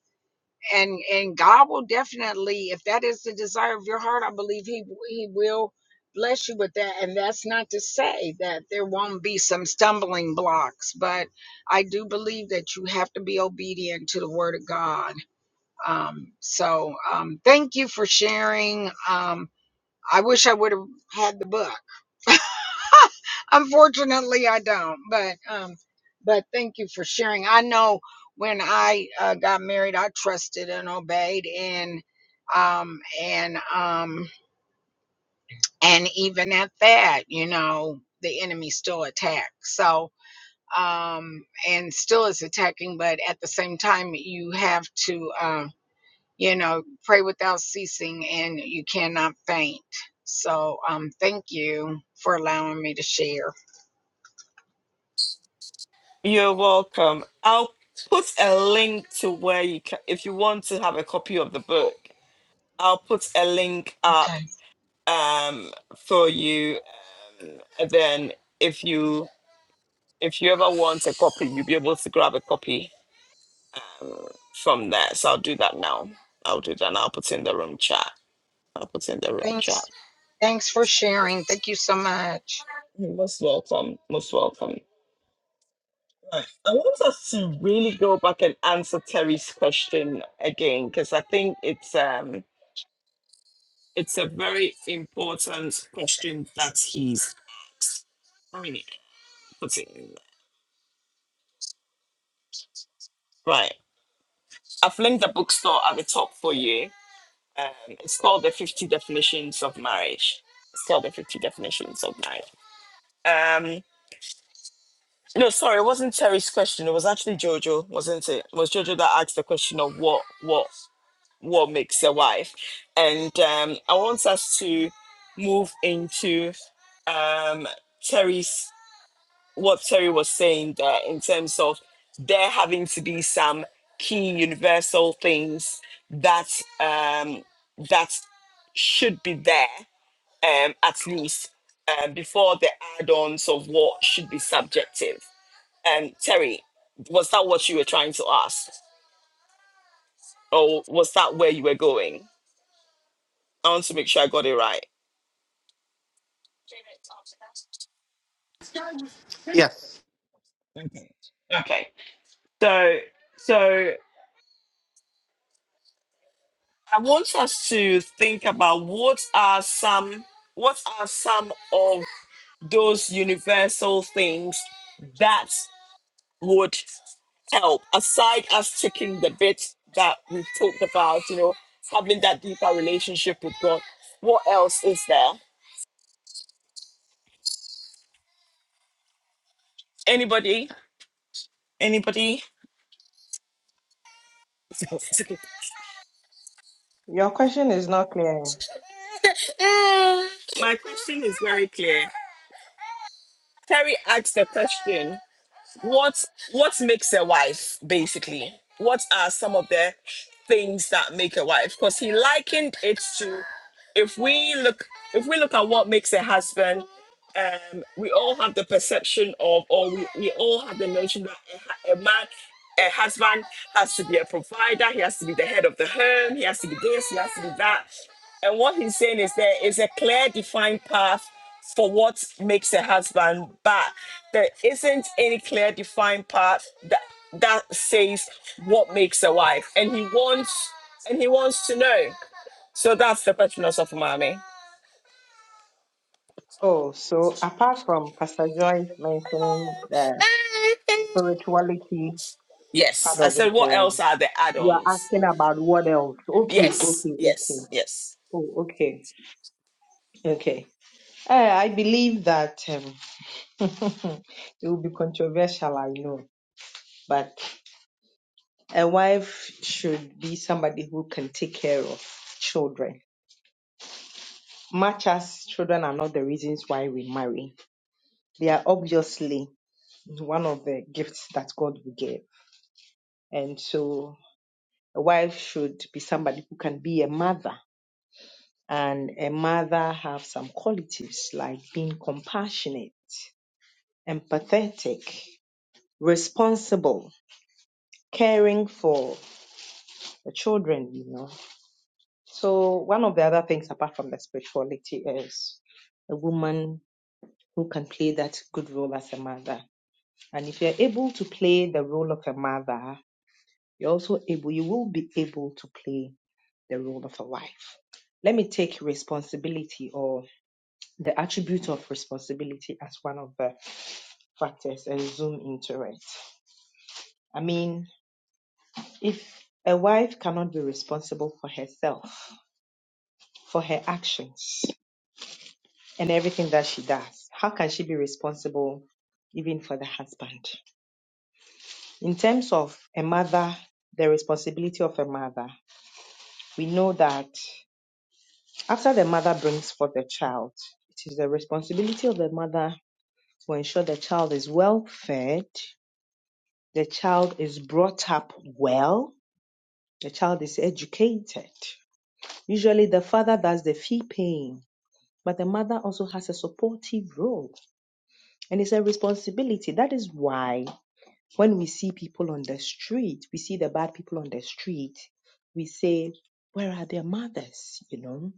[SPEAKER 6] and and God will definitely, if that is the desire of your heart, I believe He He will bless you with that. And that's not to say that there won't be some stumbling blocks, but I do believe that you have to be obedient to the Word of God. Um, so, um, thank you for sharing. Um, I wish I would have had the book. Unfortunately, I don't. But um, but thank you for sharing. I know when I uh, got married, I trusted and obeyed, and um, and um, and even at that, you know, the enemy still attacks. So um, and still is attacking. But at the same time, you have to um, you know, pray without ceasing, and you cannot faint. So um, thank you for allowing me to share.
[SPEAKER 1] You're welcome. I'll put a link to where you can, if you want to have a copy of the book, I'll put a link up
[SPEAKER 6] Okay.
[SPEAKER 1] um, for you. Um, and then if you if you ever want a copy, you'll be able to grab a copy from there. So I'll do that now. I'll do that. And I'll put it in the room chat. I put in the wrong chat.
[SPEAKER 6] Thanks. Thanks for sharing. Thank you so much.
[SPEAKER 1] You're Most welcome. Most welcome. Right. I want us to really go back and answer Terry's question again because I think it's um it's a very important question that he's really putting. Right. I've linked the bookstore at the top for you. Um, it's called the 50 definitions of marriage. It's called the 50 definitions of marriage. Um. No, sorry, it wasn't Terry's question. It was actually Jojo, wasn't it? It was Jojo that asked the question of what what what makes a wife. And um I want us to move into um Terry's what Terry was saying there in terms of there having to be some key universal things that um that should be there um at least um, before the add-ons of what should be subjective um, Terry, was that what you were trying to ask? Or was that where you were going? I want to make sure I got it right.
[SPEAKER 5] Yes.
[SPEAKER 1] Okay. So so I want us to think about what are some what are some of those universal things that would help aside us taking the bit that we have talked about, you know, having that deeper relationship with God. What else is there? Anybody? Anybody? [LAUGHS]
[SPEAKER 9] Your question is not clear.
[SPEAKER 1] My question is very clear. Terry asked a question what what makes a wife basically what are some of the things that make a wife because he likened it to if we look if we look at what makes a husband um we all have the perception of or we, we all have the notion that a, hu- a man a husband has to be a provider he has to be the head of the home he has to be this he has to be that and what he's saying is there is a clear defined path for what makes a husband. But there isn't any clear defined path that that says what makes a wife and he wants and he wants to know so that's the petronus of umami
[SPEAKER 9] Oh, so apart from Pastor Joy mentioning the spirituality
[SPEAKER 1] yes
[SPEAKER 9] part
[SPEAKER 1] i
[SPEAKER 9] of it
[SPEAKER 1] said what
[SPEAKER 9] all,
[SPEAKER 1] else are the
[SPEAKER 9] you
[SPEAKER 1] add-ons
[SPEAKER 9] are asking about what else? Okay,
[SPEAKER 1] yes
[SPEAKER 9] okay, okay.
[SPEAKER 1] yes yes
[SPEAKER 9] Oh, okay, okay. Uh, I believe that um, [LAUGHS] it will be controversial, I know, but a wife should be somebody who can take care of children. Much as children are not the reasons why we marry, they are obviously is one of the gifts that God will give. And so a wife should be somebody who can be a mother. And a mother have some qualities like being compassionate, empathetic, responsible, caring for the children, you know. So one of the other things apart from the spirituality is a woman who can play that good role as a mother. And if you're able to play the role of a mother, you're also able, you will be able to play the role of a wife. Let me take responsibility or the attribute of responsibility as one of the factors and zoom into it. I mean, if a wife cannot be responsible for herself, for her actions, and everything that she does, how can she be responsible even for the husband? In terms of a mother, the responsibility of a mother, we know that after the mother brings forth a child, it is the responsibility of the mother to ensure the child is well fed, the child is brought up well, the child is educated. Usually the father does the fee paying, but the mother also has a supportive role and it's a responsibility. That is why when we see people on the street, we see the bad people on the street, we say, Where are their mothers? You know,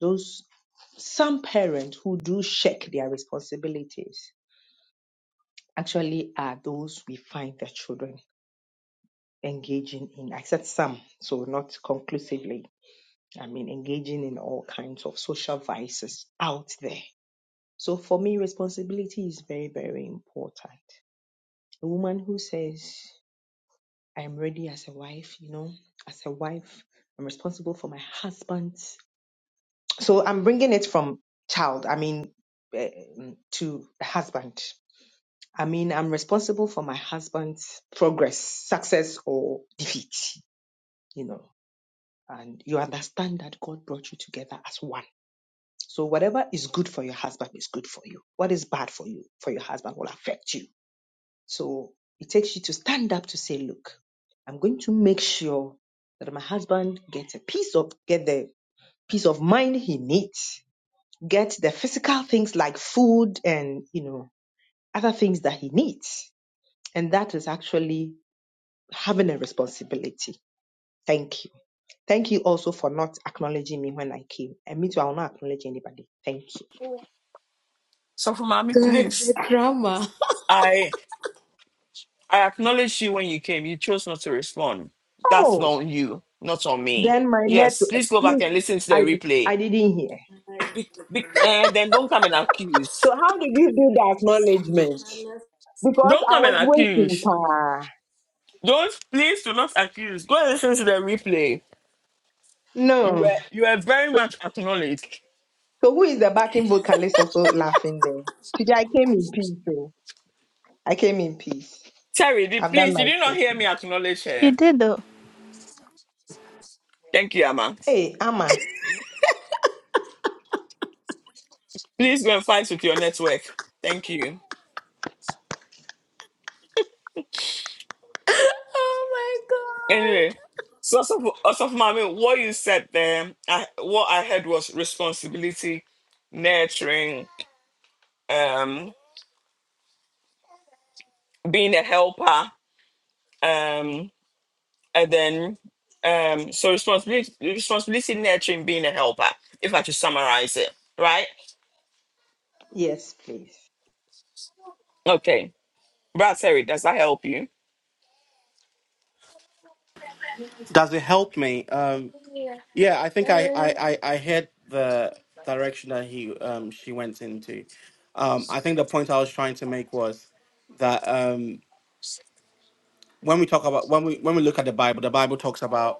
[SPEAKER 9] those some parents who do shirk their responsibilities actually are those we find the children engaging in, I said some, so not conclusively. I mean, engaging in all kinds of social vices out there. So for me, responsibility is very, very important. A woman who says, I am ready as a wife, you know, as a wife, I'm responsible for my husband. So I'm bringing it from child, I mean, eh, to husband. I mean, I'm responsible for my husband's progress, success, or defeat, you know and you understand that God brought you together as one. So whatever is good for your husband is good for you. What is bad for you, for your husband will affect you. So it takes you to stand up to say, look, I'm going to make sure that my husband gets a piece of, get the peace of mind he needs, get the physical things like food and, you know, other things that he needs. And that is actually having a responsibility. Thank you. Thank you also for not acknowledging me when I came. And me too, I will not acknowledge anybody. Thank you.
[SPEAKER 1] so
[SPEAKER 2] God,
[SPEAKER 1] umami
[SPEAKER 2] the
[SPEAKER 1] please
[SPEAKER 2] drama. [LAUGHS]
[SPEAKER 1] i i acknowledge you when you came you chose not to respond that's
[SPEAKER 9] Oh,
[SPEAKER 1] not on you not on me
[SPEAKER 9] then my letter.
[SPEAKER 1] yes please go back
[SPEAKER 9] Please,
[SPEAKER 1] and listen to the
[SPEAKER 9] I,
[SPEAKER 1] replay
[SPEAKER 9] I didn't hear.
[SPEAKER 1] be, be, and then don't come and accuse
[SPEAKER 9] So how did you do the acknowledgement? Because
[SPEAKER 1] don't
[SPEAKER 9] I
[SPEAKER 1] come and
[SPEAKER 9] was waiting.
[SPEAKER 1] accuse
[SPEAKER 9] Pa.
[SPEAKER 1] Don't please do not accuse. Go and listen to the replay. You
[SPEAKER 9] No.
[SPEAKER 1] were you were very much acknowledged.
[SPEAKER 9] So who is the backing vocalist also laughing there? Today I came in peace. oh. I came in peace.
[SPEAKER 1] Terry, did,
[SPEAKER 9] I've done
[SPEAKER 1] please, did
[SPEAKER 9] my
[SPEAKER 1] you not hear
[SPEAKER 9] station.
[SPEAKER 1] me acknowledge
[SPEAKER 10] She
[SPEAKER 1] her?
[SPEAKER 10] did though.
[SPEAKER 1] Thank you, Amma.
[SPEAKER 9] Hey, Amma.
[SPEAKER 1] Please go and fight with your network. Thank you.
[SPEAKER 2] Oh my
[SPEAKER 1] Anyway,
[SPEAKER 2] God.
[SPEAKER 1] so also, also mommy, what you said there, I, what I heard was responsibility, nurturing, um, being a helper, um, and then um, so responsibility, responsibility, nurturing, being a helper. If I should summarize it, right?
[SPEAKER 9] Yes, please.
[SPEAKER 1] Okay. Brad Terry, does that help you?
[SPEAKER 5] Does it help me? um, Yeah, I think I I I, I heard the direction that he um she went into. Um, I think the point I was trying to make was that um when we talk about when we when we look at the Bible, the Bible talks about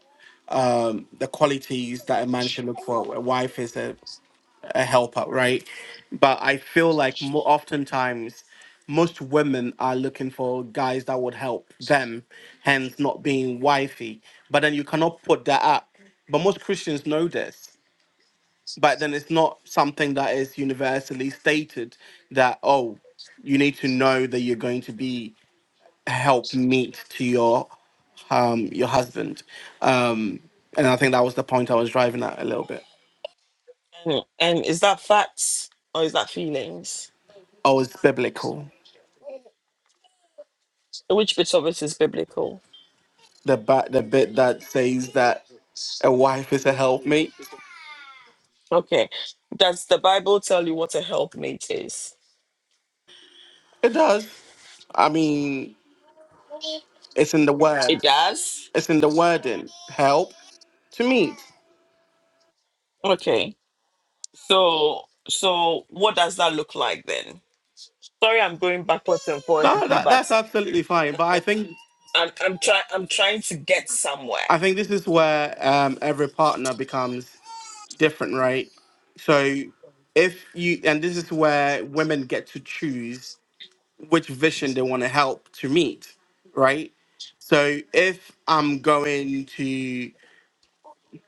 [SPEAKER 5] um the qualities that a man should look for. A wife is a, a helper, right? But I feel like mo- oftentimes most women are looking for guys that would help them, hence not being wifey. But then you cannot put that up. But most Christians know this but then it's not something that is universally stated that oh you need to know that you're going to be a helpmeet to your um your husband um and i think that was the point i was driving at a little bit
[SPEAKER 1] And, and is that facts or is that feelings?
[SPEAKER 5] oh it's biblical
[SPEAKER 1] Which bit of it is biblical?
[SPEAKER 5] the ba- the bit that says that a wife is a helpmate
[SPEAKER 1] Okay. Does the Bible tell you what a helpmate is?
[SPEAKER 5] it does i mean it's in the
[SPEAKER 1] It
[SPEAKER 5] words
[SPEAKER 1] does.
[SPEAKER 5] it's in the wording help to meet
[SPEAKER 1] Okay. So so what does that look like then? Sorry I'm going backwards and forwards
[SPEAKER 5] no
[SPEAKER 1] with you,
[SPEAKER 5] that,
[SPEAKER 1] but
[SPEAKER 5] that's absolutely fine but i think
[SPEAKER 1] I'm I'm trying I'm trying to get
[SPEAKER 5] I
[SPEAKER 1] somewhere.
[SPEAKER 5] think this is where um, every partner becomes different, right? So, if you, and this is where women get to choose which vision they want to help to meet, right? So, if I'm going to,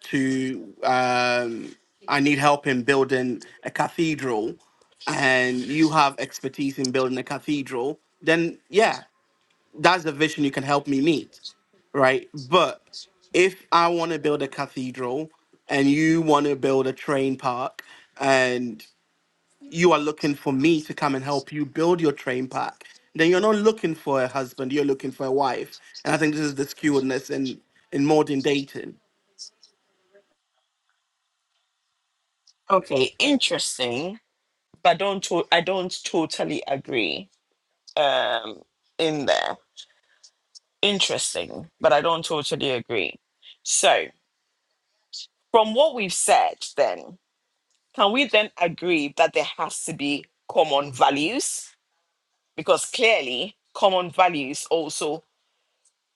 [SPEAKER 5] to, um, I need help in building a cathedral, and you have expertise in building a cathedral, then yeah, that's the vision you can help me meet, right? But if I want to build a cathedral and you want to build a train park and you are looking for me to come and help you build your train park, then you're not looking for a husband, you're looking for a wife. And I think this is the skewedness in, in modern dating.
[SPEAKER 1] Okay, interesting. But don't to- I don't totally agree um in there. Interesting, but I don't totally agree. So, from what we've said, then, can we then agree that there has to be common values? Because clearly, common values also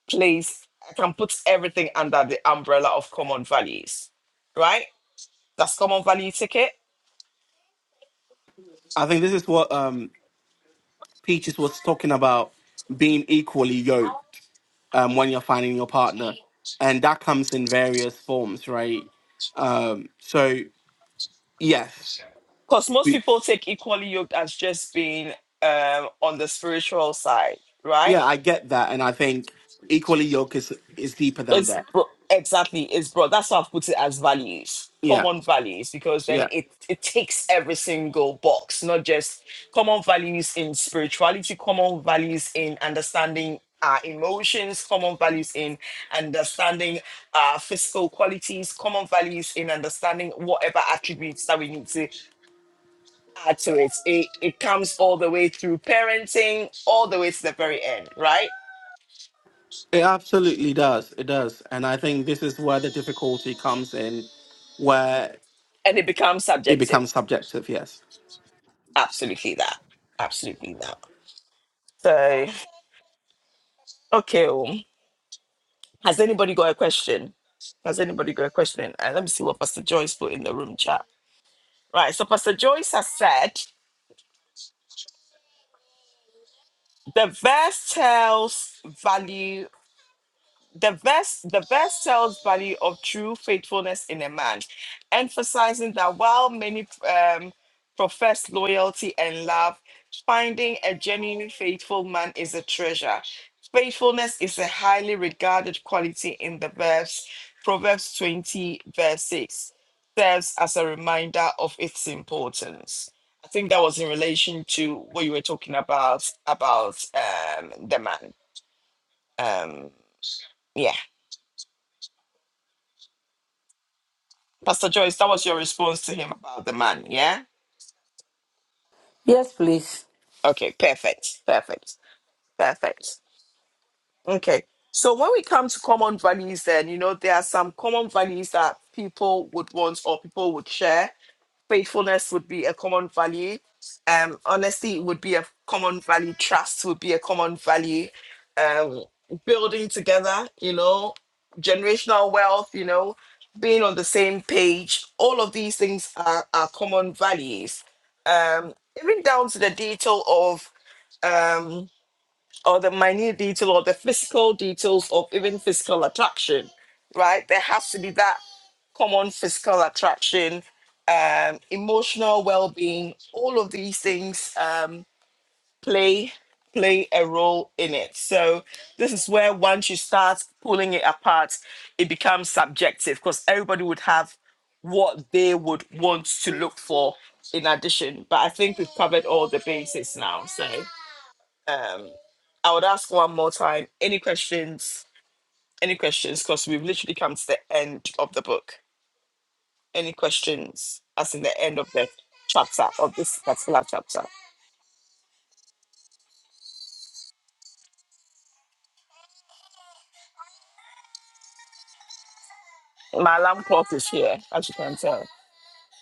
[SPEAKER 1] plays, I can put everything under the umbrella of common values, right? That's common value ticket.
[SPEAKER 5] I think this is what um, Peaches was talking about being equally yoked um, when you're finding your partner. And that comes in various forms, right? Um, so Yes.
[SPEAKER 1] Because most
[SPEAKER 5] We-
[SPEAKER 1] people take equally yoked as just being um, on the spiritual side, right?
[SPEAKER 5] Yeah, I get that. And I think equally yoke is, is deeper than
[SPEAKER 1] It's
[SPEAKER 5] that.
[SPEAKER 1] bro- exactly it's broad. That's why I've put it as values,
[SPEAKER 5] Yeah.
[SPEAKER 1] common values, because then
[SPEAKER 5] Yeah.
[SPEAKER 1] it it takes every single box, not just common values in spirituality, common values in understanding our emotions, common values in understanding our physical qualities, common values in understanding whatever attributes that we need to add to it. It it comes all the way through parenting, all the way to the very end, right?
[SPEAKER 5] It absolutely does. It does. And I think this is where the difficulty comes in, where
[SPEAKER 1] And it becomes
[SPEAKER 5] it
[SPEAKER 1] subjective.
[SPEAKER 5] becomes subjective. Yes.
[SPEAKER 1] Absolutely that. Absolutely that. So, okay. um, Has anybody got a question? Has anybody got a question? Uh, let me see what Pastor Joyce put in the room chat. Right. So, Pastor Joyce has said the verse tells value the best the best tells value of true faithfulness in a man emphasizing that while many um, profess loyalty and love finding a genuine faithful man is a treasure faithfulness is a highly regarded quality in the verse proverbs 20 verse 6 serves as a reminder of its importance i think that was in relation to what you were talking about about um, the man um, yeah Pastor Joyce, that was your response to him about the man, yeah?
[SPEAKER 8] Yes, please.
[SPEAKER 1] Okay, perfect, perfect, perfect. Okay, so when we come to common values, then, you know, there are some common values that people would want or people would share faithfulness would be a common value um honesty would be a common value trust would be a common value um building together you know generational wealth you know being on the same page all of these things are, are common values um even down to the detail of um or the minute detail or the physical details of even physical attraction, right? There has to be that common physical attraction, um, emotional well-being. All of these things um, play play a role in it. So this is where once you start pulling it apart, it becomes subjective because everybody would have what they would want to look for in addition. But I think we've covered all the bases now. So. Um, I would ask one more time any questions? Any questions? Because we've literally come to the end of the book. Any questions? As in the end of the chapter, of this particular chapter. My alarm clock is here, as you can tell.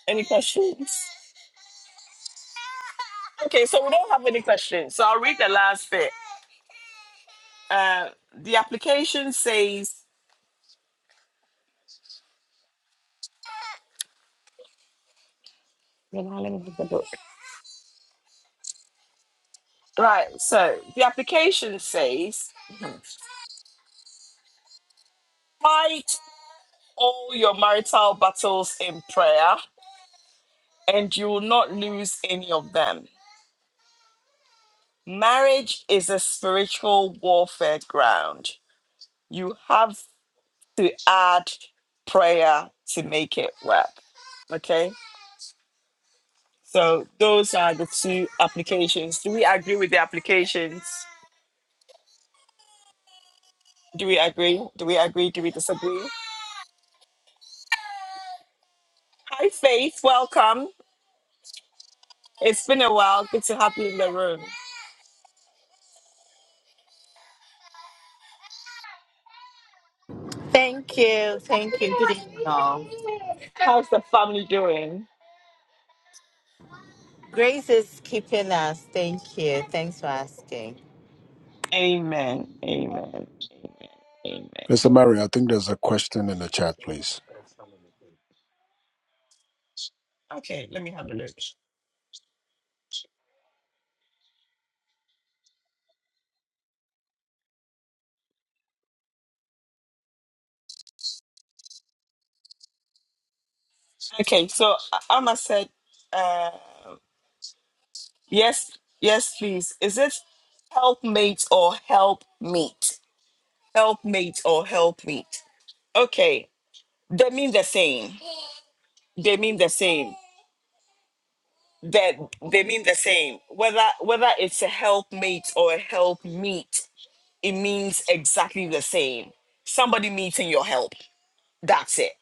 [SPEAKER 1] Any questions? Okay, so we don't have any questions. So I'll read the last bit. Uh, the application says, right, so the application says, fight all your marital battles in prayer, and you will not lose any of them. Marriage is a spiritual warfare ground. You have to add prayer to make it work. Okay? So those are the two applications. Do we agree with the applications? Do we agree? Do we agree? Do we disagree? Hi, Faith. Welcome. It's been a while. Good to have you in the room.
[SPEAKER 11] Thank you. Thank you. Didn't know.
[SPEAKER 1] How's the family doing?
[SPEAKER 11] Grace is keeping us. Thank you. Thanks for asking.
[SPEAKER 1] Amen. Amen. Amen. Amen.
[SPEAKER 7] Mr. Murray, I think there's a question in the chat, please.
[SPEAKER 1] Okay, so Amma said. um, Yes, yes, please. Is it helpmate or help meet? Helpmate or help meet. Okay. They mean the same. They mean the same. That they mean the same. Whether whether it's a helpmate or a help meet, it means exactly the same. Somebody meeting your help. That's it.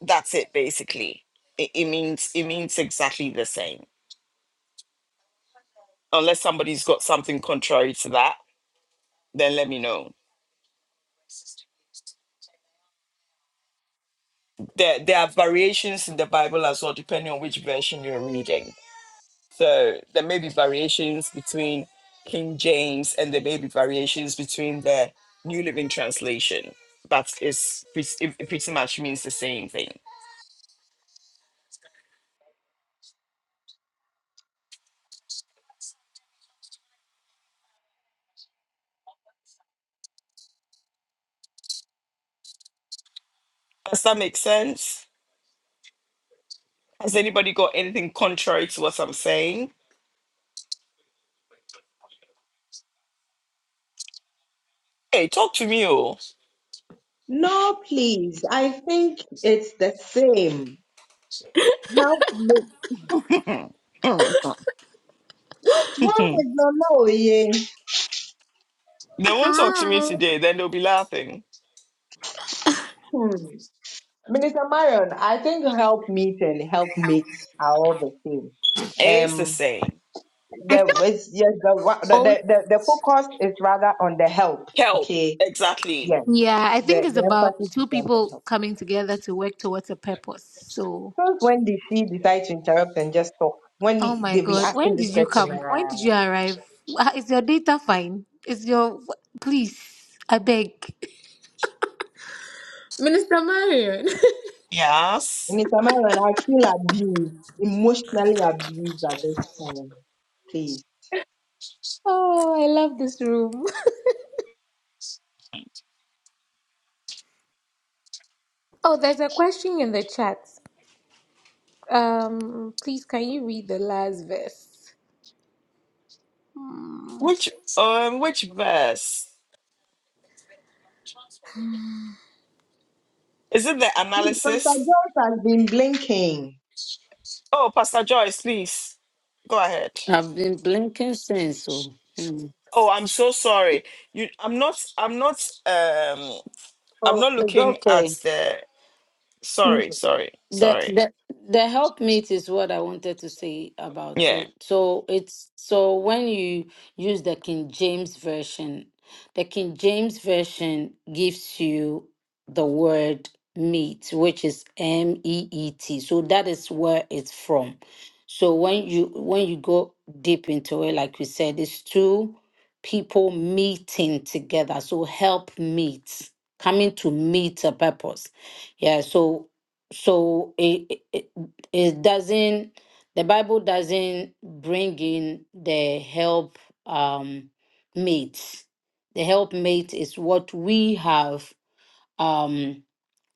[SPEAKER 1] That's it basically. It, it means it means exactly the same. Unless somebody's got something contrary to that, then let me know. there there are variations in the Bible as well, depending on which version you're reading. So there may be variations between King James, and there may be variations between the New Living Translation, but it's pret- it it pretty much means the same thing. Does that make sense? Has anybody got anything contrary to what I'm saying? Hey, talk to me, oh.
[SPEAKER 9] No, please. I think it's the same. Help me.
[SPEAKER 1] [LAUGHS] they
[SPEAKER 9] One with
[SPEAKER 1] won't
[SPEAKER 9] the low, yeah.
[SPEAKER 1] talk to me
[SPEAKER 2] Hi.
[SPEAKER 1] today. Then they'll be laughing.
[SPEAKER 9] Hmm. Minister Marion, I think help meet and help meet are all the same.
[SPEAKER 1] It is the
[SPEAKER 9] Um,
[SPEAKER 1] same.
[SPEAKER 2] I
[SPEAKER 9] the it's, yes, the, wa- the
[SPEAKER 2] thought
[SPEAKER 9] the the the focus is rather on the help.
[SPEAKER 1] Help.
[SPEAKER 9] Okay,
[SPEAKER 1] Exactly.
[SPEAKER 9] yes,
[SPEAKER 2] Yeah, I think
[SPEAKER 9] the
[SPEAKER 2] it's
[SPEAKER 9] the
[SPEAKER 2] about
[SPEAKER 9] emphasis
[SPEAKER 2] two
[SPEAKER 9] is on the
[SPEAKER 2] people
[SPEAKER 9] help.
[SPEAKER 2] coming together to work towards a purpose. So,
[SPEAKER 9] Since when did she decide to interrupt and just talk? When
[SPEAKER 2] oh
[SPEAKER 9] we-
[SPEAKER 2] my
[SPEAKER 9] they've been
[SPEAKER 2] God,
[SPEAKER 9] asking
[SPEAKER 2] when
[SPEAKER 9] this
[SPEAKER 2] did you
[SPEAKER 9] question,
[SPEAKER 2] come? When did
[SPEAKER 9] uh,
[SPEAKER 2] you arrive? Ah, Is your data fine? Is your. wh- Please, I beg. Minister Marion. [LAUGHS]
[SPEAKER 1] Yes.
[SPEAKER 9] Minister Marion, I feel abused, emotionally abused at this time. Please,
[SPEAKER 2] Oh, I love this room. [LAUGHS] Oh, there's a question in the chat. Um, please, can you read the last verse? Hmm.
[SPEAKER 1] Which. Um, which verse? Is it the
[SPEAKER 9] Hmm, Pastor
[SPEAKER 1] analysis?
[SPEAKER 9] Jones has been blinking.
[SPEAKER 1] Oh, Pastor Joyce, please go ahead.
[SPEAKER 8] I've been blinking since. So, hmm.
[SPEAKER 1] Oh, I'm so sorry. You, I'm not. I'm not. Um, I'm
[SPEAKER 8] oh,
[SPEAKER 1] not
[SPEAKER 8] it's
[SPEAKER 1] looking at
[SPEAKER 8] okay.
[SPEAKER 1] the. Sorry, sorry,
[SPEAKER 8] the
[SPEAKER 1] sorry.
[SPEAKER 8] the the helpmeet is what I wanted to say about
[SPEAKER 1] Yeah.
[SPEAKER 8] it. So it's so when you use the King James version, the King James version gives you the word meat, which is M E E T. So that is where it's from. So when you when you go deep into it, like we said, it's two people meeting together. So help meet, coming to meet a purpose. Yeah, so so it, it it doesn't the bible doesn't bring in the help um mate the helpmate is what we have um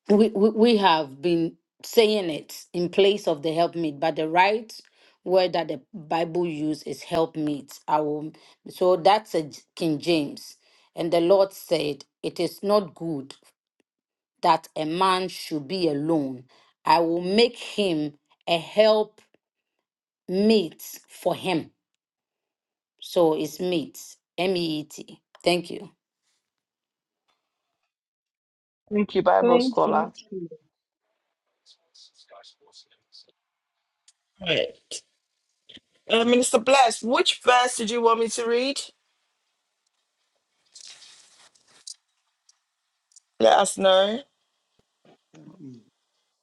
[SPEAKER 8] we, we we have been saying it in place of the helpmate but the right word that the bible use is helpmate i will so that's a J- king james and the lord said it is not good that a man should be alone. I will make him a help meet for him. So it's meet, M E E T. Thank you.
[SPEAKER 1] Thank you, Bible
[SPEAKER 9] Thank
[SPEAKER 1] scholar.
[SPEAKER 9] you too.
[SPEAKER 1] Right. Uh, Minister Bless, which verse did you want me to read? Let us know.
[SPEAKER 12] Yeah, mommy,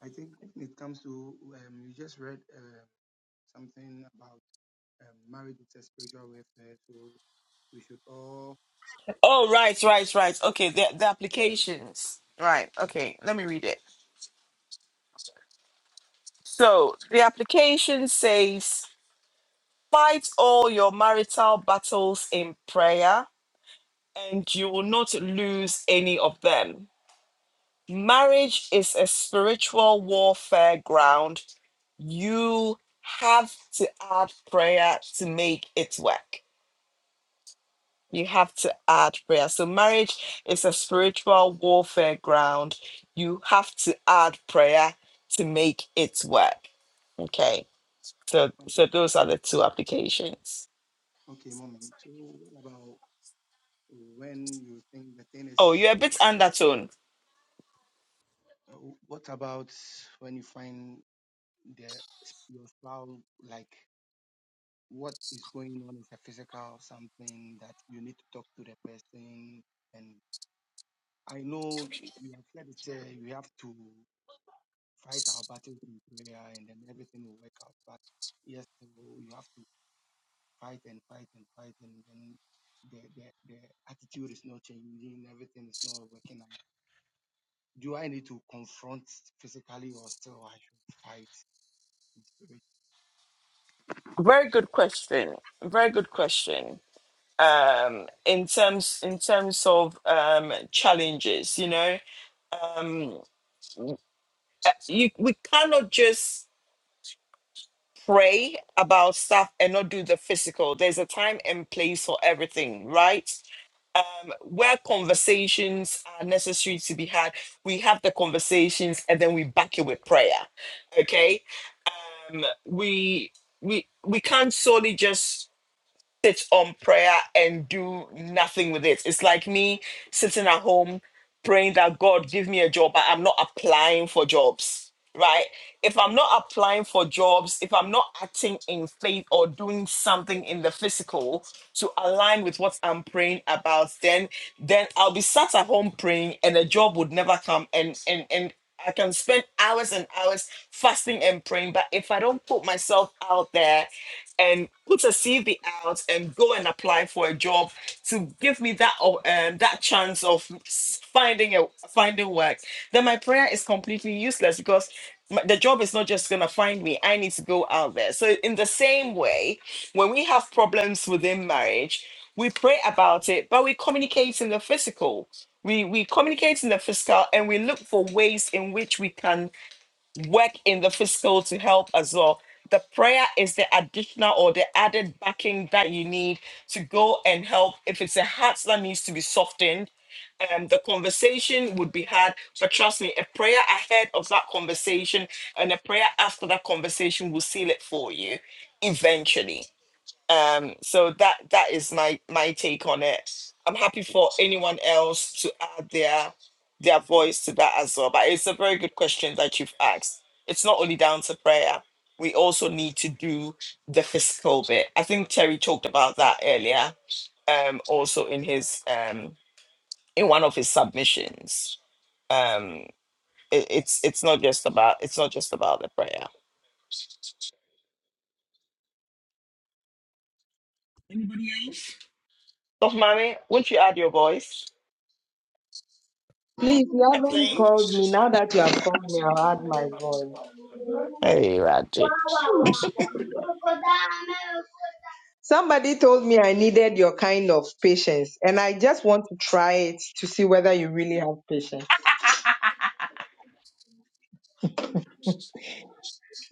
[SPEAKER 12] I think when it comes to, um, you just read uh, something about um, marriage is a spiritual warfare, so we should all.
[SPEAKER 1] Oh, right, right, right. Okay, the, the applications. Right, okay, let me read it. So the application says Fight all your marital battles in prayer, and you will not lose any of them. Marriage is a spiritual warfare ground. You have to add prayer to make it work. You have to add prayer. So, marriage is a spiritual warfare ground. You have to add prayer to make it work. Okay. So, so
[SPEAKER 12] Okay,
[SPEAKER 1] those are the two applications.
[SPEAKER 12] okay, mommy. So, what about when you think the thing
[SPEAKER 1] Oh,
[SPEAKER 12] is?
[SPEAKER 1] you're a bit undertone.
[SPEAKER 12] Uh, what about when you find the your spouse like what is going on is a physical something that you need to talk to the person and. I know you have said it. Uh, you have to. fight our battles in prayer and then everything will work out. But yes, you you have to fight and fight and fight and then the, the, the attitude is not changing, everything is not working out. Do I need to confront physically or still I should fight in spirit?
[SPEAKER 1] Very good question. Very good question. Um, in terms in terms of um, challenges, you know, um, uh, you, we cannot just pray about stuff and not do the physical. There's a time and place for everything, right? Um, where conversations are necessary to be had, we have the conversations and then we back it with prayer. Okay, um, we we we can't solely just sit on prayer and do nothing with it. It's like me sitting at home praying that God give me a job, but I'm not applying for jobs, right? If I'm not applying for jobs, if I'm not acting in faith or doing something in the physical to align with what I'm praying about, then then I'll be sat at home praying and a job would never come and and and I can spend hours and hours fasting and praying, but if I don't put myself out there and put a CV out and go and apply for a job to give me that o- um, that chance of s- finding a finding work, then my prayer is completely useless because my- the job is not just going to find me. I need to go out there. So in the same way, when we have problems within marriage, we pray about it, but we communicate in the physical. We we communicate in the physical, and we look for ways in which we can work in the physical to help as well. The prayer is the additional or the added backing that you need to go and help. If it's a heart that needs to be softened, um, the conversation would be had. But trust me, a prayer ahead of that conversation and a prayer after that conversation will seal it for you eventually. Um, so that that is my my take on it. I'm happy for anyone else to add their their voice to that as well. But it's a very good question that you've asked. It's not only down to prayer. We also need to do the physical bit. I think Terry talked about that earlier, um, also in his um, in one of his submissions. Um, it, it's it's not just about it's not just about the prayer. Dr. Mommy, won't you add your voice?
[SPEAKER 9] Please, you haven't
[SPEAKER 1] Kathleen?
[SPEAKER 9] called me. Now that you have called me, I'll add my voice.
[SPEAKER 1] Hey, Raju.
[SPEAKER 9] Somebody told me I needed your kind of patience, and I just want to try it to see whether you really have patience.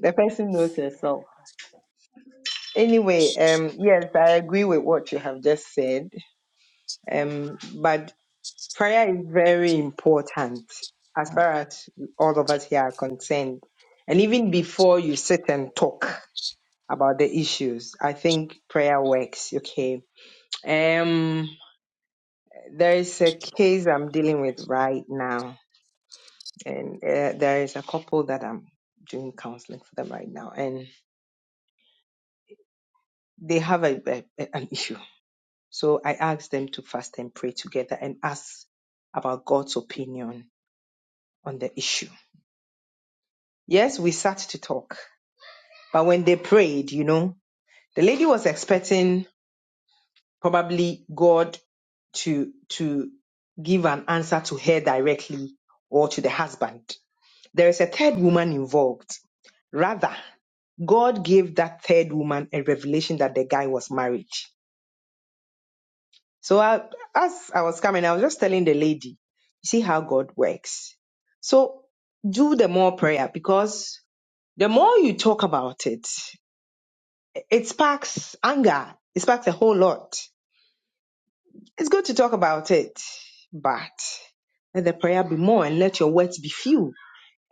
[SPEAKER 9] The person knows herself. Anyway, um, yes, I agree with what you have just said. Um, but prayer is very important as far as all of us here are concerned. And even before you sit and talk, about the issues. I think prayer works. Okay. Um, there is a case I'm dealing with right now, and uh, there is a couple that I'm doing counseling for them right now, and they have a, a, a- an issue. So I asked them to fast and pray together and ask about God's opinion on the issue. Yes, we sat to talk, but when they prayed, you know, the lady was expecting probably God to to give an answer to her directly or to the husband. There is a third woman involved. Rather, God gave that third woman a revelation that the guy was married. So I, as I was coming, I was just telling the lady, you see how God works. So do the more prayer because the more you talk about it, it sparks anger. It sparks a whole lot. It's good to talk about it, but let the prayer be more and let your words be few.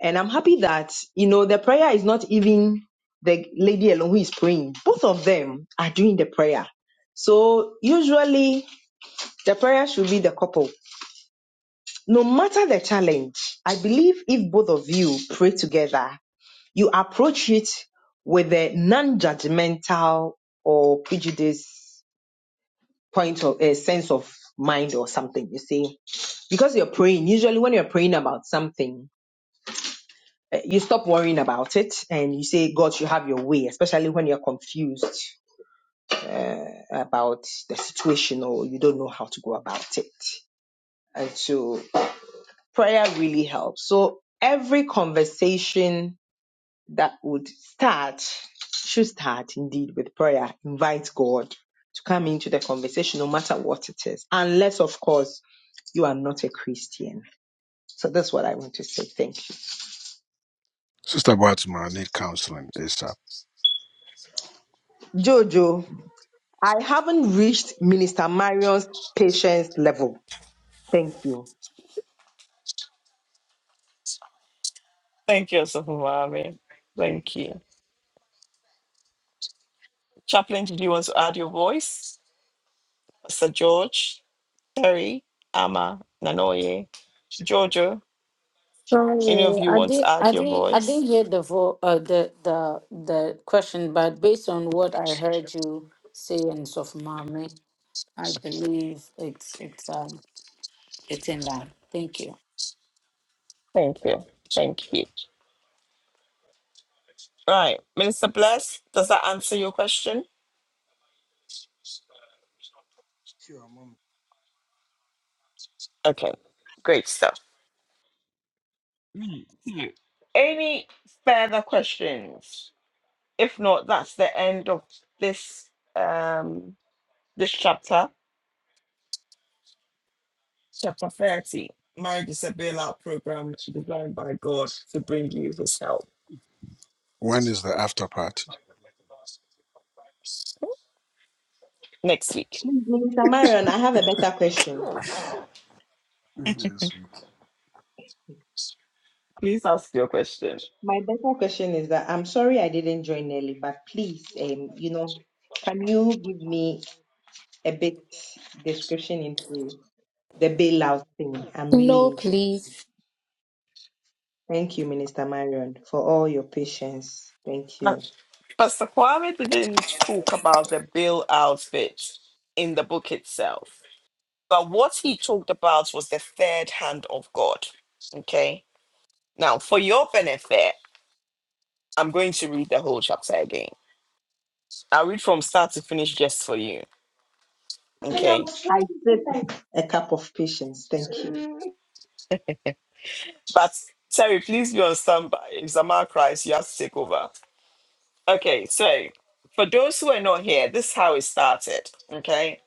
[SPEAKER 9] And I'm happy that, you know, the prayer is not even the lady alone who is praying. Both of them are doing the prayer. So usually the prayer should be the couple. No matter the challenge, I believe if both of you pray together, you approach it with a non-judgmental or prejudice point of a sense of mind or something, you see because you're praying, usually when you're praying about something, eh, you stop worrying about it and you say, God, you have your way, especially when you're confused about the situation or you don't know how to go about it. And so prayer really helps. So every conversation that would start should start indeed with prayer. Invite God to come into the conversation, no matter what it is, unless, of course, you are not a Christian. So that's what I want to say. Thank you.
[SPEAKER 7] Sister Bartman, I need counseling ASAP.
[SPEAKER 9] Jojo. I haven't reached Minister Marion's patience level. Thank you.
[SPEAKER 1] Thank you, Osofumami. Thank you. Chaplain, did you want to add your voice? Sir George, Terry, Ama, Nanoye, Giorgio, any of
[SPEAKER 8] Sorry,
[SPEAKER 1] you
[SPEAKER 8] I
[SPEAKER 1] want to
[SPEAKER 8] didn't,
[SPEAKER 1] add
[SPEAKER 8] I
[SPEAKER 1] your
[SPEAKER 8] didn't, I didn't
[SPEAKER 1] voice?
[SPEAKER 8] hear the vo- uh, the the the question, but based on what I heard you say and so of mommy, I believe it's it's um it's in that. Thank you.
[SPEAKER 1] Thank you. Thank you. Right. Minister Bless, does that answer your question?
[SPEAKER 12] Sure, Mom.
[SPEAKER 1] Okay. Great stuff. Any further questions? If not, that's the end of this um this chapter. Chapter thirty, marriage is a bailout program designed by God to bring you his help.
[SPEAKER 7] When is the after party?
[SPEAKER 1] Next week.
[SPEAKER 9] Please, Minister Marion, I have a better question.
[SPEAKER 7] Yes. we-
[SPEAKER 1] Please ask your question.
[SPEAKER 9] My better question is that I'm sorry I didn't join early, but please, um, you know, can you give me a bit description into the bailout thing? I'm really
[SPEAKER 2] No,
[SPEAKER 9] interested.
[SPEAKER 2] please.
[SPEAKER 9] Thank you, Minister Marion, for all your patience. Thank
[SPEAKER 1] Uh,
[SPEAKER 9] you.
[SPEAKER 1] Pastor Kwame didn't talk about the bailout bit in the book itself, but what he talked about was the third hand of God. Okay. Now, for your benefit, I'm going to read the whole chapter again. I'll read from start to finish just for you.
[SPEAKER 9] I
[SPEAKER 1] Okay.
[SPEAKER 9] sip a cup of patience. Thank you.
[SPEAKER 1] But Terry, please be on standby. If Zamar cries, you have to take over. Okay, so for those who are not here, this is how it started. Okay.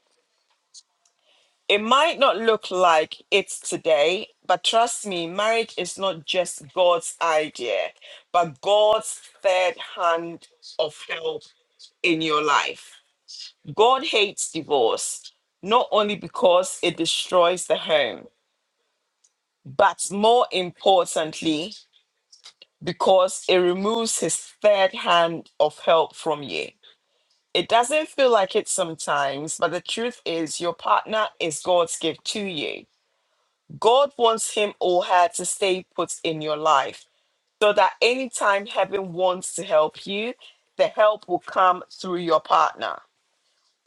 [SPEAKER 1] It might not look like it's today, but trust me, marriage is not just God's idea, but God's third hand of help in your life. God hates divorce, not only because it destroys the home, but more importantly, because it removes his third hand of help from you. It doesn't feel like it sometimes, but the truth is, your partner is God's gift to you. God wants him or her to stay put in your life so that anytime heaven wants to help you, the help will come through your partner.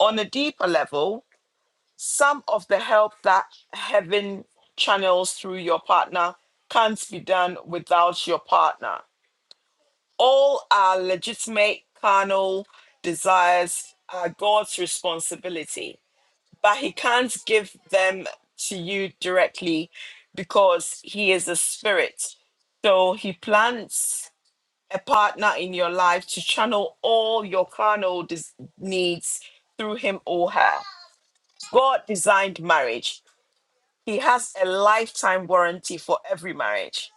[SPEAKER 1] On a deeper level, some of the help that heaven channels through your partner can't be done without your partner. All our legitimate carnal desires are God's responsibility but he can't give them to you directly because he is a spirit. So he plants a partner in your life to channel all your carnal des- needs through him or her. God designed marriage. He has a lifetime warranty for every marriage.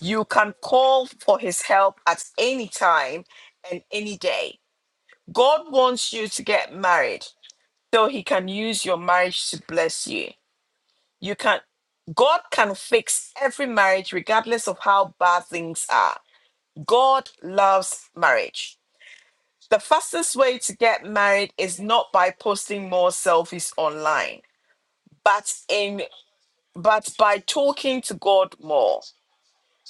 [SPEAKER 1] You can call for his help at any time and any day. God wants you to get married so he can use your marriage to bless you. You can God can fix every marriage regardless of how bad things are. God loves marriage. The fastest way to get married is not by posting more selfies online, but in but by talking to God more.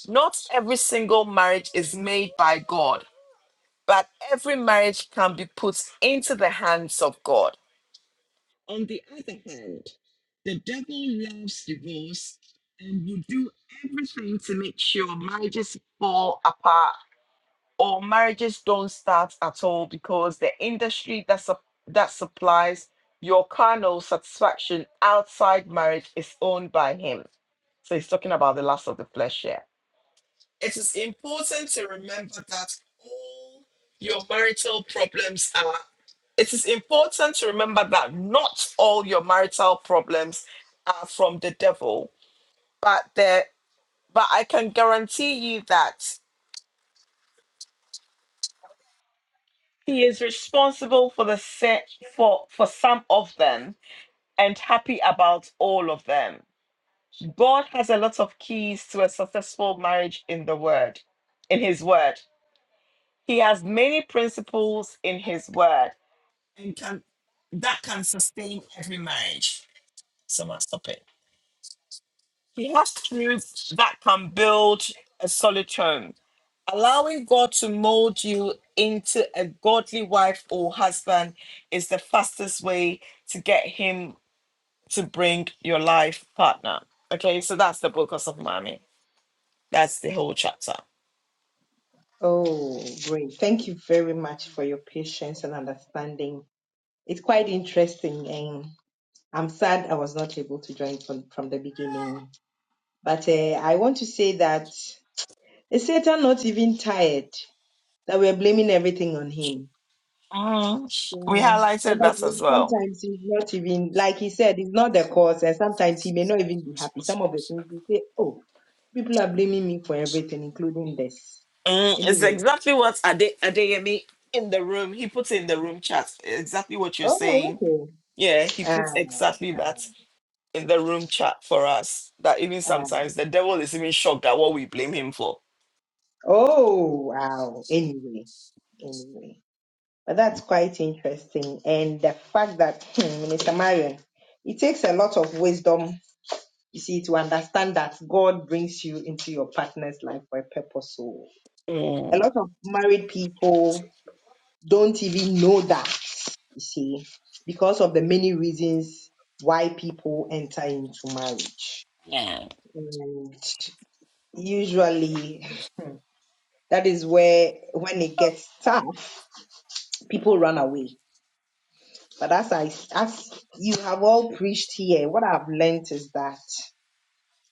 [SPEAKER 1] Not every single marriage is made by God, but every marriage can be put into the hands of God. On the other hand, the devil loves divorce and will do everything to make sure marriages fall apart or marriages don't start at all because the industry that, sup- that supplies your carnal satisfaction outside marriage is owned by him. So he's talking about the lust of the flesh here it is important to remember that all your marital problems are it is important to remember that not all your marital problems are from the devil but there but i can guarantee you that he is responsible for the set for for some of them and happy about all of them god has a lot of keys to a successful marriage in the word in his word he has many principles in his word and can that can sustain every marriage. So must stop it. He has truth that can build a solid home. Allowing God to mold you into a godly wife or husband is the fastest way to get him to bring your life partner. Okay, so that's the book of Mommy. That's the whole chapter.
[SPEAKER 9] Oh, great. Thank you very much for your patience and understanding. It's quite interesting, and I'm sad I was not able to join from, from the beginning. But uh, I want to say that is Satan not even tired that we're blaming everything on him?
[SPEAKER 1] Mm, We
[SPEAKER 9] Yeah,
[SPEAKER 1] highlighted that
[SPEAKER 9] probably
[SPEAKER 1] as well.
[SPEAKER 9] sometimes he's not even, like he said, he's not the cause, and sometimes he may not even be happy. Some of the things he say, oh, people are blaming me for everything, including this.
[SPEAKER 1] Mm, it's
[SPEAKER 9] Anyway,
[SPEAKER 1] exactly what Ade- Adeyemi in the room, he puts in the room chat. Exactly what you're saying.
[SPEAKER 9] oh,
[SPEAKER 1] Yeah, he
[SPEAKER 9] okay.
[SPEAKER 1] puts exactly
[SPEAKER 9] Ah.
[SPEAKER 1] that in the room chat for us. That even
[SPEAKER 9] Um,
[SPEAKER 1] sometimes the devil is even shocked at what we blame him for.
[SPEAKER 9] oh, wow. Anyway, anyway. But that's quite interesting. And the fact that, hmm, Minister Marion, it takes a lot of wisdom, you see, to understand that God brings you into your partner's life for a purpose. So a
[SPEAKER 1] Mm,
[SPEAKER 9] lot of married people don't even know that, you see, because of the many reasons why people enter into marriage.
[SPEAKER 1] yeah.
[SPEAKER 9] And usually that is where, when it gets tough, people run away. But as I as you have all preached here, what I've learnt is that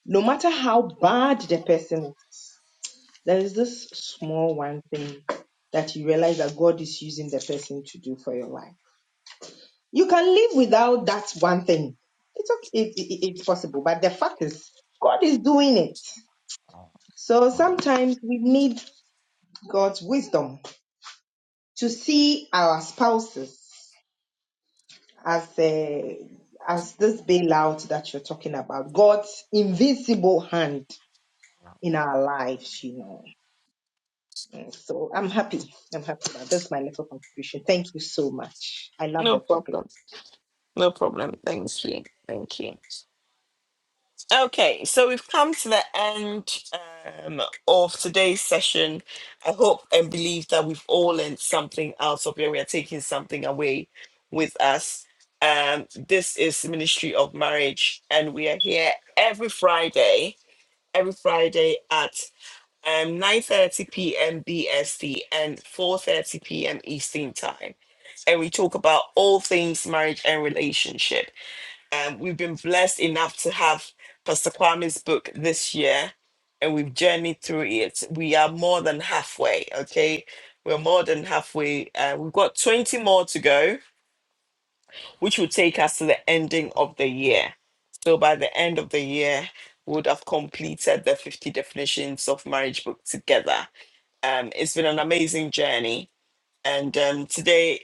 [SPEAKER 9] no matter how bad the person is, there is this small one thing that you realize that God is using the person to do for your life. You can live without that one thing. It's okay, it, it, it's possible, but the fact is, God is doing it. So sometimes we need God's wisdom to see our spouses as uh, as this bailout that you're talking about, God's invisible hand in our lives, you know. Mm, So I'm happy. I'm happy about that's my little contribution. Thank you so much. I love
[SPEAKER 1] No
[SPEAKER 9] the topic,
[SPEAKER 1] problem. No problem. Thank you. Thank you. Okay, so we've come to the end um, of today's session. I hope and believe that we've all learned something out of it. We are taking something away with us. Um, this is Ministry of Marriage, and we are here every Friday, every Friday at um, 9.30 p.m. BST and 4.30 p.m. Eastern Time. And we talk about all things marriage and relationship. Um, we've been blessed enough to have Pastor Kwame's book this year, and we've journeyed through it. We are more than halfway, okay? We're more than halfway. Uh, we've got 20 more to go, which will take us to the ending of the year. So by the end of the year, we would have completed the 50 definitions of marriage book together. Um, it's been an amazing journey and um, today,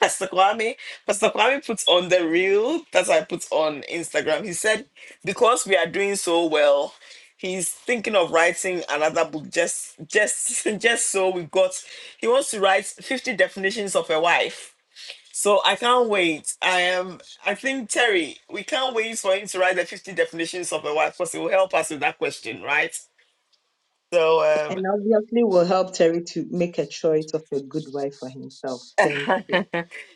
[SPEAKER 1] Pastor Kwame, Pastor Kwame puts on the reel that I put on Instagram. He said, because we are doing so well, he's thinking of writing another book just just [LAUGHS] just so we got he wants to write 50 definitions of a wife. So I can't wait. I am I think Terry, we can't wait for him to write the 50 definitions of a wife because it will help us with that question, right? So
[SPEAKER 9] and obviously will help Terry to make a choice of a good wife for himself. Thank
[SPEAKER 1] um [LAUGHS]
[SPEAKER 9] you.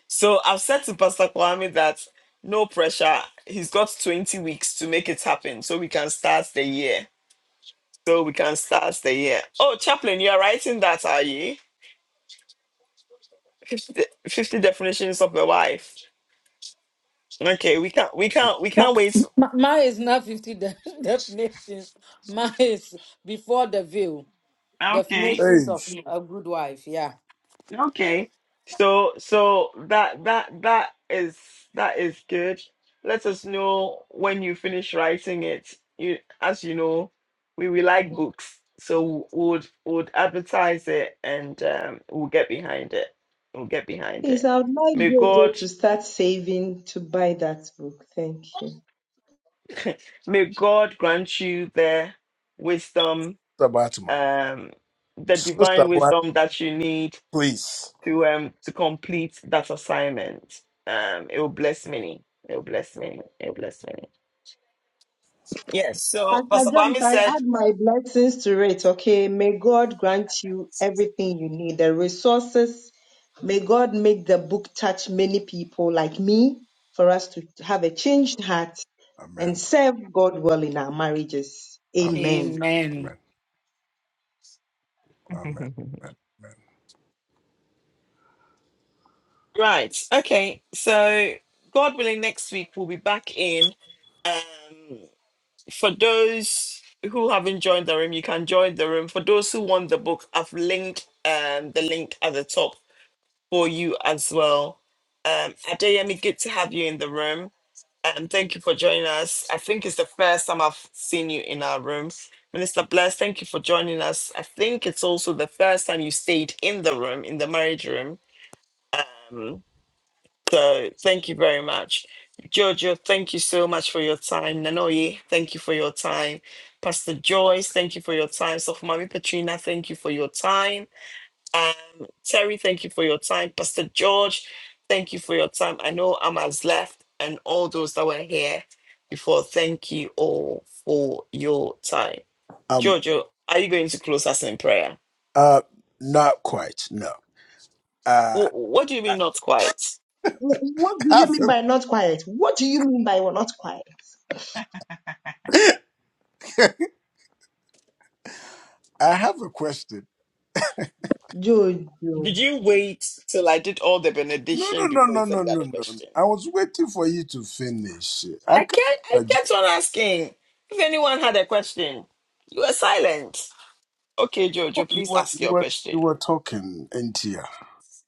[SPEAKER 1] So I've said to Pastor Kwame that no pressure. He's got 20 weeks to make it happen so we can start the year. So we can start the year. Oh, Chaplain, you are writing that, are you? 50, de- 50 definitions of a wife. Okay, we can't we can't we
[SPEAKER 8] My,
[SPEAKER 1] can't wait.
[SPEAKER 8] my, mine is not 50 de- [LAUGHS] definitions. Mine is before the veil.
[SPEAKER 1] Okay.
[SPEAKER 8] Definitions
[SPEAKER 7] Hey,
[SPEAKER 8] of
[SPEAKER 7] Sister
[SPEAKER 8] a good wife. Yeah.
[SPEAKER 1] Okay. So so that that that is that is good. Let us know when you finish writing it. You as you know, we, we like books, so would would advertise it and um, we'll get behind it. We'll get behind
[SPEAKER 9] Please,
[SPEAKER 1] it.
[SPEAKER 9] I would like
[SPEAKER 1] May
[SPEAKER 9] Jojo
[SPEAKER 1] God
[SPEAKER 9] to start saving to buy that book. Thank you.
[SPEAKER 1] may God grant you the wisdom,
[SPEAKER 7] Bartman.
[SPEAKER 1] um, the divine
[SPEAKER 7] Sister Bartman,
[SPEAKER 1] wisdom that you need
[SPEAKER 7] please.
[SPEAKER 1] to um to complete that assignment. Um, it will bless many. It will bless many. It will bless many. Yes. So
[SPEAKER 9] Pastor
[SPEAKER 1] Pastor
[SPEAKER 9] John, if
[SPEAKER 1] Kwame
[SPEAKER 9] I
[SPEAKER 1] said,
[SPEAKER 9] add my blessings to it, okay, may God grant you everything you need, the resources. May God make the book touch many people like me for us to have a changed heart and
[SPEAKER 7] Amen.
[SPEAKER 9] serve God well in our marriages.
[SPEAKER 7] Amen.
[SPEAKER 9] Amen.
[SPEAKER 8] Amen.
[SPEAKER 7] Amen. Amen.
[SPEAKER 1] [LAUGHS]
[SPEAKER 7] Amen. Amen.
[SPEAKER 1] right, okay. So God willing, next week we'll be back in. Um, for those who haven't joined the room, you can join the room. For those who want the book, I've linked um the link at the top for you as well. Um, Adeyemi, good to have you in the room. And thank you for joining us. I think it's the first time I've seen you in our room. Minister Bless, thank you for joining us. I think it's also the first time you stayed in the room, in the marriage room. Um, so thank you very much. Jojo, thank you so much for your time. Nanoye, thank you for your time. Pastor Joyce, thank you for your time. So, Mami Petrina, thank you for your time. Um, Terry, thank you for your time. Pastor George, thank you for your time. I know Amaz left and all those that were here before. Thank you all for your time.
[SPEAKER 7] Um,
[SPEAKER 1] Jojo, are you going to close us in prayer?
[SPEAKER 7] uh, not quite. No. Uh,
[SPEAKER 1] What, what do you
[SPEAKER 7] I
[SPEAKER 1] mean not quite?
[SPEAKER 9] Wh- What do you
[SPEAKER 7] have
[SPEAKER 9] mean by not quiet? What do you mean by we're not quiet?
[SPEAKER 7] a, [LAUGHS] I have a question.
[SPEAKER 1] Did
[SPEAKER 9] Jojo,
[SPEAKER 1] you wait till I did all the
[SPEAKER 7] No, no,
[SPEAKER 1] benediction before you
[SPEAKER 7] no,
[SPEAKER 1] said
[SPEAKER 7] no, no,
[SPEAKER 1] you had
[SPEAKER 7] no,
[SPEAKER 1] a
[SPEAKER 7] no.
[SPEAKER 1] question?
[SPEAKER 7] I was waiting for you to finish. I
[SPEAKER 1] I
[SPEAKER 7] can't.
[SPEAKER 1] can't I kept
[SPEAKER 7] suggest-
[SPEAKER 1] on asking if anyone had a question. You were silent. Okay,
[SPEAKER 7] Oh,
[SPEAKER 1] Jojo,
[SPEAKER 7] you
[SPEAKER 1] please
[SPEAKER 7] were,
[SPEAKER 1] ask
[SPEAKER 7] you
[SPEAKER 1] your
[SPEAKER 7] were,
[SPEAKER 1] question.
[SPEAKER 7] you were talking, Ntia.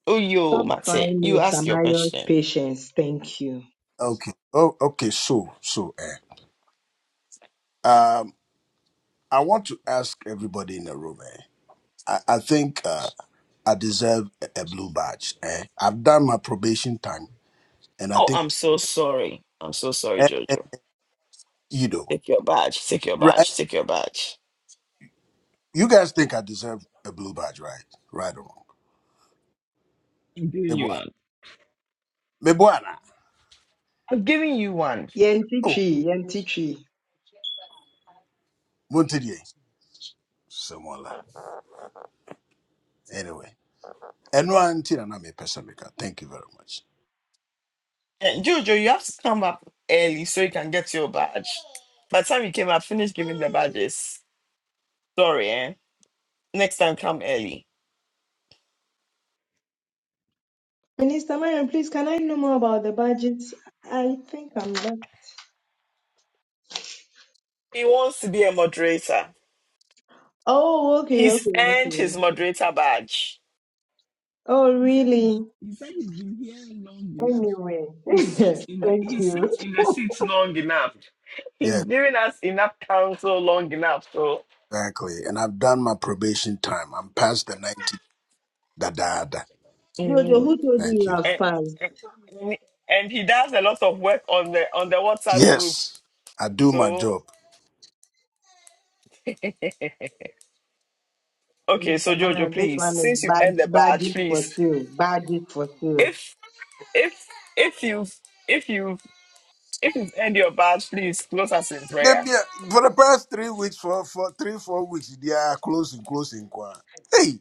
[SPEAKER 1] Oh yo,
[SPEAKER 9] stop
[SPEAKER 1] Mate,
[SPEAKER 9] trying
[SPEAKER 1] you ask
[SPEAKER 9] Mr.
[SPEAKER 1] your
[SPEAKER 9] Mario's
[SPEAKER 1] question.
[SPEAKER 9] patience. Thank you.
[SPEAKER 7] Okay. Oh, okay. So, so, eh. Um, I want to ask everybody in the room, eh. I, I think uh, I deserve a, a blue badge. Eh. I've done my probation time, and I
[SPEAKER 1] Oh,
[SPEAKER 7] think,
[SPEAKER 1] I'm so sorry. I'm so sorry,
[SPEAKER 7] eh, eh,
[SPEAKER 1] Jojo.
[SPEAKER 7] you know,
[SPEAKER 1] Take your badge. Take your
[SPEAKER 7] right?
[SPEAKER 1] badge. Take your badge.
[SPEAKER 7] You guys think I deserve a blue badge, right? Right or wrong?
[SPEAKER 1] I'm giving you
[SPEAKER 7] Meboa,
[SPEAKER 1] one.
[SPEAKER 7] meboa na.
[SPEAKER 1] I'm giving you one.
[SPEAKER 7] Oh,
[SPEAKER 9] Yentichi, Yentichi.
[SPEAKER 7] Montier. Someone like. Anyway. And one thing, and I'm a person maker. Thank you very much.
[SPEAKER 1] Eh, Jojo, you have to come up early so you can get your badge. By the time you came up, finished giving the badges. Sorry, eh? Next time, come early.
[SPEAKER 9] Minister Marion, please, can I know more about the budgets? I think I'm done.
[SPEAKER 1] He wants to be a moderator.
[SPEAKER 9] Oh, okay,
[SPEAKER 1] He's
[SPEAKER 9] okay,
[SPEAKER 1] earned
[SPEAKER 9] okay.
[SPEAKER 1] his moderator badge.
[SPEAKER 9] Oh,
[SPEAKER 1] He said he's
[SPEAKER 9] really?
[SPEAKER 1] he said he's been here long enough.
[SPEAKER 9] Anyway,
[SPEAKER 1] He sat
[SPEAKER 9] [LAUGHS]
[SPEAKER 1] in the
[SPEAKER 9] thank
[SPEAKER 1] he sat
[SPEAKER 9] you.
[SPEAKER 1] in the seat long enough. He's
[SPEAKER 7] Yes,
[SPEAKER 1] given us enough counsel long enough. So
[SPEAKER 7] exactly. And I've done my probation time. I'm past the 90. Da da da.
[SPEAKER 9] Jojo, who told you
[SPEAKER 7] Thank
[SPEAKER 9] you
[SPEAKER 7] you.
[SPEAKER 9] have
[SPEAKER 1] and,
[SPEAKER 9] passed?
[SPEAKER 1] and, and he does a lot of work on the on the WhatsApp group.
[SPEAKER 7] Yes, I do my
[SPEAKER 1] So
[SPEAKER 7] job.
[SPEAKER 1] okay,
[SPEAKER 9] Minister
[SPEAKER 1] so Jojo,
[SPEAKER 9] Marion, this
[SPEAKER 1] please,
[SPEAKER 9] one is
[SPEAKER 1] since you've
[SPEAKER 9] bad,
[SPEAKER 1] earned the badge,
[SPEAKER 9] badges for
[SPEAKER 1] please,
[SPEAKER 9] sale, badges for sale.
[SPEAKER 1] if if if you've if you've if you've earned your badge, please close us in
[SPEAKER 7] They
[SPEAKER 1] prayer.
[SPEAKER 7] be- For the past three weeks, for, for three, four weeks, they are closing, closing. kwa. Hey,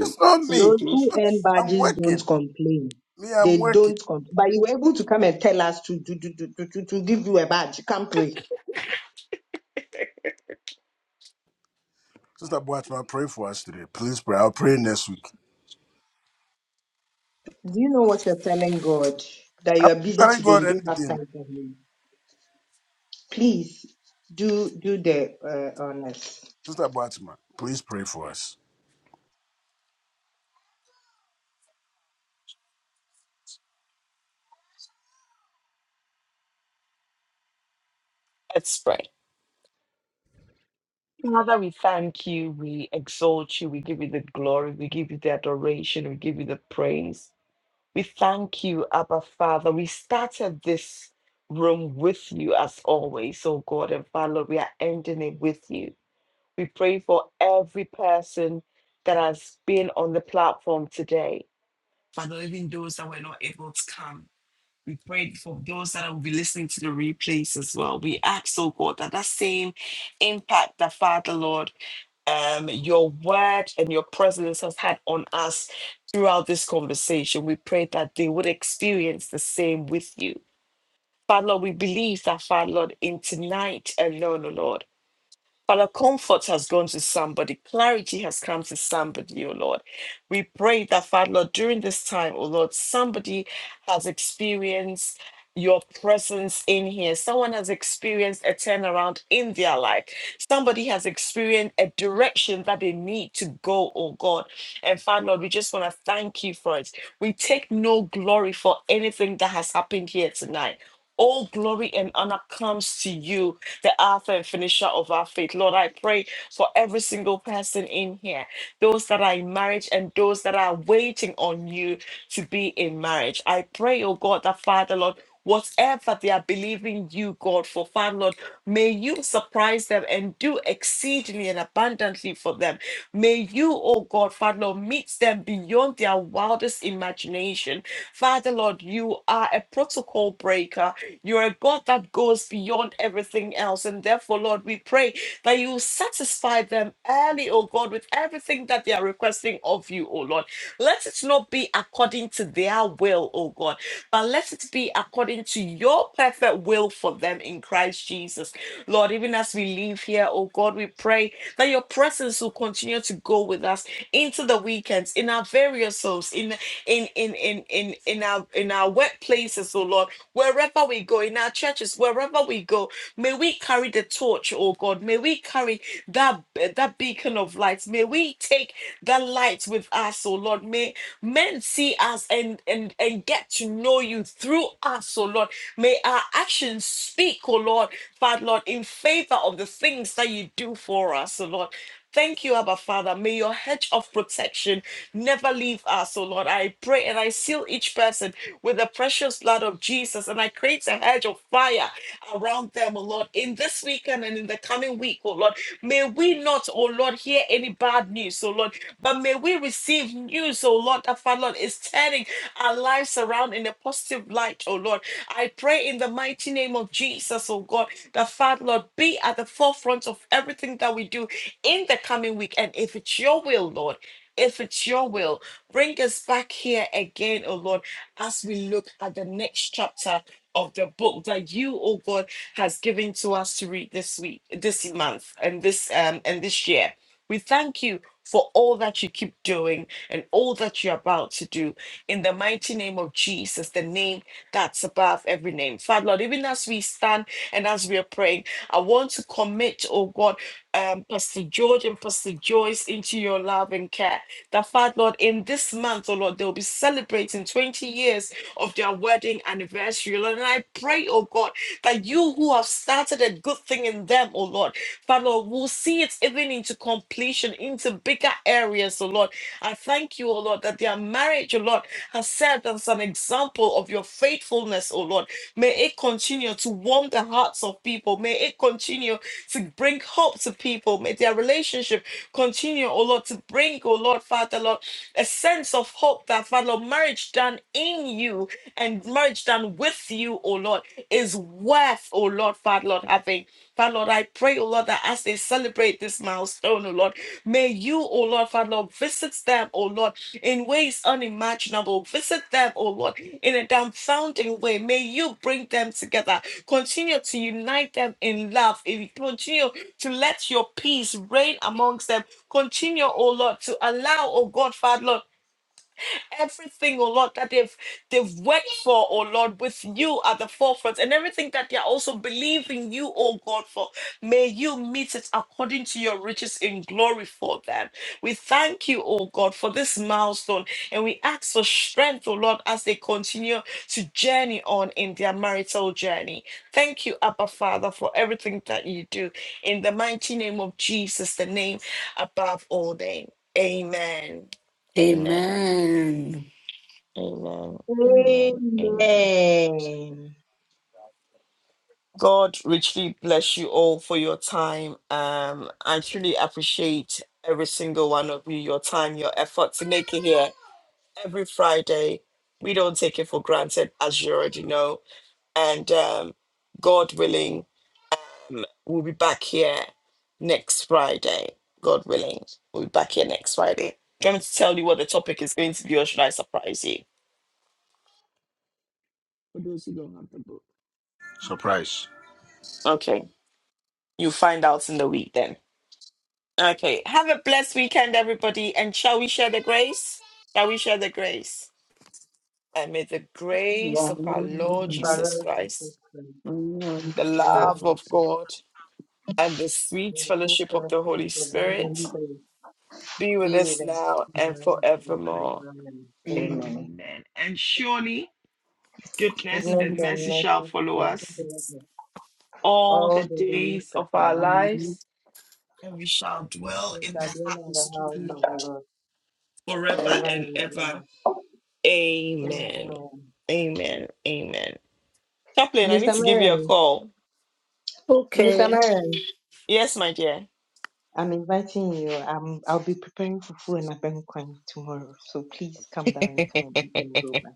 [SPEAKER 7] it's not me.
[SPEAKER 9] Those who earn
[SPEAKER 7] I'm
[SPEAKER 9] badges don't
[SPEAKER 7] working.
[SPEAKER 9] complain.
[SPEAKER 7] Me,
[SPEAKER 9] They
[SPEAKER 7] I'm working.
[SPEAKER 9] don't complain. But you were able to come and tell us to, to, to, to, to, to to give you a badge. You can't pray.
[SPEAKER 7] Sister Boatma, pray for us today. Please pray. I'll pray next week.
[SPEAKER 9] Do you know what you're telling God? That
[SPEAKER 7] I'm
[SPEAKER 9] you are
[SPEAKER 7] not
[SPEAKER 9] busy
[SPEAKER 7] telling
[SPEAKER 9] today,
[SPEAKER 7] God
[SPEAKER 9] you don't have
[SPEAKER 7] anything.
[SPEAKER 9] time for Him. Please do do the uh, honors.
[SPEAKER 7] Sister Boatma, please pray for us.
[SPEAKER 1] Let's pray. Father, we thank you. We exalt you. We give you the glory. We give you the adoration. We give you the praise. We thank you, Abba Father. We started this room with you as always, oh God and Father. We are ending it with you. We pray for every person that has been on the platform today. Father, even those that were not able to come. We pray for those that will be listening to the replays as well. We ask, oh God, that that same impact that Father, Lord um, your word and your presence has had on us throughout this conversation. We pray that they would experience the same with you. Father Lord, we believe that, Father Lord, in tonight alone, O Lord. Father, comfort has gone to somebody. Clarity has come to somebody, oh Lord. We pray that, Father, Lord, during this time, oh Lord, somebody has experienced your presence in here. Someone has experienced a turnaround in their life. Somebody has experienced a direction that they need to go, oh God. And Father, Lord, we just want to thank you for it. We take no glory for anything that has happened here tonight. All glory and honor comes to you the author and finisher of our faith. Lord, I pray for every single person in here, those that are in marriage and those that are waiting on you to be in marriage. I pray, oh God, that Father, Lord, whatever they are believing you, God, for Father, Lord, may you surprise them and do exceedingly and abundantly for them. May you, oh God, Father, Lord, meet them beyond their wildest imagination. Father, Lord, you are a protocol breaker. You're a God that goes beyond everything else. And therefore, Lord, we pray that you satisfy them early, oh God, with everything that they are requesting of you, oh Lord. Let it not be according to their will, oh God, but let it be according to your perfect will for them in Christ Jesus. Lord, even as we leave here, oh God, we pray that your presence will continue to go with us into the weekends, in our various homes, in in in in in in our in our workplaces, oh Lord Wherever we go, in our churches, wherever we go, may we carry the torch, oh God. May we carry that, that beacon of light. May we take that light with us, oh Lord. May men see us and, and, and get to know you through us, oh Lord. May our actions speak, oh Lord. But Lord, in favor of the things that you do for us, oh Lord. Thank you, Abba Father. May your hedge of protection never leave us, oh Lord. I pray and I seal each person with the precious blood of Jesus and I create a hedge of fire around them, oh Lord, in this weekend and in the coming week, oh Lord. May we not, oh Lord, hear any bad news, oh Lord, but may we receive news, oh Lord, that Father Lord is turning our lives around in a positive light, oh Lord. I pray in the mighty name of Jesus, oh God. That Father, Lord, be at the forefront of everything that we do in the coming week. And if it's your will, Lord, if it's your will, bring us back here again, oh Lord, as we look at the next chapter of the book that you, oh God, has given to us to read this week, this month, and this um and this year. We thank you for all that you keep doing and all that you're about to do in the mighty name of Jesus, the name that's above every name. Father Lord, even as we stand and as we are praying, I want to commit, oh God, um, Pastor George and Pastor Joyce into your love and care. That Father, Lord, in this month, oh Lord, they'll be celebrating 20 years of their wedding anniversary, Lord. And I pray, oh God, that you who have started a good thing in them, oh Lord, Father, Lord, will see it even into completion, into bigger areas, oh Lord. I thank you, oh Lord, that their marriage, oh Lord, has served as an example of your faithfulness, oh Lord. May it continue to warm the hearts of people. May it continue to bring hope to people. May their relationship continue, oh Lord, to bring, oh Lord, Father, Lord, a sense of hope that, Father, Lord, marriage done in you and marriage done with you, oh Lord, is worth, oh Lord, Father, Lord, having. Father, Lord, I pray, oh Lord, that as they celebrate this milestone, oh Lord, may you, oh Lord, Father, Lord, visit them, oh Lord in ways unimaginable. Visit them, oh Lord, in a dumbfounding way. May you bring them together. Continue to unite them in love. And Continue to let your peace reign amongst them. Continue, oh Lord, to allow, oh God, Father, Lord. Everything, oh Lord, that they've they've worked for, oh Lord, with you at the forefront, and everything that they are also believing you, oh God, for may you meet it according to your riches in glory for them. We thank you, oh God, for this milestone, and we ask for strength, oh Lord, as they continue to journey on in their marital journey. Thank you, Abba Father, for everything that you do. In the mighty name of Jesus, the name above all name. Amen. Amen.
[SPEAKER 8] Amen.
[SPEAKER 1] Amen. Amen. Amen.
[SPEAKER 9] Amen.
[SPEAKER 1] God richly bless you all for your time. Um, I truly appreciate every single one of you, your time, your effort to make it here every Friday. We don't take it for granted, as you already know. And um, God willing, um, we'll be back here next Friday. God willing, we'll be back here next Friday. Do you want me to tell you what the topic is going to be, or should I surprise you? You don't have the book.
[SPEAKER 7] Surprise.
[SPEAKER 1] Okay, you find out in the week then. Okay. Have a blessed weekend, everybody. And shall we share the grace? Shall we share the grace? And may the grace of our Lord
[SPEAKER 9] The power
[SPEAKER 1] Jesus
[SPEAKER 9] of Jesus
[SPEAKER 1] Christ,
[SPEAKER 9] Christ,
[SPEAKER 1] the
[SPEAKER 9] the love
[SPEAKER 1] love
[SPEAKER 9] of
[SPEAKER 1] of
[SPEAKER 9] God,
[SPEAKER 1] God, and the sweet
[SPEAKER 9] and the full
[SPEAKER 1] fellowship of the
[SPEAKER 9] fellowship
[SPEAKER 1] Holy
[SPEAKER 9] of the Holy
[SPEAKER 1] Spirit
[SPEAKER 9] Spirit
[SPEAKER 1] be with
[SPEAKER 9] be
[SPEAKER 1] us
[SPEAKER 9] with us
[SPEAKER 1] now and
[SPEAKER 9] now and
[SPEAKER 1] forevermore.
[SPEAKER 9] forevermore. Amen.
[SPEAKER 1] Amen. And surely goodness
[SPEAKER 9] Goodness
[SPEAKER 1] and
[SPEAKER 9] and
[SPEAKER 1] mercy shall
[SPEAKER 9] mercy
[SPEAKER 1] follow
[SPEAKER 9] shall
[SPEAKER 1] us
[SPEAKER 9] follow us
[SPEAKER 1] all
[SPEAKER 9] all
[SPEAKER 1] the
[SPEAKER 9] the days
[SPEAKER 1] days
[SPEAKER 9] of
[SPEAKER 1] of our
[SPEAKER 9] our life.
[SPEAKER 1] lives, and we shall dwell
[SPEAKER 9] We
[SPEAKER 1] in
[SPEAKER 9] shall
[SPEAKER 1] the
[SPEAKER 9] dwell in the
[SPEAKER 1] house of the
[SPEAKER 9] house of the
[SPEAKER 1] Lord
[SPEAKER 9] Lord
[SPEAKER 1] forever
[SPEAKER 9] forever
[SPEAKER 1] and
[SPEAKER 9] and
[SPEAKER 1] ever.
[SPEAKER 9] ever.
[SPEAKER 1] Amen.
[SPEAKER 9] Amen.
[SPEAKER 1] Amen. Amen. Chaplain, I need
[SPEAKER 9] Minister
[SPEAKER 1] to give you a
[SPEAKER 9] Marion,
[SPEAKER 1] call.
[SPEAKER 9] Minister
[SPEAKER 8] Okay.
[SPEAKER 9] Marion.
[SPEAKER 1] Yes, my dear.
[SPEAKER 9] I'm inviting you. Um, I'll be preparing fufu and abenkwan tomorrow, so please come down and come and eat and go back.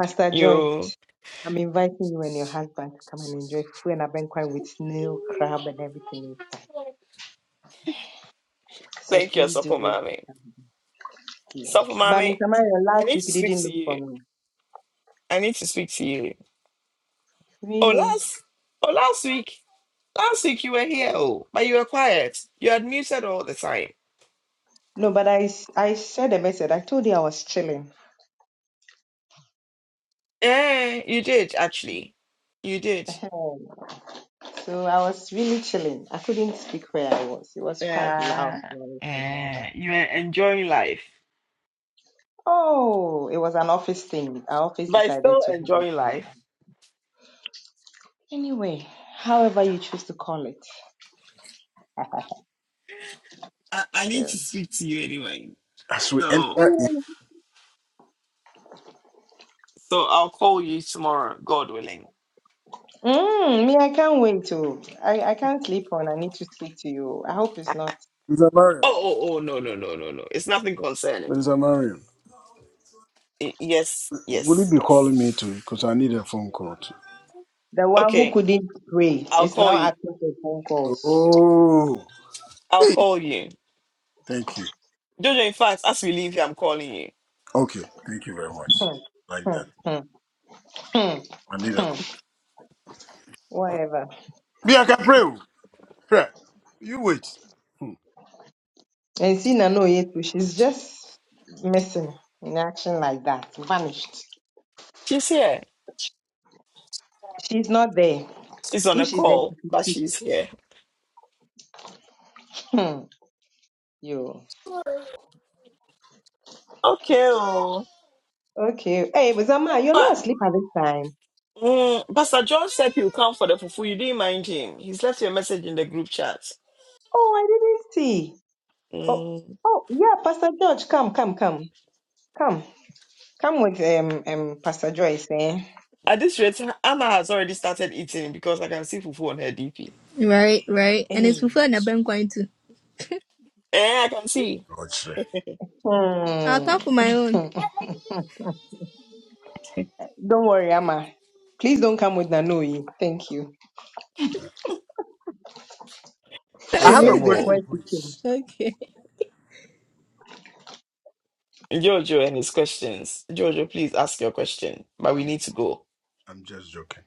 [SPEAKER 9] Pastor Joy,
[SPEAKER 1] You
[SPEAKER 9] I'm inviting you and your husband to come and enjoy fufu and abenkwan with snail, crab, and everything. So
[SPEAKER 1] thank you,
[SPEAKER 9] please do
[SPEAKER 1] Sopo
[SPEAKER 9] well to
[SPEAKER 1] Mami.
[SPEAKER 9] come. Yes,
[SPEAKER 1] Sopo
[SPEAKER 9] but
[SPEAKER 1] Mami,
[SPEAKER 9] Mr. Mario,
[SPEAKER 1] I
[SPEAKER 9] last
[SPEAKER 1] need
[SPEAKER 9] week
[SPEAKER 1] to
[SPEAKER 9] you
[SPEAKER 1] speak
[SPEAKER 9] didn't
[SPEAKER 1] to
[SPEAKER 9] look for
[SPEAKER 1] you.
[SPEAKER 9] me.
[SPEAKER 1] I need to speak to you. Oh,
[SPEAKER 9] Really?
[SPEAKER 1] last oh last week. Last week you were here, oh, but you were quiet. You had muted all the time.
[SPEAKER 9] No, but I s- I shared a message. I told you I was chilling.
[SPEAKER 1] Yeah, you did actually. You did.
[SPEAKER 9] Ehem. So I was really chilling. I couldn't speak where I was. It was quite loud
[SPEAKER 1] Yeah.
[SPEAKER 9] noise and all that.
[SPEAKER 1] Yeah. You were enjoying life.
[SPEAKER 9] Oh, it was an office thing. Our office
[SPEAKER 1] But
[SPEAKER 9] decided
[SPEAKER 1] still
[SPEAKER 9] to hold a
[SPEAKER 1] enjoying life.
[SPEAKER 9] program. Anyway, however you choose to call it. [LAUGHS]
[SPEAKER 1] I, I need
[SPEAKER 9] so,
[SPEAKER 1] to speak to you anyway.
[SPEAKER 7] As we
[SPEAKER 1] So
[SPEAKER 7] enter in
[SPEAKER 9] really?
[SPEAKER 1] So I'll call you tomorrow, God willing.
[SPEAKER 9] Mm, me, I can't wait to. I, I can't sleep on. I need to speak to you. I hope it's not
[SPEAKER 7] Sister Mariam.
[SPEAKER 1] Oh, oh, oh, no, no, no, no, no. It's nothing concerning.
[SPEAKER 7] Minister Marion,
[SPEAKER 1] Y- Yes,
[SPEAKER 7] will
[SPEAKER 1] yes,
[SPEAKER 7] you be
[SPEAKER 1] yes.
[SPEAKER 7] calling me too? Because I need a phone call too.
[SPEAKER 9] the one who
[SPEAKER 1] Okay,
[SPEAKER 9] couldn't pray
[SPEAKER 1] I'll
[SPEAKER 9] is
[SPEAKER 1] call
[SPEAKER 9] now
[SPEAKER 1] you.
[SPEAKER 9] asking for phone calls.
[SPEAKER 7] Oh,
[SPEAKER 1] I'll
[SPEAKER 7] hey,
[SPEAKER 1] call you.
[SPEAKER 7] thank you.
[SPEAKER 1] Jojo, in fact, as we leave here, I'm calling you.
[SPEAKER 7] Okay, thank you very much.
[SPEAKER 9] Hmm,
[SPEAKER 7] Like
[SPEAKER 9] hmm,
[SPEAKER 7] that.
[SPEAKER 9] hmm, hmm,
[SPEAKER 7] I need a
[SPEAKER 9] hmm.
[SPEAKER 7] call.
[SPEAKER 9] Whatever.
[SPEAKER 7] Bianca, pray. oh. Pray. You wait. Hmm.
[SPEAKER 9] And see, Nano Yetu, she's just missing in action like that, vanished.
[SPEAKER 1] She's here.
[SPEAKER 9] She's not there.
[SPEAKER 1] She's on
[SPEAKER 9] If
[SPEAKER 1] a
[SPEAKER 9] she's there, she
[SPEAKER 1] call,
[SPEAKER 9] could
[SPEAKER 1] but
[SPEAKER 9] speak.
[SPEAKER 1] she's here.
[SPEAKER 9] Hmm. You
[SPEAKER 1] Okay, oh.
[SPEAKER 9] okay? Hey, Zama, you're
[SPEAKER 1] But
[SPEAKER 9] not asleep at this time.
[SPEAKER 1] mm, Pastor John said he'll come for the fufu. You didn't mind him. He's left you a message in the group chat.
[SPEAKER 9] Oh, I didn't see. Oh,
[SPEAKER 1] Mm.
[SPEAKER 9] oh, yeah, Pastor George, come, come, come, come, come with um, um, Pastor Joyce, eh?
[SPEAKER 1] At this rate, Anna has already started eating because I can see fufu on her DP.
[SPEAKER 10] Right, right. And it's
[SPEAKER 9] Hey.
[SPEAKER 10] fufu and abenkwan too.
[SPEAKER 1] Eh, I can see.
[SPEAKER 7] Lord, sir.
[SPEAKER 10] I'll
[SPEAKER 9] Hmm.
[SPEAKER 10] come for my
[SPEAKER 9] [LAUGHS]
[SPEAKER 10] own.
[SPEAKER 9] don't worry, Amma. Please don't come with Nanoi. Thank you.
[SPEAKER 7] Uh, I
[SPEAKER 9] She
[SPEAKER 7] have a
[SPEAKER 9] missed it
[SPEAKER 1] Asemo.
[SPEAKER 7] question,
[SPEAKER 9] when she came.
[SPEAKER 7] please.
[SPEAKER 10] Okay.
[SPEAKER 1] Jojo and his questions. Jojo, please ask your question, but we
[SPEAKER 7] I'm
[SPEAKER 1] need to go.
[SPEAKER 7] I'm just joking.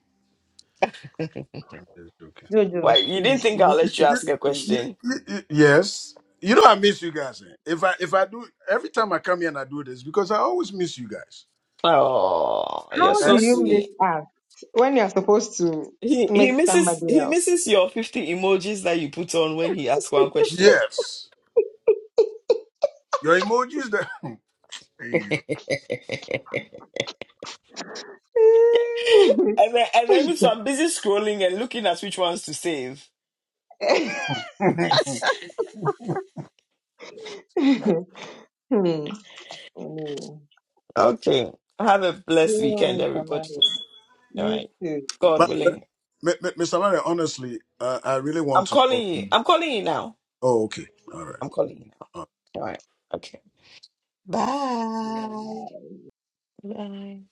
[SPEAKER 7] I'm just joking.
[SPEAKER 1] Why?
[SPEAKER 9] Jojo,
[SPEAKER 1] You didn't
[SPEAKER 9] please,
[SPEAKER 1] think
[SPEAKER 9] you
[SPEAKER 1] I'll
[SPEAKER 9] need to
[SPEAKER 1] let you
[SPEAKER 7] Y-
[SPEAKER 9] take
[SPEAKER 1] ask
[SPEAKER 9] this
[SPEAKER 1] a
[SPEAKER 7] y-
[SPEAKER 9] serious.
[SPEAKER 1] question?
[SPEAKER 7] y- y- Yes. You know I miss you guys. eh? If I if I do every time I come here and I do this because I always miss you guys.
[SPEAKER 1] Oh,
[SPEAKER 9] How
[SPEAKER 1] you're
[SPEAKER 9] do
[SPEAKER 1] so
[SPEAKER 7] Eh?
[SPEAKER 9] you miss
[SPEAKER 1] sweet.
[SPEAKER 9] us when you're supposed to
[SPEAKER 1] He he
[SPEAKER 9] miss
[SPEAKER 1] misses
[SPEAKER 9] somebody
[SPEAKER 1] he
[SPEAKER 9] else?
[SPEAKER 1] misses your 50 emojis that you put on when he asks one question.
[SPEAKER 7] Yes. Your emojis that [LAUGHS] Hey,
[SPEAKER 1] [LAUGHS] And then and then so I'm busy scrolling and looking at which ones to save.
[SPEAKER 7] [LAUGHS]
[SPEAKER 9] [LAUGHS] Hmm. Amen.
[SPEAKER 1] Okay. Have a
[SPEAKER 9] Good
[SPEAKER 1] blessed weekend,
[SPEAKER 9] morning,
[SPEAKER 1] everybody.
[SPEAKER 9] somebody.
[SPEAKER 1] All
[SPEAKER 9] You
[SPEAKER 1] right.
[SPEAKER 9] too. You
[SPEAKER 1] God
[SPEAKER 7] But, but
[SPEAKER 1] willing.
[SPEAKER 9] too.
[SPEAKER 7] M- M- Mr. Mario, honestly, uh, I really
[SPEAKER 1] I'm
[SPEAKER 7] want to talk
[SPEAKER 1] calling
[SPEAKER 7] to
[SPEAKER 1] you.
[SPEAKER 7] you.
[SPEAKER 1] I'm calling you now.
[SPEAKER 7] Oh, okay. All right.
[SPEAKER 1] I'm calling you now. All right. Okay.
[SPEAKER 9] Yeah.
[SPEAKER 1] Bye. Bye.